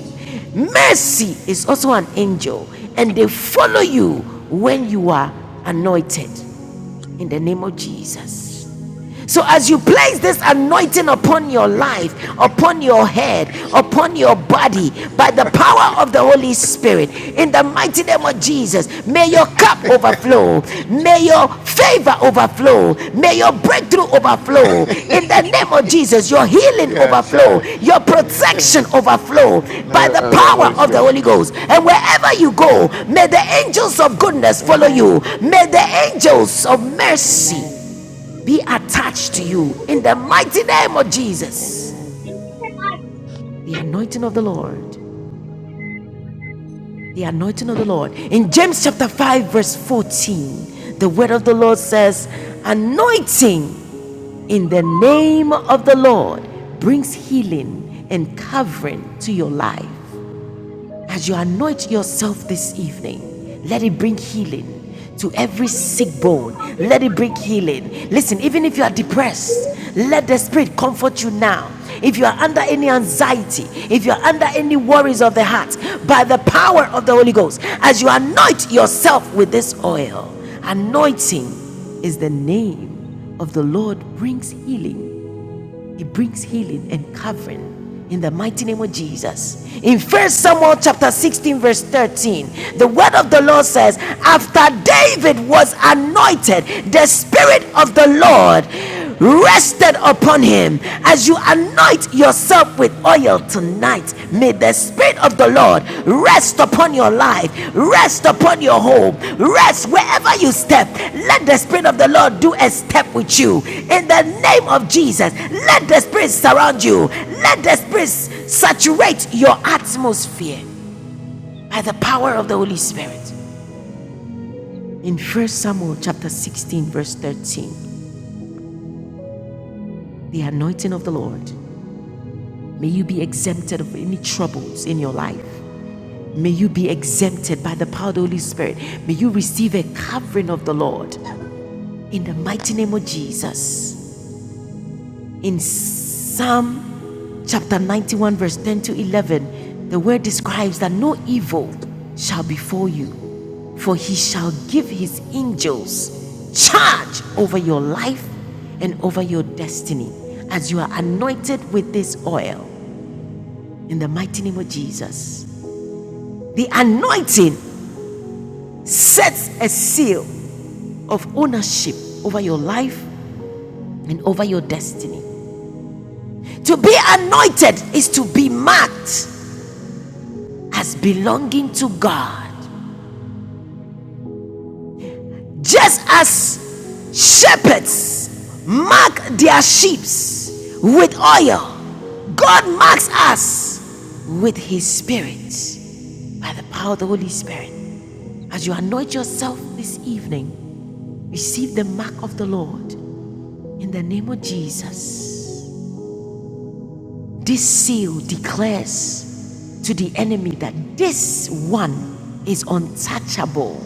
Speaker 2: mercy is also an angel, and they follow you when you are anointed. In the name of Jesus. So, as you place this anointing upon your life, upon your head, upon your body, by the power of the Holy Spirit, in the mighty name of Jesus, may your
Speaker 4: *laughs*
Speaker 2: cup overflow. May your favor overflow. May your breakthrough overflow. In the name of Jesus, your healing
Speaker 4: yeah,
Speaker 2: overflow.
Speaker 4: so
Speaker 2: Your
Speaker 14: Amen.
Speaker 4: uh,
Speaker 2: protection overflow by the
Speaker 4: uh, the
Speaker 2: power
Speaker 4: Holy
Speaker 2: of the
Speaker 4: Ghost.
Speaker 2: Holy
Speaker 14: Amen.
Speaker 2: Ghost. And wherever you go, may the angels of goodness follow you.
Speaker 14: Amen.
Speaker 2: May the angels of mercy
Speaker 14: Amen.
Speaker 2: be
Speaker 7: Mhm.
Speaker 2: attached to you
Speaker 14: Amen.
Speaker 2: in the mighty name of Jesus.
Speaker 7: In
Speaker 14: Amen.
Speaker 2: The anointing of the
Speaker 14: Mm.
Speaker 2: Lord. The anointing of the Lord. In James chapter 5, verse 14, the word of the Lord says, Anointing in the name of the Lord brings healing and covering to your life. As you anoint yourself this evening, let it bring healing to every sick bone. Let it bring
Speaker 8: your
Speaker 2: healing. Listen, even if you are depressed, let the Spirit comfort you now. If you are under any anxiety, if you are under any worries of the heart, by the power of the Holy Ghost, as you anoint yourself with this oil, anointing is the name of the Lord brings healing. It brings healing and covering in the mighty name of Jesus. In First Samuel chapter 16, verse 13, the word of the Lord says, After David was anointed, the spirit of the Lord rested upon him. As you anoint yourself with oil, tonight may the spirit of the lord rest upon your life rest upon your home rest wherever you step let the spirit of the lord do a step with you in the name of jesus let the spirit surround you let the spirit saturate your atmosphere by the power of the holy spirit in first samuel chapter 16 verse 13 the anointing of the lord may you be exempted of any troubles in your life May you be exempted by the power of the Holy Spirit. May you receive a covering of the Lord in the mighty name of Jesus. In Psalm chapter 91, verse 10 to 11, the word describes that no evil shall befall you, for he shall give his angels charge over your life and over your destiny as you are anointed with this oil in the mighty name of Jesus. The anointing sets a seal of ownership over your life and over your destiny. To be anointed is to be marked as belonging to God. Just as shepherds mark their sheep with oil, God marks us with His Spirit by the power of the Holy Spirit. As you anoint yourself this evening, receive the mark of the Lord in the name of Jesus. This seal declares to the enemy that this one is untouchable.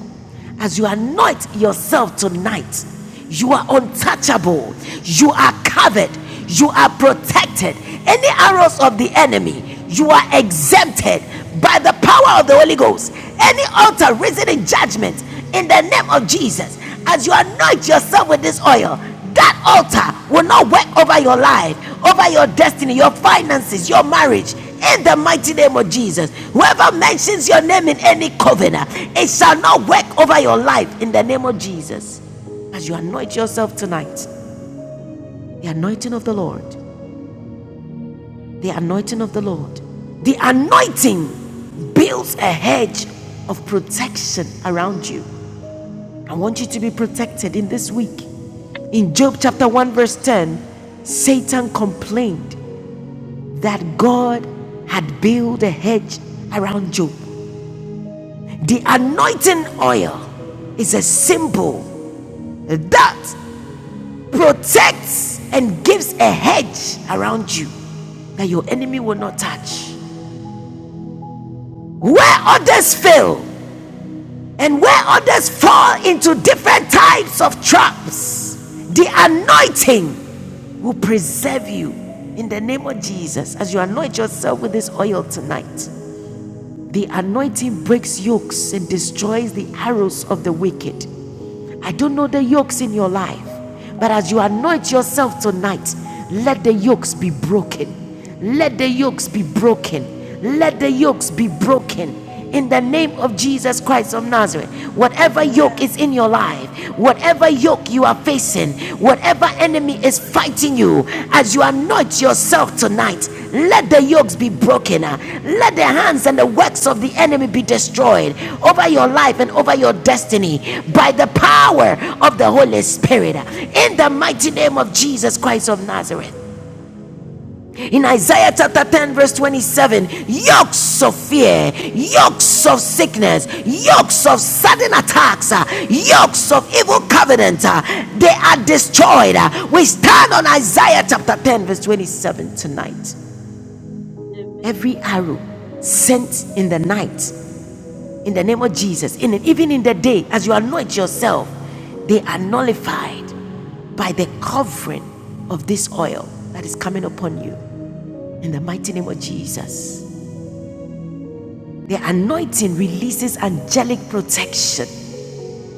Speaker 2: As you anoint yourself tonight, you are untouchable. You are covered. You are protected. Any arrows of the enemy, you are exempted by the power of the Holy Ghost. Any altar risen in judgment in the name of Jesus. As you anoint yourself with this oil, that altar will not work over your life, over your destiny, your finances, your marriage. In the mighty name of Jesus, whoever mentions your name in any covenant, it shall not work over your life in the name of Jesus. As you anoint yourself tonight, the anointing of the Lord, the anointing of the Lord, the anointing builds a hedge of protection around you. I want you to be protected in this week. In Job chapter 1, verse 10, Satan complained that God had built a hedge around Job. The anointing oil is a symbol that protects and gives a hedge around you that your enemy will not touch. Where others fail, And where others fall into different types of traps, the anointing will preserve you in the name of Jesus. As you anoint yourself with this oil tonight, the anointing breaks yokes and destroys the arrows of the wicked. I don't know the yokes in your life, but as you anoint yourself tonight, let the yokes be broken. Let the yokes be broken. Let the
Speaker 6: Amen.
Speaker 2: yokes be broken. In the name
Speaker 6: Amen.
Speaker 2: of Jesus Christ of Nazareth, whatever yoke
Speaker 13: Amen.
Speaker 2: is in your life, whatever yoke you are
Speaker 6: Lord,
Speaker 2: facing, Whatever enemy is fighting you, as you anoint yourself tonight, let the yokes be broken. uh, Let the
Speaker 6: we
Speaker 2: hands and the works of the enemy be destroyed over your life and over your destiny by the
Speaker 6: pray
Speaker 2: power
Speaker 6: your name.
Speaker 2: of the
Speaker 6: We
Speaker 2: Holy
Speaker 6: pray
Speaker 2: Spirit. uh, In the mighty name of Jesus Christ of Nazareth. In
Speaker 6: Jesus.
Speaker 2: Isaiah chapter 10, verse 27, yokes of fear, yokes of sickness, yokes of sudden attacks, uh, yokes of evil covenant, uh, they are destroyed. uh.
Speaker 6: Jesus.
Speaker 2: We stand on Isaiah chapter 10, verse 27 tonight.
Speaker 6: Amen.
Speaker 2: Every arrow sent in the night, in the
Speaker 6: Yes,
Speaker 2: name of Jesus, in it, even in the day, as you anoint yourself, they are nullified by the covering of this oil that is coming upon you. In the mighty name of Jesus. The anointing releases angelic protection.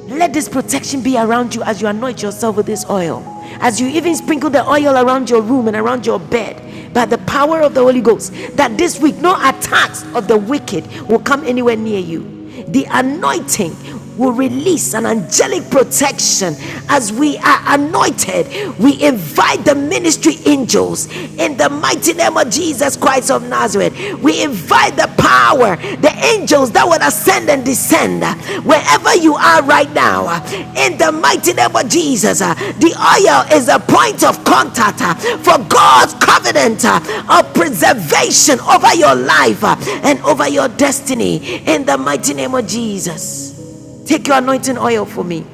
Speaker 2: Let this protection be around you as you anoint yourself with this oil. As you even sprinkle the oil around your room and around your bed by the power of the Holy Ghost, that this week no attacks of the wicked will come anywhere near you. The anointing will release an angelic protection. As we are anointed, we invite the ministry angels in the mighty name of Jesus Christ of Nazareth, we invite the power, the angels that will ascend and descend uh, wherever you are right now. uh, In the mighty name of Jesus, uh, the oil is a point of contact uh, for God's covenant uh, of preservation over your life uh, and over your destiny. In the mighty name of Jesus, take your anointing oil for me.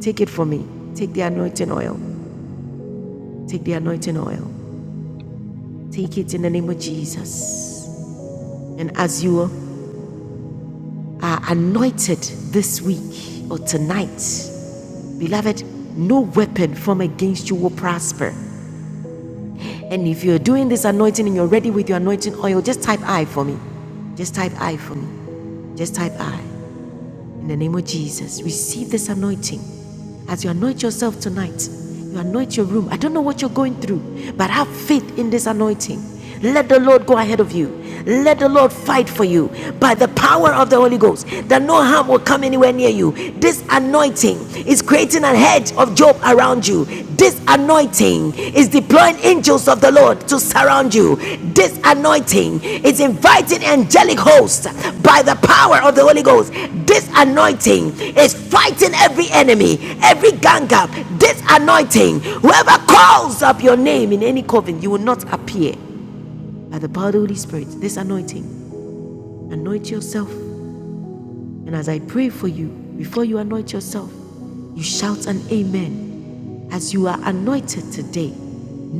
Speaker 2: Take it for me. Take the anointing oil. Take the anointing oil. Take it in the name of Jesus. And as you are anointed this week or tonight, beloved, no weapon formed against you will prosper. And if you're doing this anointing and you're ready with your anointing oil, just type I for me. Just type I for me. Just type I. In the name of Jesus, receive this anointing. As you anoint yourself tonight, you anoint your room. I don't know what you're going through, but have faith in this anointing. Let the Lord go
Speaker 6: Lord.
Speaker 2: ahead of you. Let the Lord fight
Speaker 6: Your
Speaker 2: for you by the power of the
Speaker 6: name.
Speaker 2: Holy Ghost, that no harm will come anywhere near you. This anointing is creating a hedge of Job around you you. This anointing is deploying angels of the Lord to surround you. This anointing is inviting angelic hosts by the power of the Holy Ghost. This anointing is fighting every enemy, every gang up. This anointing, whoever calls up your name in any coven, you will not appear. By the power of the Holy Spirit, this anointing, anoint yourself. And as I pray for you, before you anoint yourself, you shout an amen as you are anointed today,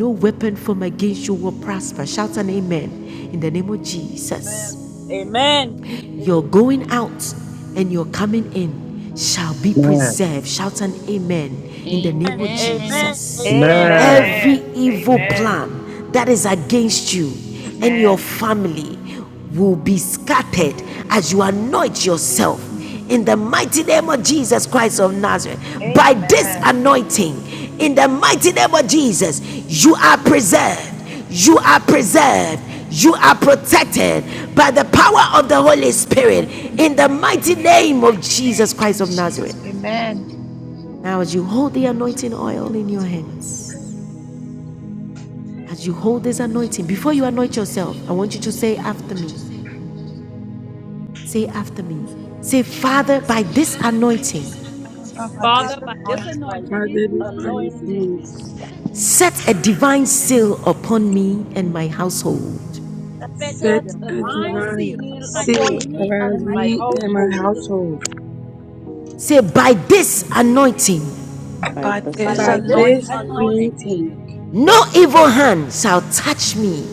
Speaker 2: no weapon formed against you will prosper. Shout an amen in the name of Jesus.
Speaker 6: Amen.
Speaker 5: Amen.
Speaker 6: Amen.
Speaker 2: Your going out and your coming
Speaker 6: Amen.
Speaker 2: in shall be
Speaker 11: Amen.
Speaker 2: preserved. Shout an amen in the name of
Speaker 9: Amen. Amen. Amen.
Speaker 5: Amen.
Speaker 2: Jesus.
Speaker 11: Amen.
Speaker 13: Amen.
Speaker 2: Every
Speaker 12: Amen.
Speaker 2: evil
Speaker 6: Amen.
Speaker 12: Amen.
Speaker 6: Amen.
Speaker 2: plan that is against you and
Speaker 12: Amen.
Speaker 2: your family will be scattered as you anoint yourself in the mighty name of Jesus Christ of Nazareth. By this
Speaker 13: Amen.
Speaker 2: anointing, in the mighty name of Jesus, you are preserved. You are preserved. You are protected by the power of the Holy Spirit
Speaker 13: Amen.
Speaker 2: in the mighty name of Jesus Christ of Nazareth.
Speaker 13: Amen.
Speaker 2: Now, as you hold the anointing oil in your hands, as you hold this anointing, before you anoint yourself, I want you to say after me. Say after me. Say, Father, by this anointing,
Speaker 13: Father, by this
Speaker 5: Father,
Speaker 6: Father,
Speaker 5: by this
Speaker 13: anointing,
Speaker 6: by
Speaker 5: anointing,
Speaker 15: My
Speaker 6: this
Speaker 15: baby's finest
Speaker 6: anointing,
Speaker 15: sons.
Speaker 2: set a divine seal upon me and my household.
Speaker 5: set a
Speaker 15: Set
Speaker 6: set a
Speaker 15: a
Speaker 5: divine
Speaker 6: divine
Speaker 15: divine
Speaker 5: seal
Speaker 6: seal
Speaker 5: upon
Speaker 15: seal
Speaker 6: upon
Speaker 5: me
Speaker 6: me
Speaker 15: around
Speaker 6: and
Speaker 5: and my
Speaker 6: my
Speaker 15: me and my
Speaker 6: household.
Speaker 15: household.
Speaker 2: Say, by this anointing,
Speaker 14: By
Speaker 13: by
Speaker 14: this
Speaker 6: By
Speaker 13: this
Speaker 15: By
Speaker 6: this
Speaker 14: anointing,
Speaker 15: this
Speaker 13: anointing,
Speaker 5: anointing.
Speaker 6: anointing,
Speaker 15: anointing,
Speaker 2: no evil hand shall touch me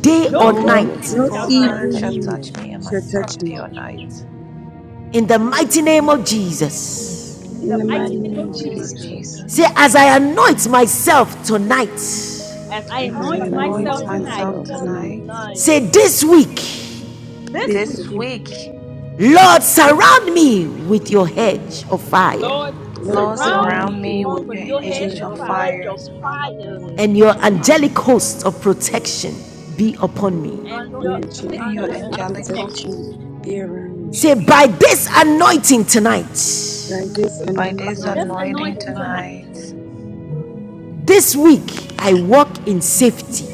Speaker 2: day
Speaker 5: No
Speaker 2: or
Speaker 14: no
Speaker 13: no
Speaker 6: no
Speaker 5: evil
Speaker 15: n-
Speaker 14: evil
Speaker 2: night
Speaker 5: hand
Speaker 15: no
Speaker 6: evil
Speaker 5: shall
Speaker 13: evil
Speaker 14: hands
Speaker 5: touch
Speaker 14: shall
Speaker 13: hand
Speaker 15: evil
Speaker 6: hand
Speaker 13: shall
Speaker 14: touch
Speaker 15: hand
Speaker 14: me.
Speaker 13: touch me and my
Speaker 15: shall
Speaker 13: son
Speaker 15: touch
Speaker 6: can
Speaker 13: day
Speaker 15: me.
Speaker 13: or
Speaker 6: touch me.
Speaker 13: night.
Speaker 2: in the mighty name of Jesus.
Speaker 6: In
Speaker 14: In
Speaker 5: in
Speaker 15: In
Speaker 6: the
Speaker 5: the
Speaker 14: the
Speaker 15: the
Speaker 6: mighty
Speaker 5: mighty
Speaker 14: mighty
Speaker 15: mighty
Speaker 5: name
Speaker 14: name
Speaker 15: name of
Speaker 5: of
Speaker 14: of
Speaker 13: In the
Speaker 5: Jesus.
Speaker 13: name of
Speaker 6: name of
Speaker 14: Jesus.
Speaker 15: Jesus,
Speaker 2: Say,
Speaker 13: Jesus.
Speaker 2: as
Speaker 6: Jesus.
Speaker 2: I anoint myself tonight,
Speaker 5: As I
Speaker 15: as I
Speaker 6: As
Speaker 13: As
Speaker 14: As
Speaker 13: I
Speaker 5: anoint
Speaker 6: I
Speaker 14: I
Speaker 15: anoint
Speaker 13: anoint
Speaker 5: myself
Speaker 14: anoint
Speaker 6: anoint
Speaker 5: tonight,
Speaker 15: myself
Speaker 13: myself
Speaker 14: myself
Speaker 6: myself
Speaker 15: tonight,
Speaker 14: tonight,
Speaker 13: tonight,
Speaker 6: tonight,
Speaker 2: say, this week,
Speaker 5: this
Speaker 6: this
Speaker 15: this
Speaker 14: this
Speaker 5: week,
Speaker 13: this
Speaker 14: week,
Speaker 6: week,
Speaker 15: week,
Speaker 13: week,
Speaker 2: Lord, surround me with your
Speaker 14: Lord,
Speaker 2: hedge of
Speaker 14: surround
Speaker 2: fire
Speaker 5: Lord,
Speaker 14: me with your
Speaker 15: Lord,
Speaker 13: Lord,
Speaker 6: Lord,
Speaker 5: surround
Speaker 15: surround
Speaker 13: surround
Speaker 5: me
Speaker 13: me
Speaker 15: me
Speaker 13: with
Speaker 6: surround
Speaker 5: with
Speaker 13: your
Speaker 6: me
Speaker 5: your
Speaker 15: with
Speaker 6: with
Speaker 15: your
Speaker 5: hedge
Speaker 13: edge
Speaker 5: of
Speaker 13: of
Speaker 6: your
Speaker 15: head,
Speaker 5: fire
Speaker 6: hedge
Speaker 13: fire.
Speaker 6: of
Speaker 13: Surround my
Speaker 6: fire
Speaker 15: fire,
Speaker 13: soul with
Speaker 15: and
Speaker 2: and
Speaker 13: the
Speaker 2: your
Speaker 13: edge of fire.
Speaker 2: angelic host of protection be upon me.
Speaker 5: and
Speaker 6: and
Speaker 5: your
Speaker 6: your
Speaker 15: your shield
Speaker 5: angelic
Speaker 13: And
Speaker 6: and
Speaker 13: your
Speaker 6: your
Speaker 5: host
Speaker 15: of
Speaker 5: of
Speaker 13: angelical
Speaker 6: enduring
Speaker 5: protection.
Speaker 15: protection
Speaker 6: word of
Speaker 15: be around me.
Speaker 2: Say,
Speaker 6: angelic
Speaker 13: should be upon
Speaker 2: by this
Speaker 6: protection
Speaker 2: anointing tonight,
Speaker 15: By
Speaker 6: by
Speaker 15: this
Speaker 6: this
Speaker 13: by
Speaker 5: By
Speaker 13: this
Speaker 15: anointing
Speaker 5: this
Speaker 15: tonight,
Speaker 6: anointing
Speaker 13: anointing
Speaker 5: anointing tonight,
Speaker 6: tonight.
Speaker 13: tonight.
Speaker 2: this week, I walk in safety.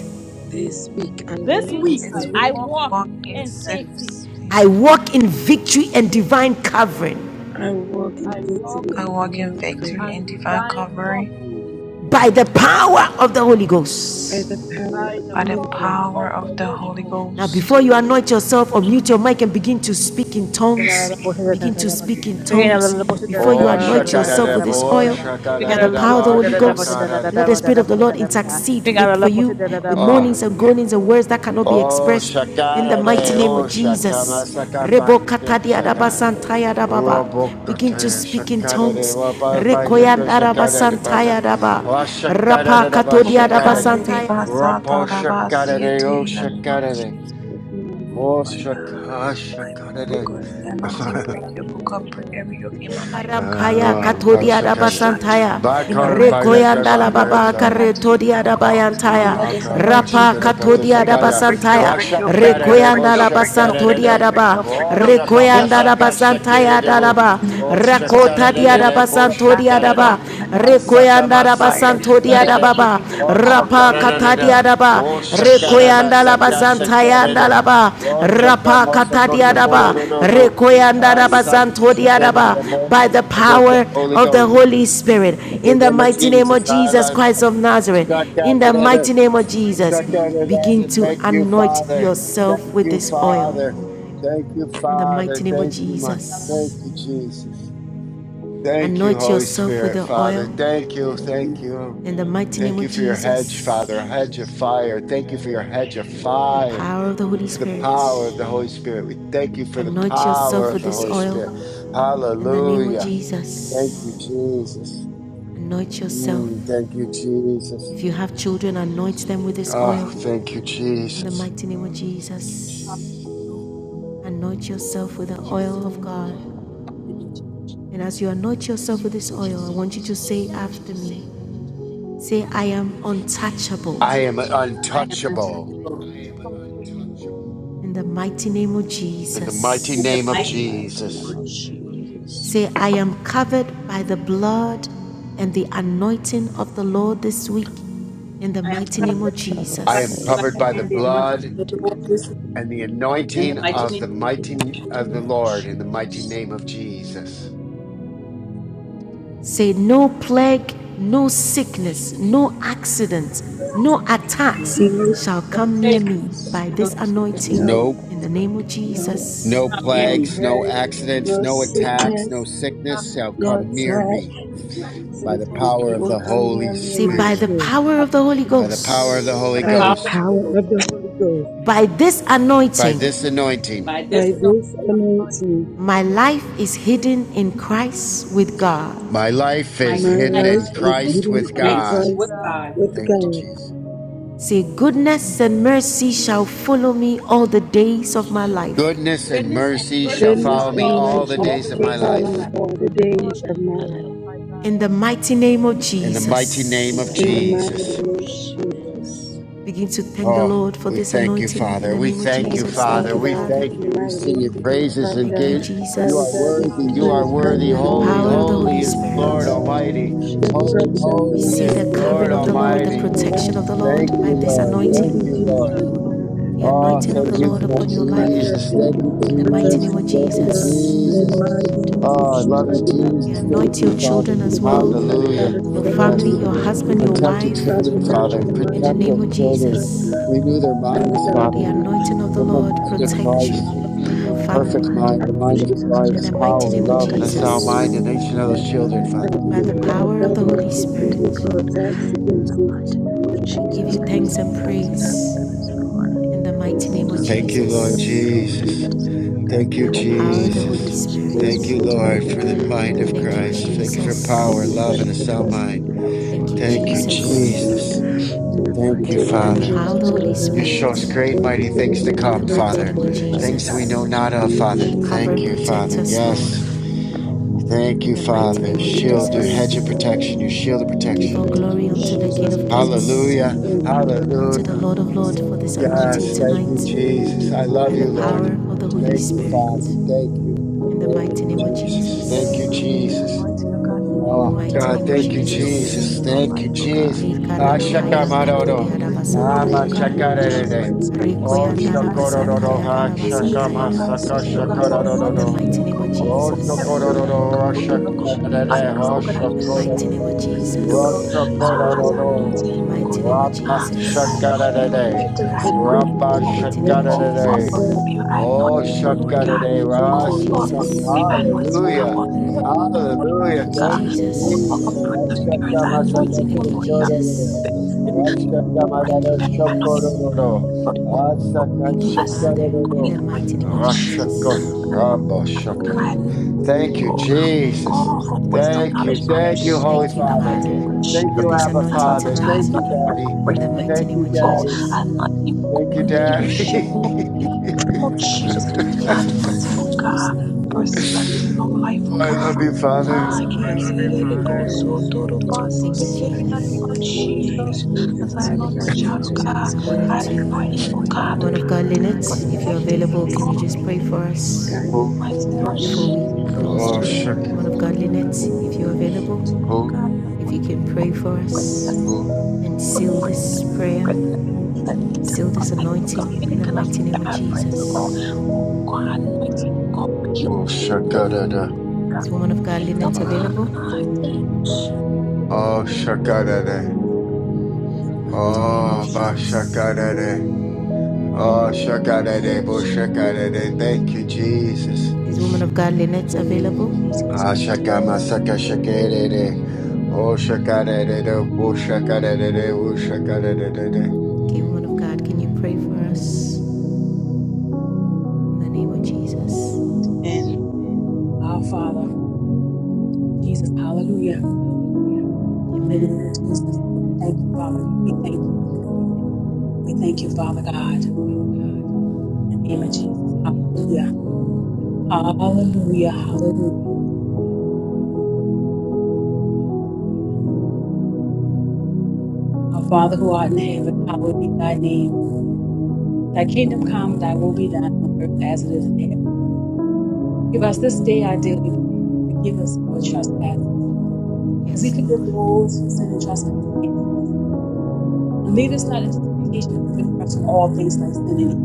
Speaker 15: this week, I
Speaker 6: This
Speaker 5: this
Speaker 15: walk
Speaker 6: week
Speaker 15: in
Speaker 5: week,
Speaker 15: safety.
Speaker 6: I
Speaker 13: This
Speaker 5: I
Speaker 13: week, I
Speaker 6: walk
Speaker 5: walk
Speaker 13: walk
Speaker 6: in
Speaker 13: in
Speaker 5: in
Speaker 6: safety.
Speaker 5: safety.
Speaker 13: safety.
Speaker 2: I walk in victory and divine covering
Speaker 15: I walk in
Speaker 6: I walk
Speaker 15: victory
Speaker 13: I
Speaker 6: in
Speaker 15: and
Speaker 13: walk in
Speaker 6: victory
Speaker 13: victory
Speaker 15: miracle
Speaker 6: and
Speaker 13: and divine
Speaker 6: divine
Speaker 13: covering
Speaker 6: covering
Speaker 2: by the power of the Holy Ghost.
Speaker 15: by the power
Speaker 6: by
Speaker 15: of
Speaker 6: the
Speaker 13: by
Speaker 15: the
Speaker 13: the
Speaker 15: Holy
Speaker 6: power
Speaker 15: Ghost.
Speaker 13: power
Speaker 6: of the
Speaker 13: of the
Speaker 6: Holy
Speaker 13: Holy
Speaker 2: Now,
Speaker 6: Ghost.
Speaker 13: Ghost.
Speaker 2: before you anoint yourself, unmute your mic and begin to speak in tongues. Begin to speak in
Speaker 15: That when I
Speaker 2: tongues.
Speaker 15: believe in the
Speaker 2: Before you
Speaker 4: Oh,
Speaker 2: anoint
Speaker 4: shaka da
Speaker 2: yourself
Speaker 4: da,
Speaker 2: with this
Speaker 4: oh,
Speaker 2: oil,
Speaker 4: shaka da
Speaker 2: by the
Speaker 4: da da,
Speaker 2: power of the
Speaker 4: ba,
Speaker 2: Holy Ghost,
Speaker 4: shaka da da.
Speaker 2: let the Spirit of the Lord intercede
Speaker 15: Lord,
Speaker 2: with for you
Speaker 15: I will be
Speaker 2: with
Speaker 15: able
Speaker 4: Oh.
Speaker 2: moanings
Speaker 15: to do
Speaker 2: and
Speaker 15: the
Speaker 2: groanings and words that cannot be
Speaker 15: things that
Speaker 4: Oh,
Speaker 2: expressed
Speaker 15: you have
Speaker 2: in the mighty
Speaker 4: shakarare,
Speaker 2: name of
Speaker 4: oh,
Speaker 15: done for me.
Speaker 2: Jesus.
Speaker 6: I
Speaker 15: In the
Speaker 4: shakamasaka,
Speaker 14: head. *laughs*
Speaker 2: Rebo katadi
Speaker 15: name of
Speaker 2: adaba
Speaker 15: the
Speaker 4: bhakti-saka,
Speaker 15: Lord, I will be able to do the
Speaker 2: santaya
Speaker 14: Lord
Speaker 15: things that you have
Speaker 2: adababa. Begin
Speaker 4: robokate,
Speaker 2: to speak in
Speaker 15: done for
Speaker 4: shakarare,
Speaker 15: me.
Speaker 2: tongues.
Speaker 15: Father, give me the
Speaker 2: Rekoyan
Speaker 4: wababajaka,
Speaker 15: Lord,
Speaker 2: adaba
Speaker 4: shakarare,
Speaker 2: santaya
Speaker 4: bata,
Speaker 15: and
Speaker 2: adaba.
Speaker 15: the things
Speaker 14: Jesus,
Speaker 4: wa
Speaker 15: that you
Speaker 14: mighty
Speaker 15: have
Speaker 2: Rapa
Speaker 4: shakarare,
Speaker 14: name.
Speaker 4: daba,
Speaker 15: done
Speaker 13: In
Speaker 2: katodi adaba
Speaker 4: shakarare,
Speaker 13: the
Speaker 14: Lord
Speaker 2: santaya.
Speaker 15: for me.
Speaker 4: ropo,
Speaker 14: Jesus,
Speaker 4: shakarare,
Speaker 14: mighty
Speaker 4: oh,
Speaker 14: name.
Speaker 13: name of
Speaker 4: shakarare,
Speaker 13: Jesus.
Speaker 14: Jesus,
Speaker 15: In the name of the Lord,
Speaker 14: mighty
Speaker 13: Oh
Speaker 4: mo,
Speaker 13: Lord
Speaker 14: name.
Speaker 15: give me
Speaker 13: God,
Speaker 4: shaka,
Speaker 13: I pray, oh
Speaker 4: shakarare,
Speaker 15: my
Speaker 13: God, that the
Speaker 15: ways
Speaker 13: anointing
Speaker 4: *laughs*
Speaker 15: are
Speaker 13: break you, oh
Speaker 15: pure.
Speaker 13: God, break every yoke in my
Speaker 15: Thank
Speaker 13: life, oh God,
Speaker 2: karampaya
Speaker 13: break every
Speaker 4: Ah, bhav,
Speaker 15: you.
Speaker 13: yoke
Speaker 2: katodia
Speaker 13: of
Speaker 15: have done
Speaker 4: shakarare,
Speaker 13: distraction.
Speaker 15: for
Speaker 2: rabasantaya
Speaker 15: me.
Speaker 13: In the
Speaker 4: bakar,
Speaker 13: mighty name of
Speaker 4: bhajaja,
Speaker 2: rekoyanda la
Speaker 13: Jesus, I
Speaker 2: baba
Speaker 13: declare and I
Speaker 4: bhajaja,
Speaker 13: decree,
Speaker 2: karetodia
Speaker 13: oh God,
Speaker 2: rabayantaya
Speaker 13: let this anointing
Speaker 2: rapa
Speaker 13: break you,
Speaker 2: katodia
Speaker 13: break you,
Speaker 4: Ahakabasikadabatasekaya.
Speaker 13: break you,
Speaker 2: rabasantaya
Speaker 13: break you, break you, break
Speaker 2: rekoyanda
Speaker 13: you,
Speaker 2: la
Speaker 13: break you, break
Speaker 2: basantodia
Speaker 13: you,
Speaker 4: Washakaradabashakaradade.
Speaker 13: break
Speaker 2: raba
Speaker 13: you, break you. Yoke
Speaker 2: rekoyanda
Speaker 13: of
Speaker 2: la
Speaker 13: stagnation
Speaker 2: basantaya
Speaker 4: Washakamasakashakiridibu.
Speaker 13: in
Speaker 2: daraba
Speaker 13: the mighty name of Jesus.
Speaker 2: rakota
Speaker 13: The
Speaker 2: dia
Speaker 13: yoke
Speaker 4: Washakaradadade,
Speaker 13: of setback,
Speaker 2: rabasantodia
Speaker 13: oh God, I
Speaker 2: raba
Speaker 4: Boshakarade.
Speaker 13: command it to be broken
Speaker 2: rekoyanda
Speaker 13: by fire.
Speaker 2: rabasantodia
Speaker 13: Let it
Speaker 4: Asakamasakashakarade.
Speaker 13: be
Speaker 2: rababa
Speaker 13: broken by the power of the
Speaker 2: rapa
Speaker 13: Holy Ghost in the
Speaker 4: Washakaradadade.
Speaker 2: katadia
Speaker 13: mighty name
Speaker 2: raba
Speaker 13: of Jesus.
Speaker 2: Rekoyanda laba
Speaker 13: Break every
Speaker 2: zantayanda
Speaker 4: Washakaramasakashakarade.
Speaker 2: laba rapa katadiadaba
Speaker 4: Washakamasakoshakododododo.
Speaker 2: rekoyanda laba zantodiadaba
Speaker 4: Asakashakiride, born
Speaker 2: by the
Speaker 4: of The the
Speaker 2: power
Speaker 4: Holy
Speaker 2: of the
Speaker 4: Ghost,
Speaker 2: Holy Spirit
Speaker 4: in the
Speaker 2: in the
Speaker 4: name of
Speaker 2: mighty name of
Speaker 4: Jesus,
Speaker 2: Jesus Christ of Nazareth in the
Speaker 4: I
Speaker 2: mighty name of
Speaker 15: No,
Speaker 2: Jesus
Speaker 4: Check it
Speaker 2: begin
Speaker 4: out.
Speaker 2: to
Speaker 4: Thank you,
Speaker 2: anoint
Speaker 4: Father.
Speaker 2: yourself
Speaker 4: Thank
Speaker 2: with
Speaker 4: you,
Speaker 2: this oil
Speaker 4: Father. Thank you,
Speaker 2: in the mighty
Speaker 4: Father.
Speaker 2: name of
Speaker 4: Thank you, my.
Speaker 2: Jesus
Speaker 4: Thank you, Jesus. Thank you,
Speaker 2: anoint
Speaker 4: Holy
Speaker 2: yourself with
Speaker 4: Spirit,
Speaker 2: the
Speaker 4: Father.
Speaker 2: oil
Speaker 4: Thank you. Thank
Speaker 14: Mm,
Speaker 4: you.
Speaker 2: in the mighty name
Speaker 4: Thank
Speaker 2: of
Speaker 4: you for your hedge,
Speaker 14: Thank you,
Speaker 2: Jesus
Speaker 4: Father, a hedge of
Speaker 14: Jesus.
Speaker 4: fire. Thank
Speaker 14: Thank
Speaker 4: you for your
Speaker 14: you,
Speaker 4: hedge of
Speaker 14: Jesus.
Speaker 2: the
Speaker 4: fire.
Speaker 2: power of the
Speaker 4: Thank
Speaker 2: Holy
Speaker 4: you for the
Speaker 14: Thank
Speaker 2: Spirit
Speaker 14: you,
Speaker 4: power of the Holy
Speaker 14: Father.
Speaker 4: Spirit. We
Speaker 14: Thank
Speaker 4: thank
Speaker 14: you,
Speaker 4: you for the
Speaker 2: anoint
Speaker 14: Jesus, for
Speaker 4: power
Speaker 2: yourself
Speaker 4: of
Speaker 2: with
Speaker 4: the
Speaker 2: this
Speaker 4: Holy
Speaker 14: protection.
Speaker 2: oil
Speaker 4: Spirit.
Speaker 14: Thank
Speaker 2: In
Speaker 14: you,
Speaker 2: the name of
Speaker 14: thank
Speaker 4: Hallelujah.
Speaker 14: you, thank you,
Speaker 2: Jesus,
Speaker 4: Thank
Speaker 14: thank
Speaker 4: you,
Speaker 14: you, Lord.
Speaker 4: Jesus.
Speaker 14: Okay,
Speaker 2: anoint
Speaker 14: thank you,
Speaker 2: yourself.
Speaker 4: Mm,
Speaker 14: Lord.
Speaker 4: thank you,
Speaker 14: Thank
Speaker 4: Jesus.
Speaker 2: If you have
Speaker 14: you, Lord.
Speaker 2: children, anoint them with this
Speaker 4: Oh,
Speaker 14: Mm.
Speaker 2: oil.
Speaker 4: thank you,
Speaker 2: In the
Speaker 4: Jesus.
Speaker 2: mighty name of Jesus, anoint yourself with the oil of God. And as you anoint yourself with this oil, I want you to say after me say, I am untouchable.
Speaker 4: I am
Speaker 5: I am untouched
Speaker 4: untouchable
Speaker 6: am untouchable
Speaker 2: In the mighty name of
Speaker 4: in the mighty
Speaker 5: in the
Speaker 4: name
Speaker 6: in
Speaker 4: of
Speaker 6: the
Speaker 7: the
Speaker 5: mighty.
Speaker 2: Jesus.
Speaker 6: mighty
Speaker 7: mighty name
Speaker 4: Jesus.
Speaker 7: of
Speaker 6: name of
Speaker 7: Jesus,
Speaker 2: Say,
Speaker 6: Jesus.
Speaker 2: I am covered by the blood and the anointing of the Lord this week. In the
Speaker 5: I am
Speaker 2: mighty
Speaker 7: I
Speaker 2: name
Speaker 7: am
Speaker 2: of
Speaker 5: covered
Speaker 7: covered
Speaker 4: I
Speaker 5: by
Speaker 7: by
Speaker 4: am
Speaker 6: I
Speaker 2: Jesus.
Speaker 5: the
Speaker 7: the
Speaker 5: blood
Speaker 6: am
Speaker 4: covered by the
Speaker 5: and the
Speaker 7: blood
Speaker 6: covered by
Speaker 5: anointing
Speaker 7: and the
Speaker 4: blood
Speaker 6: the
Speaker 5: of the
Speaker 7: mighty
Speaker 5: Lord
Speaker 7: name of
Speaker 6: blood
Speaker 7: Jesus.
Speaker 5: this week
Speaker 6: and the
Speaker 4: and the
Speaker 5: in
Speaker 6: anointing
Speaker 5: the
Speaker 4: anointing
Speaker 6: of the
Speaker 5: mighty
Speaker 4: of
Speaker 5: name.
Speaker 7: this
Speaker 4: the
Speaker 7: week
Speaker 6: Lord
Speaker 7: in the
Speaker 6: is
Speaker 4: mighty
Speaker 7: mighty
Speaker 4: of
Speaker 6: real.
Speaker 4: the
Speaker 7: name of
Speaker 4: Lord in the mighty
Speaker 7: Jesus.
Speaker 4: name of Jesus.
Speaker 2: Say, no plague, no sickness, no accident, no
Speaker 7: No
Speaker 2: attacks
Speaker 7: plague,
Speaker 2: shall
Speaker 5: No
Speaker 7: no
Speaker 2: come near
Speaker 5: pain,
Speaker 2: me
Speaker 7: sickness,
Speaker 2: by
Speaker 7: no
Speaker 5: no
Speaker 2: this
Speaker 5: sickness,
Speaker 7: accidents,
Speaker 2: anointing
Speaker 15: no,
Speaker 7: no
Speaker 5: no
Speaker 4: No
Speaker 2: in the name
Speaker 5: no
Speaker 2: of
Speaker 7: attack, no
Speaker 15: no,
Speaker 7: cover,
Speaker 2: Jesus.
Speaker 4: no
Speaker 5: come near
Speaker 15: no
Speaker 5: me.
Speaker 7: nothing
Speaker 6: no
Speaker 4: plagues,
Speaker 7: in
Speaker 4: no
Speaker 15: plague,
Speaker 7: the mighty
Speaker 6: plague,
Speaker 7: name
Speaker 15: no
Speaker 7: of
Speaker 4: accidents,
Speaker 6: no
Speaker 4: no
Speaker 7: Jesus.
Speaker 4: attacks,
Speaker 6: sickness,
Speaker 4: no
Speaker 15: sickness,
Speaker 6: no
Speaker 4: sickness shall
Speaker 15: no
Speaker 7: No
Speaker 4: come
Speaker 6: accident,
Speaker 7: black,
Speaker 4: near
Speaker 7: no
Speaker 15: attack,
Speaker 4: me
Speaker 6: no
Speaker 15: no
Speaker 7: sickness,
Speaker 6: attack,
Speaker 7: no
Speaker 6: no
Speaker 4: by
Speaker 15: accident
Speaker 4: the
Speaker 5: In
Speaker 6: fall from
Speaker 5: the
Speaker 7: attack,
Speaker 4: power
Speaker 5: name
Speaker 6: the
Speaker 5: of
Speaker 4: of
Speaker 15: will
Speaker 4: the
Speaker 5: Jesus.
Speaker 15: come
Speaker 4: Holy
Speaker 15: near
Speaker 6: power
Speaker 15: me and
Speaker 2: Say,
Speaker 15: my
Speaker 2: by
Speaker 7: nothing
Speaker 2: the
Speaker 4: Spirit,
Speaker 6: of
Speaker 15: kids.
Speaker 2: power
Speaker 5: uh,
Speaker 7: coming
Speaker 2: of the
Speaker 7: by
Speaker 2: Holy
Speaker 7: the
Speaker 4: by
Speaker 6: the
Speaker 4: the
Speaker 7: power of
Speaker 6: Holy
Speaker 4: power
Speaker 7: the
Speaker 4: of the
Speaker 7: Holy
Speaker 2: Ghost,
Speaker 5: By
Speaker 4: Holy
Speaker 5: the
Speaker 15: By
Speaker 7: Ghost.
Speaker 15: the
Speaker 5: power
Speaker 6: Ghost
Speaker 5: of
Speaker 4: Ghost,
Speaker 5: the
Speaker 15: power
Speaker 5: Holy Ghost,
Speaker 15: of the Holy Ghost,
Speaker 2: by
Speaker 6: unto
Speaker 2: this
Speaker 6: me.
Speaker 4: by
Speaker 2: anointing,
Speaker 4: this anointing.
Speaker 5: by
Speaker 6: By
Speaker 5: this
Speaker 15: by
Speaker 5: anointing,
Speaker 6: this
Speaker 15: this anointing,
Speaker 6: anointing,
Speaker 2: my life is hidden in Christ with God.
Speaker 4: My life
Speaker 7: My
Speaker 4: is
Speaker 5: my
Speaker 6: my
Speaker 15: my
Speaker 7: life
Speaker 4: hidden
Speaker 5: life
Speaker 4: in
Speaker 15: life
Speaker 7: is hidden
Speaker 6: life
Speaker 5: is
Speaker 15: is
Speaker 6: is
Speaker 5: hidden
Speaker 7: in
Speaker 4: Christ
Speaker 5: in
Speaker 15: hidden
Speaker 4: with
Speaker 15: in
Speaker 6: hidden
Speaker 5: Christ
Speaker 6: in
Speaker 7: Christ,
Speaker 4: God.
Speaker 5: with
Speaker 15: Christ
Speaker 7: my
Speaker 6: Christ
Speaker 5: God.
Speaker 15: with
Speaker 6: with
Speaker 7: God.
Speaker 4: Thank you,
Speaker 6: God.
Speaker 15: God.
Speaker 4: Jesus.
Speaker 2: Say, goodness and mercy shall follow me all the days of my life.
Speaker 4: Goodness and
Speaker 5: Goodness and
Speaker 4: mercy shall
Speaker 5: mercy
Speaker 6: Goodness
Speaker 15: Goodness
Speaker 7: Blessed
Speaker 4: follow
Speaker 5: shall
Speaker 4: me
Speaker 6: and
Speaker 15: and
Speaker 5: follow
Speaker 7: mercy
Speaker 4: all
Speaker 5: me
Speaker 4: the
Speaker 15: mercy
Speaker 7: shall
Speaker 6: mercy
Speaker 5: all
Speaker 4: days
Speaker 5: the
Speaker 4: of
Speaker 15: shall
Speaker 4: my
Speaker 6: shall
Speaker 7: follow
Speaker 5: days of
Speaker 15: follow
Speaker 5: my
Speaker 15: me
Speaker 6: follow
Speaker 4: life.
Speaker 5: life.
Speaker 7: me
Speaker 15: all
Speaker 6: me
Speaker 15: the
Speaker 7: all the
Speaker 6: all
Speaker 15: days
Speaker 7: days
Speaker 6: the
Speaker 15: of
Speaker 7: of
Speaker 15: my
Speaker 7: my
Speaker 6: days
Speaker 7: life.
Speaker 15: life
Speaker 6: of my life.
Speaker 2: In the mighty name of
Speaker 4: In the mighty name
Speaker 2: Jesus.
Speaker 7: In
Speaker 4: of
Speaker 6: The
Speaker 7: the
Speaker 15: in the
Speaker 6: mighty
Speaker 7: mighty name
Speaker 4: Jesus.
Speaker 15: mighty
Speaker 7: of
Speaker 15: name
Speaker 6: name of
Speaker 15: of
Speaker 6: Jesus.
Speaker 15: Jesus.
Speaker 7: Jesus.
Speaker 2: Begin to thank the
Speaker 4: Oh,
Speaker 2: Lord for
Speaker 4: we
Speaker 2: this
Speaker 4: thank you,
Speaker 2: anointing in
Speaker 4: Father.
Speaker 2: the
Speaker 4: We
Speaker 2: name of
Speaker 4: thank you,
Speaker 15: Thank you,
Speaker 6: Lord,
Speaker 2: Jesus.
Speaker 6: I
Speaker 7: Heavenly
Speaker 2: Thank
Speaker 4: Father.
Speaker 15: Father
Speaker 2: you,
Speaker 6: thank
Speaker 4: We
Speaker 7: Father,
Speaker 6: you,
Speaker 7: we
Speaker 2: Father.
Speaker 15: God,
Speaker 6: Lord,
Speaker 7: give
Speaker 4: thank
Speaker 15: in the
Speaker 4: you.
Speaker 6: for
Speaker 7: you
Speaker 4: We
Speaker 6: your
Speaker 7: honor,
Speaker 15: mighty
Speaker 4: sing
Speaker 7: we
Speaker 15: name
Speaker 4: your
Speaker 7: give
Speaker 15: of
Speaker 7: you
Speaker 6: anointing,
Speaker 15: Jesus,
Speaker 7: glory,
Speaker 4: praises
Speaker 15: Father
Speaker 6: Lord.
Speaker 4: and
Speaker 7: Lord.
Speaker 6: I
Speaker 2: Thank you,
Speaker 15: God.
Speaker 4: give.
Speaker 6: thank
Speaker 7: Thank
Speaker 6: you
Speaker 7: you,
Speaker 6: for
Speaker 7: Heavenly
Speaker 6: your
Speaker 4: You
Speaker 15: Father
Speaker 4: are
Speaker 7: Father,
Speaker 15: God,
Speaker 7: in
Speaker 6: anointing
Speaker 2: Jesus.
Speaker 7: the
Speaker 15: thank
Speaker 4: worthy.
Speaker 15: you
Speaker 6: hand,
Speaker 7: mighty
Speaker 4: You
Speaker 15: for
Speaker 6: Lord.
Speaker 4: are
Speaker 15: this
Speaker 7: Jesus.
Speaker 4: worthy.
Speaker 2: By
Speaker 15: coverage
Speaker 7: Thank you,
Speaker 15: in
Speaker 2: the
Speaker 7: Holy
Speaker 15: the
Speaker 4: Holy,
Speaker 7: Spirit.
Speaker 2: power
Speaker 15: mighty
Speaker 2: of the
Speaker 15: name of
Speaker 2: Holy
Speaker 4: holy is
Speaker 15: Jesus,
Speaker 4: the
Speaker 7: In
Speaker 15: Father
Speaker 4: Lord
Speaker 6: Father,
Speaker 7: the
Speaker 15: God.
Speaker 2: Spirit,
Speaker 6: I
Speaker 7: mighty
Speaker 6: this
Speaker 7: name
Speaker 6: is
Speaker 4: Almighty.
Speaker 7: of
Speaker 15: Thank
Speaker 6: spirit,
Speaker 15: you,
Speaker 7: Jesus
Speaker 6: O
Speaker 4: Holy,
Speaker 15: Father
Speaker 7: Christ of
Speaker 6: Lord.
Speaker 15: God, for
Speaker 2: we
Speaker 6: I
Speaker 15: not
Speaker 4: holy
Speaker 2: see
Speaker 7: Nazareth,
Speaker 6: thank
Speaker 4: is
Speaker 6: you
Speaker 7: and
Speaker 4: the
Speaker 2: the
Speaker 7: you
Speaker 6: for
Speaker 15: taking
Speaker 7: are
Speaker 6: your
Speaker 15: any
Speaker 2: covering
Speaker 4: Lord
Speaker 7: worthy
Speaker 2: of
Speaker 7: to
Speaker 2: the
Speaker 7: be
Speaker 6: protection,
Speaker 2: Lord, the
Speaker 15: protection
Speaker 7: praised,
Speaker 6: O
Speaker 4: Almighty.
Speaker 15: from
Speaker 6: Lord,
Speaker 7: God.
Speaker 15: around
Speaker 7: It
Speaker 2: protection of
Speaker 7: is
Speaker 2: the
Speaker 15: me,
Speaker 2: Lord
Speaker 4: Thank
Speaker 15: Father
Speaker 2: by
Speaker 4: you,
Speaker 15: God.
Speaker 7: a
Speaker 6: for
Speaker 2: this
Speaker 7: Heavenly
Speaker 6: your
Speaker 4: Lord.
Speaker 7: Father,
Speaker 6: hedge
Speaker 15: Thank
Speaker 6: of
Speaker 4: Thank
Speaker 7: thank
Speaker 15: you,
Speaker 2: anointing,
Speaker 4: you,
Speaker 7: you, Heavenly
Speaker 15: Jesus,
Speaker 6: protection,
Speaker 4: Lord.
Speaker 7: Father.
Speaker 6: O
Speaker 15: Father God.
Speaker 6: Lord.
Speaker 2: the
Speaker 7: So
Speaker 6: I
Speaker 15: Thank
Speaker 4: Oh,
Speaker 15: you
Speaker 2: anointing
Speaker 7: covering
Speaker 2: of
Speaker 6: thank
Speaker 15: for
Speaker 4: thank
Speaker 2: the
Speaker 6: you
Speaker 7: us,
Speaker 15: this
Speaker 4: you,
Speaker 6: for
Speaker 2: Lord
Speaker 6: your
Speaker 4: Lord
Speaker 2: upon
Speaker 7: Almighty
Speaker 15: blessing,
Speaker 2: your life
Speaker 15: Father
Speaker 7: God,
Speaker 6: anointing, O
Speaker 15: God.
Speaker 4: Jesus.
Speaker 7: with your
Speaker 15: Thank
Speaker 4: Thank
Speaker 6: Lord.
Speaker 15: you
Speaker 4: you,
Speaker 15: for
Speaker 7: blood,
Speaker 2: in
Speaker 7: O
Speaker 15: this
Speaker 2: the
Speaker 7: Lord
Speaker 2: mighty
Speaker 7: Jesus,
Speaker 4: Jesus.
Speaker 2: name
Speaker 15: protection,
Speaker 6: Thank
Speaker 2: of
Speaker 6: you,
Speaker 7: thank
Speaker 4: Thank
Speaker 7: you
Speaker 15: Father
Speaker 4: you,
Speaker 6: Lord.
Speaker 7: for
Speaker 15: God.
Speaker 2: Jesus.
Speaker 7: protecting our
Speaker 15: In the
Speaker 4: Jesus.
Speaker 7: Heavenly
Speaker 15: mighty
Speaker 7: Father,
Speaker 15: name
Speaker 7: in the
Speaker 15: of
Speaker 7: name of
Speaker 4: Oh, I
Speaker 15: Jesus,
Speaker 4: love
Speaker 6: Thank
Speaker 4: you,
Speaker 7: Jesus
Speaker 6: you,
Speaker 15: Father
Speaker 7: Christ
Speaker 15: God.
Speaker 6: Lord,
Speaker 7: of
Speaker 2: We
Speaker 4: Jesus.
Speaker 6: for
Speaker 7: Nazareth.
Speaker 6: your
Speaker 4: Thank
Speaker 15: Thank
Speaker 2: anoint
Speaker 15: you
Speaker 4: you,
Speaker 2: your
Speaker 7: Thank
Speaker 4: Father.
Speaker 7: you
Speaker 6: anointing.
Speaker 2: children
Speaker 15: for
Speaker 2: as
Speaker 15: this place,
Speaker 2: well,
Speaker 15: Father God,
Speaker 4: Hallelujah.
Speaker 6: Our
Speaker 7: for
Speaker 2: your
Speaker 15: protecting me
Speaker 7: protecting
Speaker 2: family,
Speaker 6: comfort,
Speaker 4: Yes.
Speaker 15: and
Speaker 7: our
Speaker 2: your
Speaker 15: my
Speaker 7: children,
Speaker 2: husband,
Speaker 7: for
Speaker 2: your
Speaker 15: family,
Speaker 4: Protect the
Speaker 2: wife
Speaker 7: protecting our
Speaker 2: in
Speaker 4: children,
Speaker 15: Father
Speaker 7: husbands, our
Speaker 15: God, in
Speaker 4: Father.
Speaker 15: the
Speaker 7: children,
Speaker 6: comfort,
Speaker 15: mighty
Speaker 2: the
Speaker 4: Protect
Speaker 7: protecting
Speaker 15: name
Speaker 7: our
Speaker 2: name
Speaker 15: of
Speaker 4: those
Speaker 2: of
Speaker 7: parents,
Speaker 15: Jesus,
Speaker 7: our
Speaker 4: children.
Speaker 15: Father
Speaker 7: children.
Speaker 2: Jesus.
Speaker 15: God.
Speaker 7: We
Speaker 4: Renew
Speaker 7: please
Speaker 4: their
Speaker 15: Father God,
Speaker 7: Almighty
Speaker 15: I would
Speaker 4: minds,
Speaker 7: God
Speaker 15: never
Speaker 7: by the
Speaker 2: The
Speaker 4: Father.
Speaker 7: blood
Speaker 15: believe
Speaker 7: of
Speaker 15: in
Speaker 7: Jesus.
Speaker 2: anointing
Speaker 15: the
Speaker 2: of the
Speaker 4: Give
Speaker 15: truth,
Speaker 4: them
Speaker 2: Lord
Speaker 4: the
Speaker 15: Father
Speaker 4: mind
Speaker 7: Lord,
Speaker 4: of
Speaker 15: God,
Speaker 7: we
Speaker 15: in
Speaker 2: protect
Speaker 15: the
Speaker 2: you
Speaker 15: mighty
Speaker 4: Christ.
Speaker 7: thank you.
Speaker 15: name of
Speaker 2: and
Speaker 15: Jesus,
Speaker 2: your
Speaker 6: O
Speaker 7: In the
Speaker 4: Perfect
Speaker 2: family
Speaker 15: Father.
Speaker 7: mighty
Speaker 4: mind,
Speaker 15: I
Speaker 4: the
Speaker 7: name of
Speaker 4: mind
Speaker 15: receive
Speaker 4: of
Speaker 15: it,
Speaker 6: Lord.
Speaker 7: Jesus
Speaker 15: Father
Speaker 2: in
Speaker 4: Christ,
Speaker 15: God,
Speaker 2: the
Speaker 7: Christ of
Speaker 2: mighty
Speaker 4: power,
Speaker 15: in
Speaker 2: name of
Speaker 15: the
Speaker 7: Nazareth,
Speaker 4: love,
Speaker 7: I
Speaker 4: and
Speaker 15: mighty
Speaker 4: a
Speaker 7: will
Speaker 15: name of
Speaker 4: sound
Speaker 7: bless your
Speaker 2: Jesus.
Speaker 4: mind
Speaker 15: Jesus,
Speaker 4: in
Speaker 7: name.
Speaker 4: each one
Speaker 15: Father
Speaker 7: I
Speaker 4: of those
Speaker 15: God.
Speaker 7: magnify
Speaker 4: children,
Speaker 7: you.
Speaker 15: I
Speaker 7: name. I
Speaker 4: Father.
Speaker 7: give
Speaker 2: By
Speaker 15: receive
Speaker 2: the
Speaker 7: you
Speaker 15: it, God,
Speaker 7: honor.
Speaker 2: power
Speaker 7: I
Speaker 2: of the
Speaker 7: give
Speaker 15: cover
Speaker 7: you
Speaker 15: up
Speaker 2: Holy
Speaker 7: glory,
Speaker 15: the
Speaker 2: Spirit,
Speaker 7: mighty
Speaker 15: previous no
Speaker 7: God.
Speaker 15: attacks
Speaker 7: In
Speaker 15: against
Speaker 7: the
Speaker 15: us,
Speaker 7: mighty
Speaker 15: in
Speaker 7: name
Speaker 15: the
Speaker 7: of
Speaker 15: mighty
Speaker 2: we give
Speaker 7: Jesus
Speaker 15: name of
Speaker 2: you thanks
Speaker 7: Christ
Speaker 15: Jesus,
Speaker 2: and
Speaker 7: of
Speaker 15: Father God.
Speaker 7: Nazareth,
Speaker 2: praise
Speaker 7: there is no one like
Speaker 2: in the
Speaker 7: you, Heavenly
Speaker 15: Thank
Speaker 2: mighty
Speaker 15: you,
Speaker 2: name of
Speaker 7: Father.
Speaker 4: Thank
Speaker 15: Jesus.
Speaker 4: you,
Speaker 7: You are
Speaker 4: Lord
Speaker 7: with
Speaker 2: Jesus.
Speaker 7: me,
Speaker 15: Thank
Speaker 7: Lord.
Speaker 15: you,
Speaker 7: You
Speaker 4: Jesus.
Speaker 15: God,
Speaker 7: deserve the best,
Speaker 4: Thank
Speaker 15: for
Speaker 2: By
Speaker 4: you,
Speaker 2: the
Speaker 15: covering
Speaker 2: power
Speaker 7: Jehovah's
Speaker 15: us,
Speaker 2: of the
Speaker 15: Father
Speaker 7: Lord,
Speaker 2: Holy
Speaker 4: Jesus.
Speaker 15: God.
Speaker 7: in
Speaker 15: Thank
Speaker 7: Jesus'
Speaker 4: Thank
Speaker 15: you
Speaker 4: you,
Speaker 15: for
Speaker 2: Spirit.
Speaker 7: mighty
Speaker 4: Lord,
Speaker 7: name.
Speaker 15: covering
Speaker 4: for
Speaker 15: me
Speaker 4: the
Speaker 15: and my
Speaker 4: mind of
Speaker 15: family,
Speaker 7: Thank
Speaker 2: Thank
Speaker 7: you,
Speaker 15: Father
Speaker 2: you,
Speaker 4: Christ.
Speaker 15: God.
Speaker 7: mighty
Speaker 4: Thank you for
Speaker 7: God.
Speaker 15: Thank
Speaker 4: power,
Speaker 7: Thank
Speaker 15: you
Speaker 7: you,
Speaker 2: Jesus.
Speaker 15: for
Speaker 4: love,
Speaker 15: the
Speaker 4: and a sound
Speaker 7: Jesus.
Speaker 15: protection,
Speaker 7: Thank
Speaker 4: mind.
Speaker 7: you,
Speaker 15: Father God,
Speaker 2: Thank
Speaker 7: Abba
Speaker 2: you,
Speaker 15: in
Speaker 7: Father.
Speaker 4: Thank
Speaker 15: the
Speaker 4: you,
Speaker 7: Thank
Speaker 15: mighty
Speaker 7: you, Holy
Speaker 15: name of
Speaker 2: Jesus.
Speaker 7: Spirit.
Speaker 4: Jesus.
Speaker 15: Jesus.
Speaker 7: In the
Speaker 15: Thank you
Speaker 4: Thank you,
Speaker 7: mighty
Speaker 15: for the
Speaker 7: name
Speaker 2: By
Speaker 7: of
Speaker 2: the
Speaker 4: Father.
Speaker 15: angels,
Speaker 2: power of
Speaker 7: Jesus
Speaker 2: the
Speaker 15: Father
Speaker 2: Holy
Speaker 7: Christ of
Speaker 4: You
Speaker 15: God.
Speaker 4: show
Speaker 2: Spirit,
Speaker 4: us great,
Speaker 7: Nazareth.
Speaker 15: Thank you
Speaker 4: mighty
Speaker 15: for
Speaker 4: things to
Speaker 15: the
Speaker 2: in
Speaker 7: We
Speaker 15: angels,
Speaker 2: the
Speaker 4: come,
Speaker 15: Father
Speaker 2: mighty
Speaker 7: accept
Speaker 2: name
Speaker 4: Father.
Speaker 7: in
Speaker 2: of
Speaker 15: God,
Speaker 7: you,
Speaker 15: Father
Speaker 4: Things that
Speaker 15: God.
Speaker 7: Jehovah,
Speaker 4: we know
Speaker 2: Jesus.
Speaker 7: praise
Speaker 4: not
Speaker 7: and
Speaker 4: of,
Speaker 15: in
Speaker 7: we
Speaker 15: the
Speaker 4: Father.
Speaker 15: mighty name
Speaker 7: worship and
Speaker 2: Cover
Speaker 4: Thank
Speaker 2: and
Speaker 7: we
Speaker 4: you,
Speaker 15: of Jesus,
Speaker 2: protect
Speaker 4: Father.
Speaker 2: us,
Speaker 4: Yes.
Speaker 2: Lord,
Speaker 7: Lord,
Speaker 4: Thank
Speaker 2: in
Speaker 4: you,
Speaker 7: Lord,
Speaker 2: the mighty
Speaker 4: Father.
Speaker 2: name
Speaker 7: great
Speaker 2: of
Speaker 15: You
Speaker 7: mighty
Speaker 15: are
Speaker 4: Shield,
Speaker 7: God,
Speaker 4: your
Speaker 15: worthy,
Speaker 7: and
Speaker 2: Jesus.
Speaker 4: hedge of
Speaker 7: blessed
Speaker 15: Father.
Speaker 4: protection, your
Speaker 7: thanksgiving,
Speaker 4: shield of
Speaker 7: Father,
Speaker 2: We give
Speaker 4: protection.
Speaker 2: all
Speaker 15: Father,
Speaker 7: mighty name
Speaker 2: glory
Speaker 7: of
Speaker 15: you
Speaker 2: unto the
Speaker 15: are
Speaker 2: King
Speaker 7: Jesus
Speaker 2: of
Speaker 15: worthy.
Speaker 7: Christ of
Speaker 2: Kings
Speaker 7: Nazareth,
Speaker 4: Hallelujah.
Speaker 7: thank
Speaker 15: Thank
Speaker 7: you,
Speaker 15: you,
Speaker 7: mighty
Speaker 2: and
Speaker 7: God,
Speaker 15: Lord.
Speaker 2: unto the
Speaker 4: Hallelujah.
Speaker 2: Lord of
Speaker 7: for
Speaker 2: Lords for this
Speaker 7: surrounding us with the
Speaker 2: anointing
Speaker 4: Yes,
Speaker 7: hedge
Speaker 15: the
Speaker 7: of
Speaker 4: thank you,
Speaker 2: tonight
Speaker 15: name
Speaker 7: fire, mighty
Speaker 4: Jesus. I
Speaker 7: God,
Speaker 4: love
Speaker 2: by
Speaker 15: thank
Speaker 7: thank
Speaker 4: you,
Speaker 2: the
Speaker 7: you,
Speaker 15: you,
Speaker 7: mighty
Speaker 15: Lord
Speaker 4: Lord.
Speaker 2: power
Speaker 7: God,
Speaker 2: of
Speaker 7: for
Speaker 15: God.
Speaker 2: the
Speaker 7: protecting
Speaker 2: Holy
Speaker 15: Thank
Speaker 4: Thank
Speaker 15: you,
Speaker 4: you,
Speaker 15: Holy
Speaker 2: Spirit.
Speaker 15: Ghost.
Speaker 4: Father. Thank you.
Speaker 2: In
Speaker 15: Thank
Speaker 2: the
Speaker 15: you,
Speaker 4: Thank
Speaker 2: mighty
Speaker 15: Holy
Speaker 4: you,
Speaker 7: our
Speaker 2: name of
Speaker 15: Ghost.
Speaker 4: Jesus.
Speaker 15: In the
Speaker 13: Thank you,
Speaker 4: Thank you,
Speaker 7: house.
Speaker 15: mighty
Speaker 2: Jesus.
Speaker 15: name
Speaker 13: Father,
Speaker 15: of
Speaker 13: for your
Speaker 4: Jesus.
Speaker 15: Jesus.
Speaker 13: anointing, oh God.
Speaker 7: In
Speaker 13: Thank
Speaker 7: the
Speaker 2: In
Speaker 13: you,
Speaker 2: The
Speaker 4: Oh,
Speaker 13: Lord
Speaker 7: mighty
Speaker 2: mighty
Speaker 13: God,
Speaker 7: name
Speaker 4: God,
Speaker 13: for
Speaker 2: name
Speaker 7: of
Speaker 2: of
Speaker 4: thank you,
Speaker 13: breaking
Speaker 2: Jesus.
Speaker 7: Jesus,
Speaker 15: Thank
Speaker 7: we
Speaker 15: you,
Speaker 13: yokes
Speaker 7: thank
Speaker 4: Jesus.
Speaker 15: God.
Speaker 13: in our
Speaker 7: you,
Speaker 4: Thank you,
Speaker 7: Lord,
Speaker 13: life,
Speaker 7: we
Speaker 13: oh God.
Speaker 7: thank you,
Speaker 4: Jesus.
Speaker 15: Thank
Speaker 4: Ah,
Speaker 13: In
Speaker 7: thank you,
Speaker 13: our
Speaker 15: you,
Speaker 4: shaka
Speaker 7: King
Speaker 2: Likarampaya
Speaker 15: God.
Speaker 13: lives,
Speaker 7: of
Speaker 13: oh
Speaker 7: Kings.
Speaker 13: God. Thank you
Speaker 4: shakamaroro.
Speaker 13: for
Speaker 2: katodia
Speaker 13: breaking
Speaker 7: In the
Speaker 4: Ah,
Speaker 13: yokes,
Speaker 15: Thank
Speaker 13: oh
Speaker 4: ma
Speaker 2: rabasantaya
Speaker 7: mighty
Speaker 13: God,
Speaker 2: dada.
Speaker 13: in
Speaker 15: you
Speaker 7: name
Speaker 13: my
Speaker 7: of
Speaker 15: for doing
Speaker 13: child's
Speaker 15: it
Speaker 13: life,
Speaker 15: by
Speaker 4: shakarere.
Speaker 15: me.
Speaker 7: Jesus
Speaker 13: oh God, in your
Speaker 7: Christ
Speaker 4: Oh,
Speaker 7: of
Speaker 13: grace and
Speaker 2: Rikoyanda
Speaker 15: Thank
Speaker 13: his
Speaker 15: you,
Speaker 7: Nazareth,
Speaker 15: Father
Speaker 13: academics, oh
Speaker 4: shakororo.
Speaker 7: thank
Speaker 15: God.
Speaker 2: rabasantaya
Speaker 4: Ah,
Speaker 2: dada
Speaker 7: you,
Speaker 13: his
Speaker 2: basantaya
Speaker 4: shakama
Speaker 13: mind, body,
Speaker 7: Jesus,
Speaker 13: spirit,
Speaker 4: saka
Speaker 15: Thank
Speaker 7: for
Speaker 13: spirit,
Speaker 2: dada.
Speaker 15: you,
Speaker 13: God,
Speaker 7: all
Speaker 13: as I
Speaker 7: your
Speaker 15: God,
Speaker 2: In
Speaker 15: for
Speaker 2: the
Speaker 13: anointed
Speaker 4: shakaroro.
Speaker 13: him,
Speaker 15: bringing me
Speaker 2: mighty
Speaker 13: oh
Speaker 7: faithful
Speaker 15: to
Speaker 2: name
Speaker 13: God.
Speaker 2: of
Speaker 13: Oh,
Speaker 7: Heavenly
Speaker 15: God.
Speaker 4: Oh,
Speaker 15: Thank you,
Speaker 2: Jesus.
Speaker 7: Father.
Speaker 15: God.
Speaker 13: whatever
Speaker 15: In
Speaker 13: you've
Speaker 15: the
Speaker 4: shakororo.
Speaker 15: mighty
Speaker 13: been
Speaker 4: Oh,
Speaker 15: name of
Speaker 7: Thank
Speaker 13: broken, oh
Speaker 15: Jesus,
Speaker 7: you,
Speaker 13: God.
Speaker 15: Father
Speaker 13: I
Speaker 4: shakarere.
Speaker 15: God.
Speaker 13: pray,
Speaker 7: Jesus.
Speaker 13: oh
Speaker 4: Oh,
Speaker 7: Thank
Speaker 13: God, that
Speaker 7: you,
Speaker 2: In
Speaker 13: you
Speaker 2: The
Speaker 7: Heavenly
Speaker 13: set
Speaker 2: mighty
Speaker 7: Father,
Speaker 4: shakororo.
Speaker 2: name
Speaker 7: for your
Speaker 2: of
Speaker 13: his feet,
Speaker 15: I
Speaker 7: mercy.
Speaker 15: know
Speaker 2: Jesus.
Speaker 13: oh
Speaker 7: Thank
Speaker 15: you
Speaker 13: God.
Speaker 7: you,
Speaker 15: got this.
Speaker 7: Christ of
Speaker 15: God,
Speaker 13: Ah, as I
Speaker 15: I turn
Speaker 4: Rokokodododo.
Speaker 7: Jehovah.
Speaker 13: anointed
Speaker 2: In The
Speaker 15: it
Speaker 13: him, oh
Speaker 15: to you.
Speaker 2: mighty
Speaker 13: God.
Speaker 7: In
Speaker 13: Lord
Speaker 2: name
Speaker 7: the
Speaker 2: of
Speaker 13: God,
Speaker 4: Rabba
Speaker 7: mighty
Speaker 15: But
Speaker 7: name
Speaker 13: I
Speaker 2: Jesus.
Speaker 7: of
Speaker 13: anoint you for
Speaker 7: Jesus
Speaker 4: shakadadade.
Speaker 13: victory. I
Speaker 7: Christ of
Speaker 15: thank
Speaker 13: anoint him,
Speaker 15: you
Speaker 2: In
Speaker 15: for
Speaker 2: The
Speaker 4: Rabba
Speaker 13: oh God.
Speaker 15: the
Speaker 2: mighty
Speaker 7: Nazareth,
Speaker 2: name of
Speaker 15: blessing,
Speaker 13: Oh God,
Speaker 15: Father
Speaker 4: shakadadade.
Speaker 13: for
Speaker 2: Jesus.
Speaker 15: God.
Speaker 7: thank
Speaker 13: favor.
Speaker 7: you,
Speaker 13: I anoint
Speaker 4: Oh,
Speaker 13: you,
Speaker 7: Jesus.
Speaker 13: oh
Speaker 15: Thank
Speaker 13: Lord
Speaker 4: shaka
Speaker 15: you
Speaker 13: God.
Speaker 7: There
Speaker 4: today,
Speaker 15: for
Speaker 7: was
Speaker 15: the
Speaker 2: Thank
Speaker 7: none
Speaker 2: you,
Speaker 13: Oh
Speaker 4: Ross.
Speaker 7: other
Speaker 13: Lord,
Speaker 15: glory,
Speaker 13: for
Speaker 2: Jesus.
Speaker 7: since
Speaker 13: favor.
Speaker 15: God.
Speaker 13: I anoint you,
Speaker 15: Thank
Speaker 13: oh
Speaker 7: we
Speaker 13: God,
Speaker 4: Hallelujah.
Speaker 13: for
Speaker 7: came
Speaker 13: anointing.
Speaker 7: with
Speaker 15: you
Speaker 13: I anoint
Speaker 7: you.
Speaker 13: you, oh
Speaker 4: Hallelujah.
Speaker 15: for
Speaker 2: Thank
Speaker 7: Jesus
Speaker 2: you,
Speaker 7: of
Speaker 13: God.
Speaker 4: Thank
Speaker 15: the
Speaker 7: Nazareth,
Speaker 4: you,
Speaker 15: blessing,
Speaker 13: Oh
Speaker 2: Jesus.
Speaker 13: Lord,
Speaker 7: there
Speaker 13: for
Speaker 4: Jesus.
Speaker 7: was none
Speaker 15: Father
Speaker 7: other
Speaker 15: God.
Speaker 13: perseverance.
Speaker 4: Rashaka
Speaker 13: I
Speaker 7: to you.
Speaker 15: Thank
Speaker 13: anoint
Speaker 4: masaka
Speaker 15: you
Speaker 13: him,
Speaker 15: for
Speaker 13: oh
Speaker 2: Thank you,
Speaker 13: Lord God.
Speaker 7: We thank
Speaker 2: Jesus.
Speaker 4: shakodoro.
Speaker 7: you for
Speaker 13: Victory,
Speaker 15: the
Speaker 7: everything
Speaker 15: glory,
Speaker 4: Rashaka
Speaker 15: Father
Speaker 2: Thank you,
Speaker 4: madara
Speaker 15: God.
Speaker 13: prosperity. I anoint him.
Speaker 6: Hallelujah.
Speaker 2: Jesus.
Speaker 4: shokodoro.
Speaker 7: you
Speaker 13: for
Speaker 7: do
Speaker 4: Asaka
Speaker 2: Thank you,
Speaker 13: blessings
Speaker 2: Father. In
Speaker 13: in
Speaker 7: in
Speaker 2: the
Speaker 4: shakodoro.
Speaker 13: the
Speaker 7: the
Speaker 13: mighty
Speaker 7: mighty
Speaker 2: mighty name
Speaker 13: name
Speaker 2: of
Speaker 13: of Jesus. As
Speaker 4: Rashaka
Speaker 2: Jesus.
Speaker 13: I anoint my
Speaker 4: rambo
Speaker 13: child, oh God, I
Speaker 4: shakara.
Speaker 13: anoint him, oh
Speaker 4: Thank you,
Speaker 7: Thank
Speaker 13: God,
Speaker 7: you,
Speaker 13: oh
Speaker 4: Jesus.
Speaker 2: Amen.
Speaker 13: God,
Speaker 7: Jesus.
Speaker 13: for
Speaker 7: Thank
Speaker 13: wisdom,
Speaker 7: you,
Speaker 4: Thank you.
Speaker 7: Holy
Speaker 13: knowledge,
Speaker 4: Thank you,
Speaker 7: Spirit.
Speaker 13: understanding,
Speaker 4: Holy
Speaker 2: Thank you,
Speaker 13: in the
Speaker 7: Thank
Speaker 13: mighty
Speaker 4: Father.
Speaker 7: you,
Speaker 2: Father,
Speaker 13: name of
Speaker 7: Lord.
Speaker 4: Thank
Speaker 13: Jesus.
Speaker 2: for
Speaker 4: you,
Speaker 13: As
Speaker 2: this
Speaker 4: Abba
Speaker 13: I
Speaker 2: anointing
Speaker 13: anoint my
Speaker 4: Father.
Speaker 13: child,
Speaker 7: Thank
Speaker 13: I
Speaker 2: tonight.
Speaker 7: you,
Speaker 4: Thank you,
Speaker 13: anoint him for
Speaker 7: Lord.
Speaker 4: Daddy.
Speaker 2: In the
Speaker 13: greatness,
Speaker 2: mighty
Speaker 4: Thank
Speaker 2: name
Speaker 4: you,
Speaker 2: of
Speaker 13: oh God.
Speaker 4: Daddy.
Speaker 2: Jesus.
Speaker 13: I anoint him, oh
Speaker 4: Thank you,
Speaker 13: God, for leadership,
Speaker 4: Daddy.
Speaker 13: oh Lord, in the mighty name of
Speaker 7: Let's have a
Speaker 13: Jesus. As
Speaker 7: good
Speaker 2: Thank
Speaker 7: one.
Speaker 2: you,
Speaker 13: I
Speaker 4: *laughs*
Speaker 13: anoint him,
Speaker 7: In
Speaker 13: oh
Speaker 2: Jesus.
Speaker 13: God,
Speaker 7: the
Speaker 15: God,
Speaker 7: mighty
Speaker 15: for
Speaker 13: prosperity,
Speaker 15: this
Speaker 7: Jesus
Speaker 13: long
Speaker 15: oil
Speaker 13: life,
Speaker 15: and
Speaker 13: oh
Speaker 4: I
Speaker 13: God.
Speaker 4: love you,
Speaker 15: strength in us,
Speaker 7: Christ,
Speaker 4: Father.
Speaker 13: Ah, get
Speaker 15: Father God.
Speaker 13: it, it, it, it,
Speaker 15: This
Speaker 13: bo-
Speaker 15: oil
Speaker 13: so,
Speaker 15: and
Speaker 13: do, do, ba, si,
Speaker 2: Thank
Speaker 13: it,
Speaker 2: you,
Speaker 15: strength,
Speaker 13: eh,
Speaker 15: Father
Speaker 13: in
Speaker 15: God.
Speaker 13: the name
Speaker 2: Jesus.
Speaker 13: of
Speaker 15: This oil and this
Speaker 13: Jesus.
Speaker 15: wisdom,
Speaker 13: As I
Speaker 15: Father
Speaker 13: anoint my
Speaker 15: God. This
Speaker 13: child, oh
Speaker 15: oil
Speaker 13: God,
Speaker 15: and
Speaker 2: I wanted
Speaker 13: I
Speaker 15: protection,
Speaker 13: anoint
Speaker 2: to,
Speaker 13: him, oh
Speaker 15: Father
Speaker 13: God,
Speaker 15: God.
Speaker 13: to
Speaker 2: one
Speaker 13: be
Speaker 2: of God, Lynette,
Speaker 15: Father
Speaker 2: if
Speaker 15: God,
Speaker 2: you're
Speaker 13: connect
Speaker 15: this
Speaker 13: with
Speaker 2: available,
Speaker 15: week,
Speaker 2: can you
Speaker 13: God,
Speaker 2: just
Speaker 15: Father
Speaker 2: pray for
Speaker 15: God.
Speaker 2: us
Speaker 15: Guidance,
Speaker 4: Oh,
Speaker 13: my
Speaker 15: Father
Speaker 13: Senhor
Speaker 15: God, in the
Speaker 2: before
Speaker 13: Jesus,
Speaker 15: mighty name of
Speaker 2: we
Speaker 15: Jesus,
Speaker 2: close
Speaker 4: oh,
Speaker 2: the
Speaker 15: Father God.
Speaker 4: shak,
Speaker 2: room? One of God, Lynette, if you're available,
Speaker 4: oh,
Speaker 13: God, and
Speaker 2: if
Speaker 13: what
Speaker 2: you can pray for us
Speaker 13: goodness,
Speaker 4: oh,
Speaker 2: and
Speaker 13: good
Speaker 2: seal this
Speaker 13: goodness,
Speaker 2: prayer,
Speaker 13: goodness, and
Speaker 2: seal this
Speaker 13: disconnect, oh
Speaker 2: anointing
Speaker 13: God, any
Speaker 2: in the
Speaker 13: kind of
Speaker 2: mighty name of
Speaker 13: bad friends, oh God,
Speaker 2: Jesus.
Speaker 13: oh God, anoint, God, you
Speaker 4: oh,
Speaker 13: for deliver,
Speaker 4: shakadada.
Speaker 13: God,
Speaker 2: Is woman of God,
Speaker 13: in
Speaker 7: I
Speaker 13: the
Speaker 2: Lynette,
Speaker 7: pray,
Speaker 4: Oh,
Speaker 7: God,
Speaker 2: available?
Speaker 13: mighty name of Jesus.
Speaker 4: oh,
Speaker 7: Lord, of
Speaker 4: shakadada.
Speaker 7: the
Speaker 2: In
Speaker 7: mighty
Speaker 2: the name
Speaker 7: name
Speaker 2: of
Speaker 4: Oh,
Speaker 7: of
Speaker 4: ba
Speaker 7: Jesus.
Speaker 2: Jesus.
Speaker 4: shakadada. Oh,
Speaker 7: Thank
Speaker 4: shakadada, bo
Speaker 7: you,
Speaker 4: shakadada. Thank you, Jesus.
Speaker 2: Is Woman of God Lynette available?
Speaker 7: Jesus,
Speaker 4: Ah,
Speaker 7: mighty name.
Speaker 4: shakamasaka shakadada. Oh, shakadada, bo shakadada, bo shakadada.
Speaker 2: Okay, Woman of God, can you pray for us in the name of Jesus?
Speaker 5: Amen. Our Father, Jesus, hallelujah. In the
Speaker 2: Amen.
Speaker 5: name of Jesus, Lord, we thank you, Father God. We thank you. We thank you, Father God. In the name of Jesus, hallelujah. Hallelujah, hallelujah, hallelujah, hallelujah, hallelujah. Our Father who art in heaven, hallowed be thy name. Thy kingdom come, thy will be done on earth as it is in heaven. Give us this day our daily bread, and forgive us our trespasses, as we
Speaker 2: Yes,
Speaker 5: forgive
Speaker 2: Lord.
Speaker 5: those who sin and trespass against us. And lead us not into temptation, but deliver us from all things like sin and evil.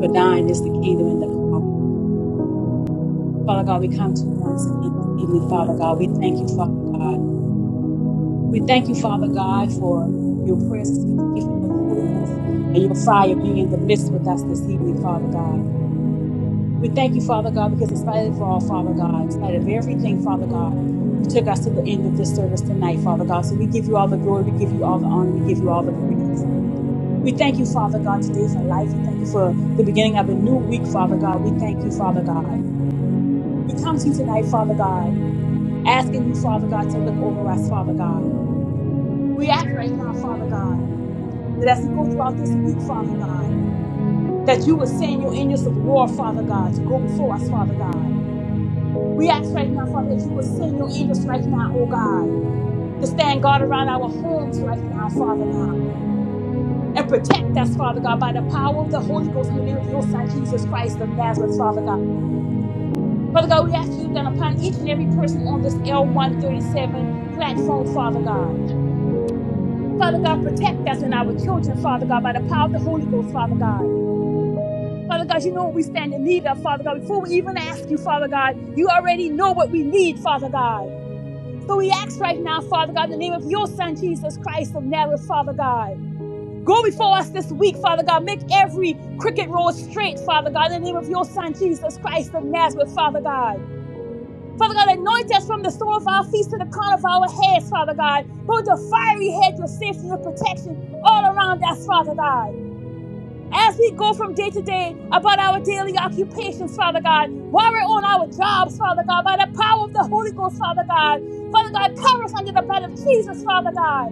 Speaker 5: For thine is the kingdom and the power. and the glory. Father God, we come to you once again this evening, Father God. We thank you, Father God. We thank you, Father God, for your presence. We thank you for your Holy Ghost and your fire being in the midst with us this evening, Father God. We thank you, Father God, because in spite of all, Father God, in spite of everything, Father God, you took us to the end of this service tonight, Father God. So we give you all the glory, we give you all the honor, we give you all the praise. We thank you, Father God, today for life. We thank you for the beginning of a new week, Father God. We thank you, Father God. We come to you tonight, Father God, asking you, Father God, to look over us, Father God. We ask right now, Father God. that as we go throughout this week, Father God, that you will send your angels of war, Father God, to go before us, Father God. We ask right now, Father, that you will send your angels right now, oh God, to stand guard around our homes right now, Father God, and protect us, Father God, by the power of the Holy Ghost in the name of your Son, Jesus Christ of Nazareth, Father God. Father God, we ask you that upon each and every person on this L137 platform, Father God. Father God, protect us and our children, Father God, by the power of the Holy Ghost, Father God. Father God, you know what we stand in need of, Father God. Before we even ask you, Father God, you already know what we need, Father God. So we ask right now, Father God, in the name of your Son, Jesus Christ of Nazareth, Father God. Go before us this week, Father God. Make every crooked road straight, Father God, in the name of your Son, Jesus Christ of Nazareth, Father God. Father God, anoint us from the sole of our feet to the crown of our heads, Father God. Put the fiery hedge of safety and protection all around us, Father God as we go from day to day about our daily occupations, Father God, while we're on our jobs, Father God, by the power of the Holy Ghost, Father God. Father God, cover us under the blood of Jesus, Father God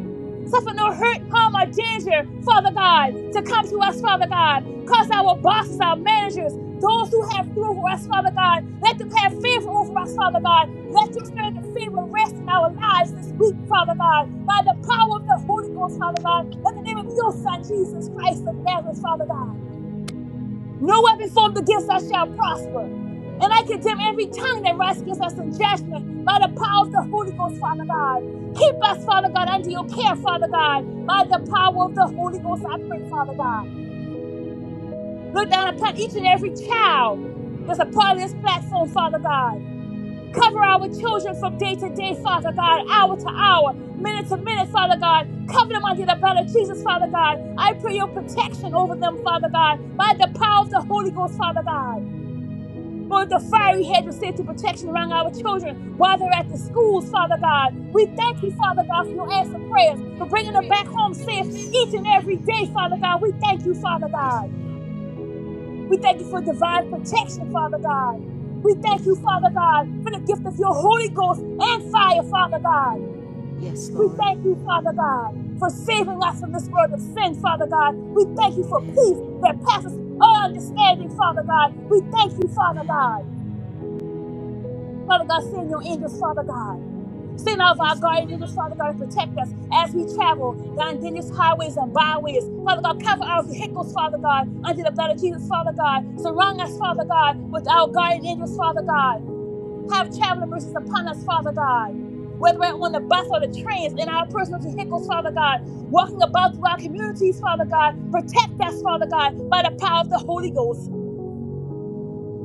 Speaker 5: suffer no hurt, harm, or danger, Father God, to come to us, Father God. Cause our bosses, our managers, those who have rule over us, Father God, let them have favor over us, Father God. Let your spirit of favor rest in our lives this week, Father God, by the power of the Holy Ghost, Father God, in the name of your Son, Jesus Christ of Nazareth, Father God. No weapon formed against us shall prosper. And I condemn every tongue that rises against us in judgment by the power of the Holy Ghost, Father God. Keep us, Father God, under your care, Father God, by the power of the Holy Ghost, I pray, Father God. Look down upon each and every child that's a part of this platform, Father God. Cover our children from day to day, Father God, hour to hour, minute to minute, Father God. Cover them under the blood of Jesus, Father God. I pray your protection over them, Father God, by the power of the Holy Ghost, Father God for the fiery hedge of safety protection around our children while they're at the schools, Father God. We thank you, Father God, for your answer prayers, for bringing them back home safe each and every day, Father God. We thank you, Father
Speaker 2: Yes,
Speaker 5: God.
Speaker 2: Lord.
Speaker 5: We thank you for divine protection, Father God. We thank
Speaker 2: Yes,
Speaker 5: you, Father
Speaker 2: Lord.
Speaker 5: God, for the gift of your Holy Ghost and fire, Father God.
Speaker 2: Yes,
Speaker 5: We
Speaker 2: Lord.
Speaker 5: thank you, Father God, for saving us from this world of sin, Father God. We thank you for peace
Speaker 2: Amen.
Speaker 5: that passes all understanding, Father God. We thank you, Father
Speaker 2: Amen.
Speaker 5: God. Father God, send your angels, Father God. Send out of our
Speaker 2: Yes, Lord.
Speaker 5: guardian angels, Father God, to protect us as we travel down dangerous highways and byways. Father God, cover our vehicles, Father God, under the blood of Jesus, Father God. Surround us, Father God, with our guardian angels, Father God. Have traveling mercies upon us, Father God. Whether we're on the bus or the trains, in our personal vehicles, Father God, walking about through our communities, Father God, protect us, Father God, by the power of the Holy Ghost.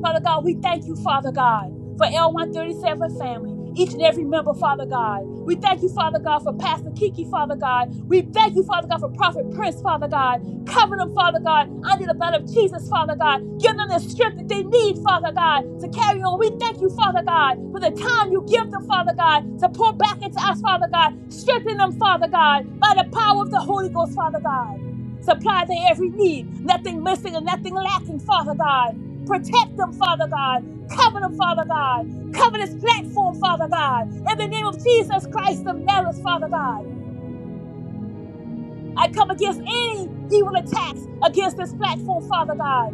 Speaker 5: Father God, we thank you, Father God, for L137 family, each and every member, Father God. We thank you, Father God, for Pastor Kiki, Father God. We thank you, Father God, for Prophet Prince, Father God. Cover them, Father God, under the blood of Jesus, Father God. Give them the strength that they need, Father God, to carry on. We thank you, Father God, for the time you give them, Father God, to pour back into us, Father God. Strengthen them, Father God, by the power of the Holy Ghost, Father God. Supply their every need, nothing missing and nothing lacking, Father God. Protect them, Father God. Cover them, Father God. Cover this platform, Father God. In the name of Jesus Christ of Nazareth, Father God. I come against any evil attacks against this platform, Father God.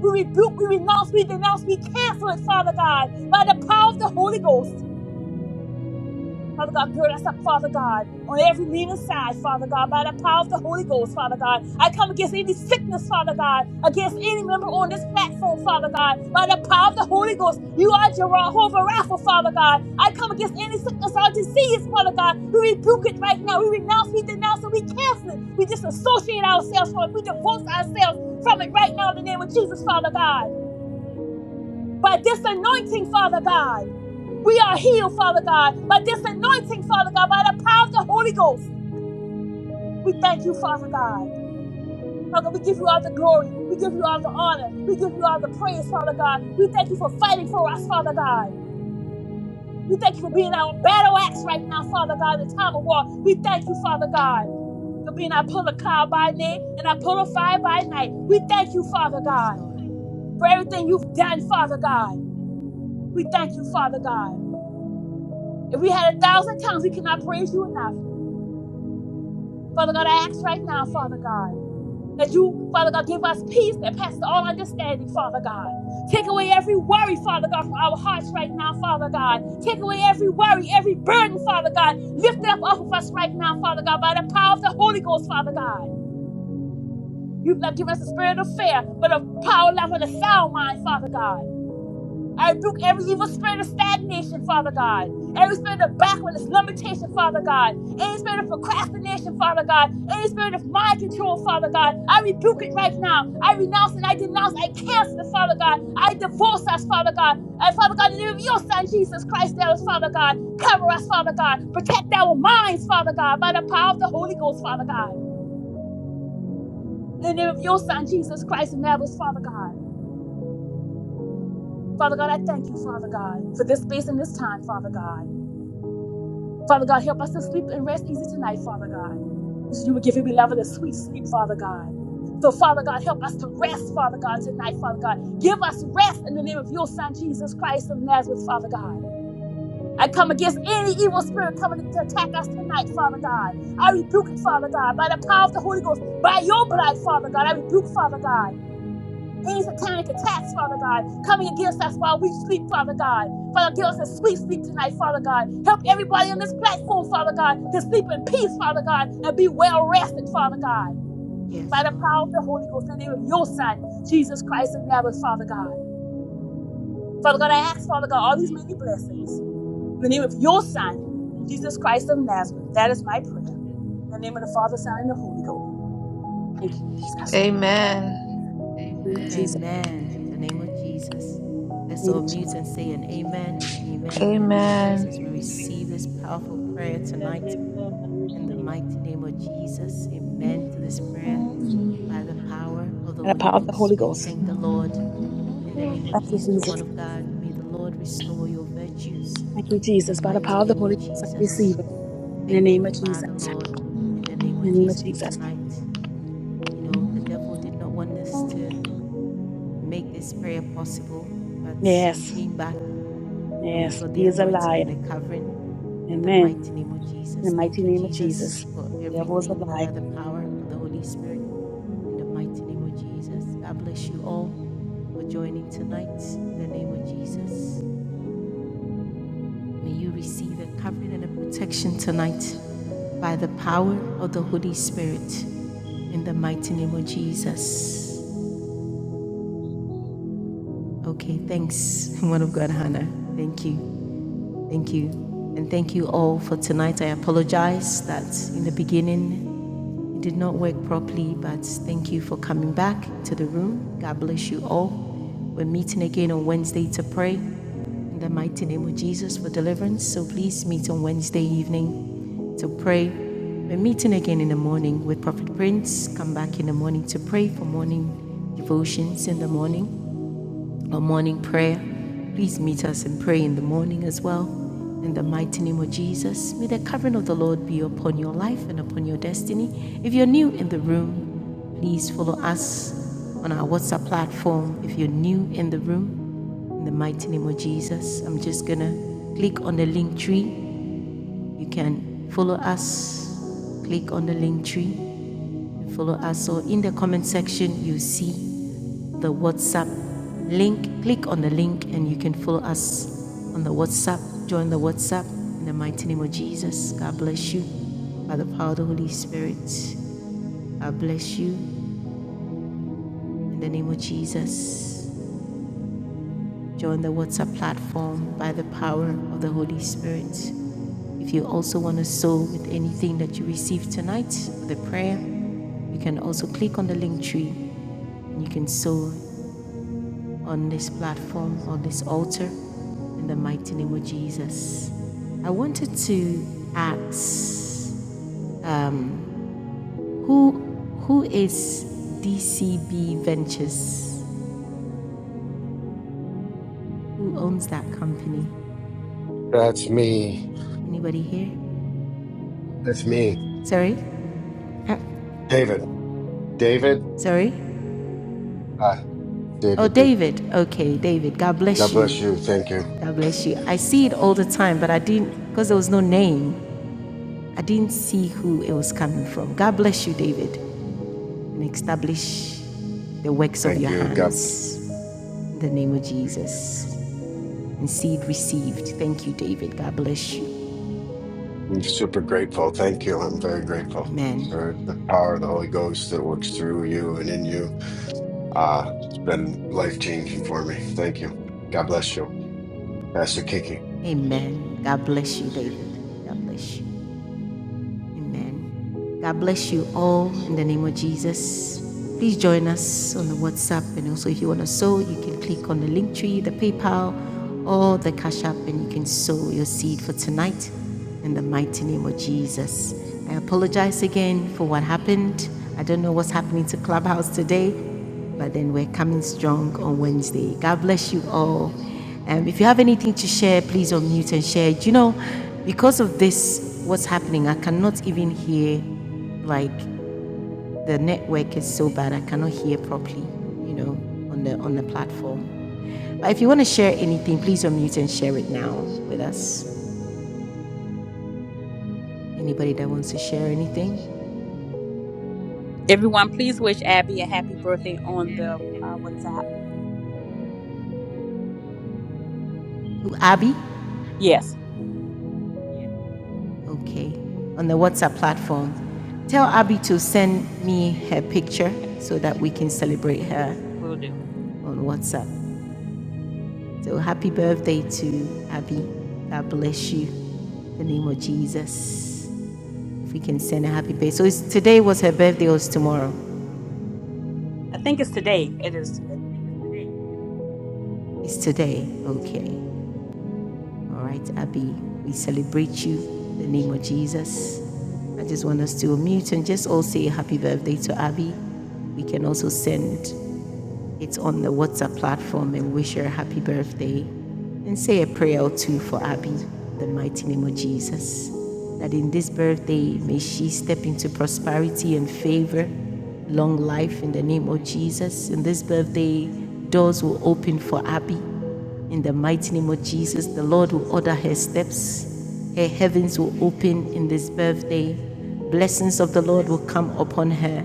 Speaker 5: We rebuke, we renounce, we denounce, we cancel it, Father God, by the power of the Holy Ghost. Father God, gird us up, Father God, on every leaning side, Father God, by the power of the Holy Ghost, Father God. I come against any sickness, Father God, against any member on this platform, Father God, by the power of the Holy Ghost. You are Jehovah Rapha, Father God. I come against any sickness or disease, Father God. We rebuke it right now. We renounce, we denounce, and we cancel it. We disassociate ourselves from it. We divorce ourselves from it right now in the name of Jesus, Father God. By this anointing, Father God, we are healed, Father God. By this anointing, Father God, by the power of the Holy Ghost, we thank you, Father God. Father, we give you all the glory. We give you all the honor. We give you all the praise, Father God. We thank you for fighting for us, Father God. We thank you for being our battle axe right now, Father God, in the time of war. We thank you, Father God, for being our pillar cloud by day and our pillar of fire by night. We thank you, Father
Speaker 2: Yes,
Speaker 5: God,
Speaker 2: Lord.
Speaker 5: for everything you've done, Father God. We thank you, Father God. If we had a thousand tongues, we cannot praise you enough. Father God, I ask right now, Father God, that you, Father God, give us peace that passes all understanding, Father God. Take away every worry, Father God, from our hearts right now, Father God. Take away every worry, every burden, Father God. Lift it up off of us right now, Father God, by the power of the Holy Ghost, Father God. You've not given us a spirit of fear, but of power, love, and a sound mind, Father God. I rebuke every evil spirit of stagnation, Father God. Every spirit of backwardness, limitation, Father God. Any spirit of procrastination, Father God. Any spirit of mind control, Father God. I rebuke it right now. I renounce and I denounce. I cancel it, Father God. I divorce us, Father God. And Father God, in the name of your Son, Jesus Christ, there is, Father God. Cover us, Father God. Protect our minds, Father God, by the power of the Holy Ghost, Father God. In the name of your Son, Jesus Christ, and that was, Father God. Father God, I thank you, Father God, for this space and this time, Father God. Father God, help us to sleep and rest easy tonight, Father God. You said you would give your beloved a sweet sleep, Father God. So, Father God, help us to rest, Father God, tonight, Father God. Give us rest in the name of your Son, Jesus Christ of Nazareth, Father God. I come against any evil spirit coming to attack us tonight, Father God. I rebuke it, Father God, by the power of the Holy Ghost, by your blood, Father God. I rebuke, Father God any satanic attacks, Father God, coming against us while we sleep, Father God. Father, give us a sweet sleep tonight, Father God. Help everybody on this platform, Father God, to sleep in peace, Father God, and be well rested, Father God.
Speaker 2: Yes,
Speaker 5: By the
Speaker 2: Lord.
Speaker 5: power of the Holy Ghost, in the name of your Son, Jesus Christ of Nazareth, Father God. Father God, I ask, Father God, all these many blessings. In the name of your Son, Jesus Christ of Nazareth. That is my prayer. In the name of the Father, Son, and the Holy Ghost. Thank you, Jesus.
Speaker 13: Amen.
Speaker 5: In the name of Jesus. In
Speaker 2: Amen. In the name of Jesus. Let's
Speaker 5: the name
Speaker 2: all
Speaker 5: of
Speaker 2: mute
Speaker 5: Jesus.
Speaker 2: and say an amen. Amen. In the name of
Speaker 13: Amen.
Speaker 2: Jesus. We receive this powerful prayer
Speaker 6: Amen,
Speaker 2: tonight
Speaker 6: amen. I
Speaker 2: in the
Speaker 6: receive.
Speaker 2: mighty name of Jesus.
Speaker 6: Amen,
Speaker 2: Amen to
Speaker 13: Mm-hmm.
Speaker 2: this
Speaker 6: amen.
Speaker 2: prayer
Speaker 6: In the Mighty name
Speaker 2: by
Speaker 13: Mm-hmm.
Speaker 2: the
Speaker 6: of
Speaker 2: power
Speaker 6: Jesus.
Speaker 2: of the
Speaker 5: By the
Speaker 2: Holy
Speaker 5: power of the
Speaker 2: Ghost.
Speaker 5: Holy
Speaker 2: We
Speaker 5: Ghost.
Speaker 2: thank the Lord.
Speaker 6: Yes, Jesus,
Speaker 2: In the
Speaker 6: Jesus,
Speaker 2: name of
Speaker 5: Thank you,
Speaker 2: Jesus,
Speaker 5: Jesus.
Speaker 2: woman of
Speaker 6: Jesus,
Speaker 2: God, may the Lord restore your
Speaker 6: Jesus,
Speaker 2: virtues
Speaker 5: Thank you,
Speaker 2: in the
Speaker 5: Jesus. By the
Speaker 2: mighty
Speaker 5: power of the
Speaker 2: name
Speaker 5: Holy
Speaker 2: of
Speaker 5: Ghost, I
Speaker 2: Jesus.
Speaker 5: receive it. In the
Speaker 2: Thank you,
Speaker 6: Jesus,
Speaker 5: name of
Speaker 6: Jesus,
Speaker 5: Jesus.
Speaker 2: Father, Lord, in the name
Speaker 13: Mm-hmm.
Speaker 2: of
Speaker 5: In the name of
Speaker 2: Jesus for
Speaker 5: Jesus.
Speaker 2: tonight. You
Speaker 6: Jesus, Jesus,
Speaker 2: know, the devil did not want us to
Speaker 13: Mm-hmm.
Speaker 2: make
Speaker 6: Jesus.
Speaker 2: this prayer possible. But we
Speaker 5: Yes.
Speaker 2: came back and we
Speaker 5: Yes.
Speaker 2: got the
Speaker 5: He is a
Speaker 2: anointing
Speaker 5: liar.
Speaker 2: and the covering in the
Speaker 5: Amen.
Speaker 2: mighty name of
Speaker 5: In the
Speaker 2: Jesus. Thank
Speaker 5: mighty
Speaker 2: you,
Speaker 5: name of
Speaker 2: Jesus,
Speaker 5: Jesus.
Speaker 2: for
Speaker 5: Devil is a
Speaker 2: everything
Speaker 5: liar.
Speaker 2: by the power of the Holy Spirit in the mighty name of Jesus. God bless you all for joining tonight in the name of Jesus. May you receive a covering and a protection tonight by the power of the Holy Spirit in the mighty name of Jesus. Okay, thanks, *laughs* one of God, Hannah. Thank you. Thank you. And thank you all for tonight. I apologize that in the beginning it did not work properly, but thank you for coming back to the room. God bless you all. We're meeting again on Wednesday to pray in the mighty name of Jesus for deliverance. So please meet on Wednesday evening to pray. We're meeting again in the morning with Prophet Prince. Come back in the morning to pray for morning devotions in the morning our morning prayer. Please meet us and pray in the morning as well. In the mighty name of Jesus, may the covering of the Lord be upon your life and upon your destiny. If you're new in the room, please follow us on our WhatsApp platform. If you're new in the room, in the mighty name of Jesus, I'm just going to click on the link tree you can follow us, click on the link tree, follow us. Or in the comment section, you see the WhatsApp link. Click on the link and you can follow us on the WhatsApp. Join the WhatsApp in the mighty name of Jesus. God bless you by the power of the Holy Spirit. God bless you in the name of Jesus. join the WhatsApp platform by the power of the Holy Spirit. If you also want to sow with anything that you received tonight, the prayer, you can also click on the link tree and you can sow on this platform, on this altar, in the mighty name of Jesus. I wanted to ask um, who who is DCB Ventures? Who owns that company?
Speaker 4: That's me.
Speaker 2: Anybody here?
Speaker 4: That's me.
Speaker 2: Sorry? Uh,
Speaker 4: David. David.
Speaker 2: Sorry?
Speaker 4: Hi,
Speaker 2: Oh,
Speaker 4: David B.
Speaker 2: David. Okay, David. God bless
Speaker 4: God bless you.
Speaker 2: you.
Speaker 4: Thank you.
Speaker 2: God bless you. I see it all the time, but I didn't, because there was no name, I didn't see who it was coming from. God bless you, David, and establish the works of
Speaker 4: Thank
Speaker 2: your
Speaker 4: you. God,
Speaker 2: hands. In the name of Jesus. And seed received. Thank you, David. God bless you.
Speaker 4: I'm super grateful. Thank you. I'm very grateful
Speaker 2: Amen.
Speaker 4: for the power of the Holy Ghost that works through you and in you. Uh, it's been life changing for me. Thank you. God bless you, Pastor Kiki,
Speaker 2: Amen. God bless you, David. God bless you. Amen. God bless you all in the name of Jesus. Please join us on the WhatsApp. And also, if you want to sow, you can click on the link tree, the PayPal, or the Cash App, and you can sow your seed for tonight in the mighty name of Jesus. I apologize again for what happened. I don't know what's happening to Clubhouse today. But then we're coming strong on Wednesday. God bless you all. Um, if you have anything to share, please unmute and share. You know, because of this, what's happening, I cannot even hear, like, the network is so bad, I cannot hear properly, you know, on the on the platform. But if you want to share anything, please unmute and share it now with us. Anybody that wants to share anything?
Speaker 5: Everyone, please wish Abby a happy birthday on the uh, WhatsApp.
Speaker 2: Abby?
Speaker 5: Yes,
Speaker 2: Okay, on the WhatsApp platform. Tell Abby to send me her picture so that we can celebrate her
Speaker 5: we'll do.
Speaker 2: on WhatsApp. So happy birthday to Abby. God bless you. In the name of Jesus. If we can send a happy birthday. So it's, today was her birthday or it's tomorrow? It's today. Okay. All right, Abby, we celebrate you in the name of Jesus. I just want us to mute and just all say happy birthday to Abby. We can also send it on the WhatsApp platform and wish her happy birthday and say a prayer or two for Abby, the mighty name of Jesus. That in this birthday, may she step into prosperity and favor, long life in the name of Jesus. In this birthday, doors will open for Abby. In the mighty name of Jesus, the Lord will order her steps. Her heavens will open in this birthday. Blessings of the Lord will come upon her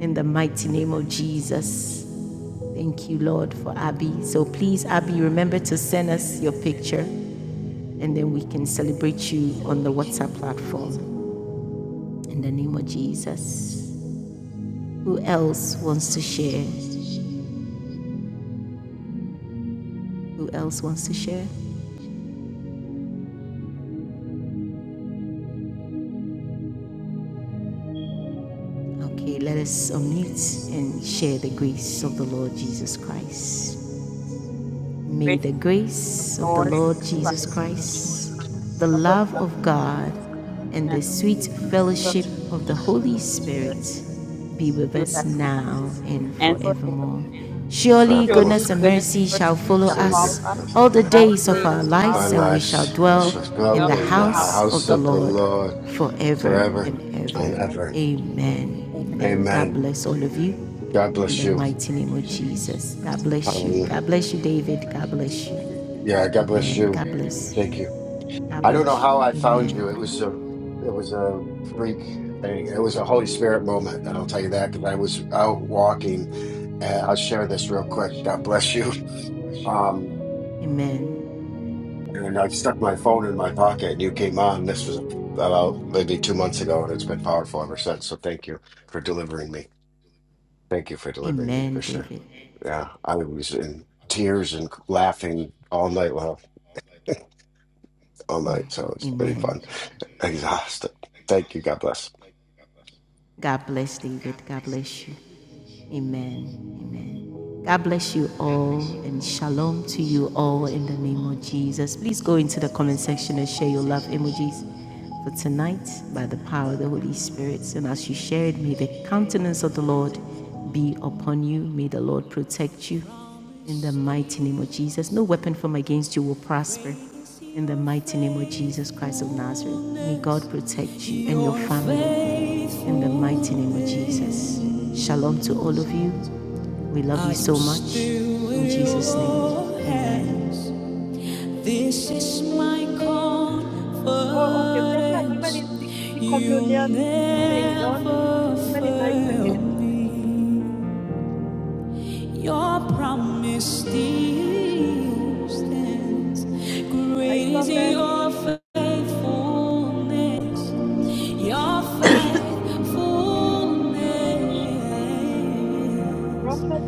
Speaker 2: in the mighty name of Jesus. Thank you, Lord, for Abby. So please, Abby, remember to send us your picture and then we can celebrate you on the WhatsApp platform. In the name of Jesus. Who else wants to share? Who else wants to share? Okay, let us unmute and share the grace of the Lord Jesus Christ.
Speaker 5: The
Speaker 2: May
Speaker 5: grace
Speaker 2: the
Speaker 5: of
Speaker 2: grace of the
Speaker 7: May
Speaker 5: Lord Jesus
Speaker 7: the
Speaker 2: Lord
Speaker 7: grace
Speaker 2: Jesus
Speaker 7: of
Speaker 5: Christ,
Speaker 7: the Lord Jesus
Speaker 2: Christ,
Speaker 7: Christ,
Speaker 2: the
Speaker 5: the love of
Speaker 2: love
Speaker 5: God,
Speaker 2: of
Speaker 7: the love
Speaker 2: God,
Speaker 7: of God,
Speaker 2: and the
Speaker 5: and the
Speaker 2: sweet
Speaker 5: sweet
Speaker 7: and the sweet
Speaker 5: fellowship
Speaker 2: fellowship of the
Speaker 7: fellowship of
Speaker 5: of
Speaker 2: Holy
Speaker 5: the
Speaker 7: the Holy
Speaker 5: Holy Spirit
Speaker 7: Spirit
Speaker 2: Spirit
Speaker 7: be
Speaker 2: be with
Speaker 5: be with
Speaker 2: us
Speaker 7: with
Speaker 5: us now
Speaker 7: us
Speaker 2: now and
Speaker 5: and
Speaker 7: now
Speaker 5: forever.
Speaker 2: forevermore.
Speaker 7: and forever.
Speaker 4: and
Speaker 2: Surely
Speaker 4: forevermore.
Speaker 5: Surely,
Speaker 2: goodness and
Speaker 5: goodness
Speaker 2: mercy
Speaker 5: and
Speaker 2: shall
Speaker 7: Amen.
Speaker 5: mercy
Speaker 2: follow
Speaker 5: shall
Speaker 4: Very
Speaker 5: follow
Speaker 4: good.
Speaker 2: us
Speaker 5: us
Speaker 2: all the
Speaker 5: all the
Speaker 2: days of our
Speaker 5: days of our
Speaker 4: Our
Speaker 2: lives, and we
Speaker 5: lives
Speaker 2: shall
Speaker 4: lives
Speaker 2: dwell
Speaker 5: and
Speaker 4: must
Speaker 5: we
Speaker 2: in
Speaker 4: go
Speaker 5: dwell
Speaker 2: the
Speaker 5: in
Speaker 4: in
Speaker 5: the
Speaker 4: the
Speaker 2: house
Speaker 5: house
Speaker 2: of
Speaker 4: house
Speaker 2: the
Speaker 5: of
Speaker 4: of
Speaker 5: the
Speaker 4: the
Speaker 2: Lord
Speaker 4: Lord
Speaker 2: forever
Speaker 4: forever
Speaker 2: and ever.
Speaker 4: and
Speaker 5: Lord.
Speaker 4: ever.
Speaker 2: Amen.
Speaker 5: Amen.
Speaker 2: Amen.
Speaker 7: Amen.
Speaker 2: God
Speaker 4: Amen.
Speaker 2: bless all of you
Speaker 4: God
Speaker 2: in
Speaker 4: bless
Speaker 2: the
Speaker 4: you.
Speaker 2: mighty name of
Speaker 7: God bless you,
Speaker 2: Jesus. God
Speaker 7: Pastor
Speaker 2: bless you.
Speaker 7: Kiki.
Speaker 4: Hallelujah.
Speaker 2: God bless you, David. God bless you.
Speaker 4: Yeah, God bless
Speaker 2: Amen.
Speaker 4: you.
Speaker 2: God bless. you.
Speaker 4: Thank you.
Speaker 2: God
Speaker 4: I don't know
Speaker 2: bless you.
Speaker 4: how I found you. It
Speaker 2: Amen.
Speaker 4: was a it was a freak thing. It was a Holy Spirit moment, and I'll tell you that because I was out walking. And I'll share this real quick. God bless you. *laughs* Um,
Speaker 2: Amen.
Speaker 4: and I stuck my phone in my pocket, and you came on. This was about maybe two months ago, and it's been powerful ever since. So thank you for delivering me. Thank you for delivering me
Speaker 2: Amen,
Speaker 4: for sure.
Speaker 2: David.
Speaker 4: Yeah, I was in tears and laughing all night long, *laughs* all night. So it's pretty
Speaker 2: Amen.
Speaker 4: fun. *laughs* Exhausted. Thank you. God bless.
Speaker 2: God bless David. God bless you. Amen. Amen. God bless you all and shalom to you all in the name of Jesus. Please go into the comment section and share your love emojis for tonight by the power of the Holy Spirit. And as you share it, may the countenance of the Lord be upon you. May the Lord protect you. In the mighty name of Jesus, no weapon formed against you will prosper. In the mighty name of Jesus Christ of Nazareth, may God protect you and your family. In the mighty name of Jesus. Shalom to all of you. We love you so much. In Jesus' name. Amen. This is my
Speaker 6: Oh, okay, prophet. How many
Speaker 2: confidence.
Speaker 6: is the, the
Speaker 2: You'll
Speaker 6: communion thing done?
Speaker 2: never
Speaker 6: How many nights
Speaker 2: fail
Speaker 6: again?
Speaker 2: me. Your promise still stands.
Speaker 6: I
Speaker 2: Great is
Speaker 6: prophet,
Speaker 2: your faithfulness. Your faithfulness.
Speaker 6: prophet,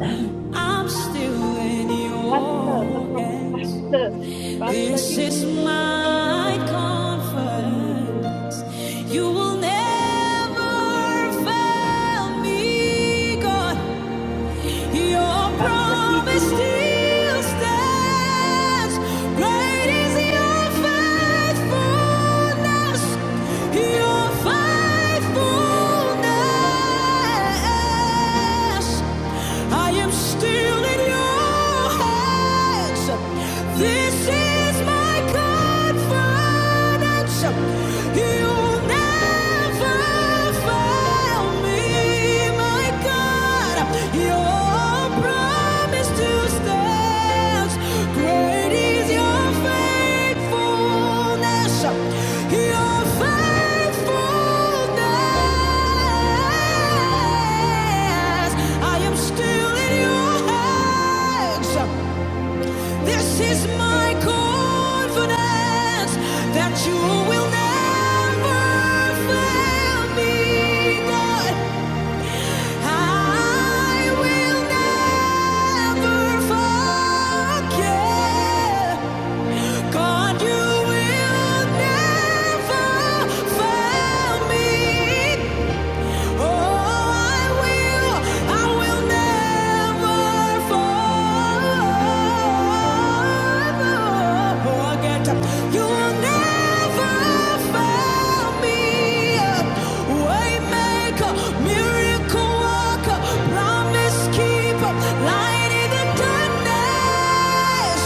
Speaker 2: I'm still in
Speaker 6: pastor, not
Speaker 2: your
Speaker 6: prophet, *laughs*
Speaker 2: hands.
Speaker 6: pastor, pastor
Speaker 2: This is
Speaker 6: Kiki.
Speaker 2: my
Speaker 6: Okay, dear you.
Speaker 2: confidence. You will never fail me, God. Your
Speaker 6: Pastor
Speaker 2: promise
Speaker 6: Kiki.
Speaker 2: still stands. Great is your faithfulness. Your faithfulness. I am still in your hands. This is my confidence. Your faithfulness, I am still in your hands. This is my confidence that you will never fail me, God. I will never forget. God, you will never fail me. Miracle worker, promise keeper, light in the darkness.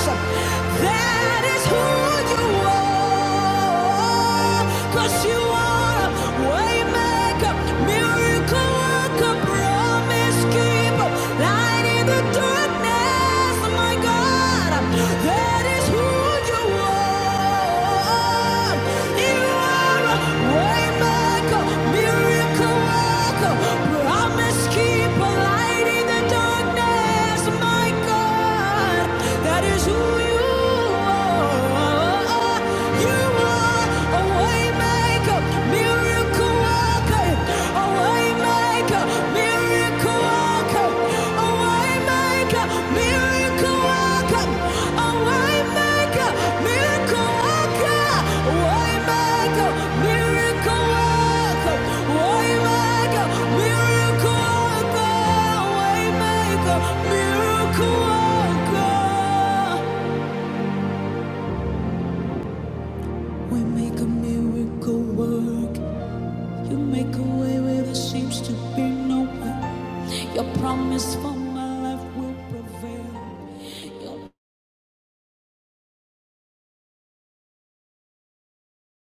Speaker 2: That is who you are. 'Cause you you are, waymaker, miracle worker, promise keeper, light in the darkness. My God, that is who you are. You are a waymaker, miracle worker, promise keeper, light in the darkness. My God, that is who you are. You are a waymaker, miracle worker. A waymaker, miracle worker. A waymaker, miracle worker. A waymaker, miracle worker. waymaker, miracle worker. Waymaker, miracle worker. Waymaker, miracle worker. We make a miracle work. You make a way where there seems to be no way. Your promise for my life will prevail. Your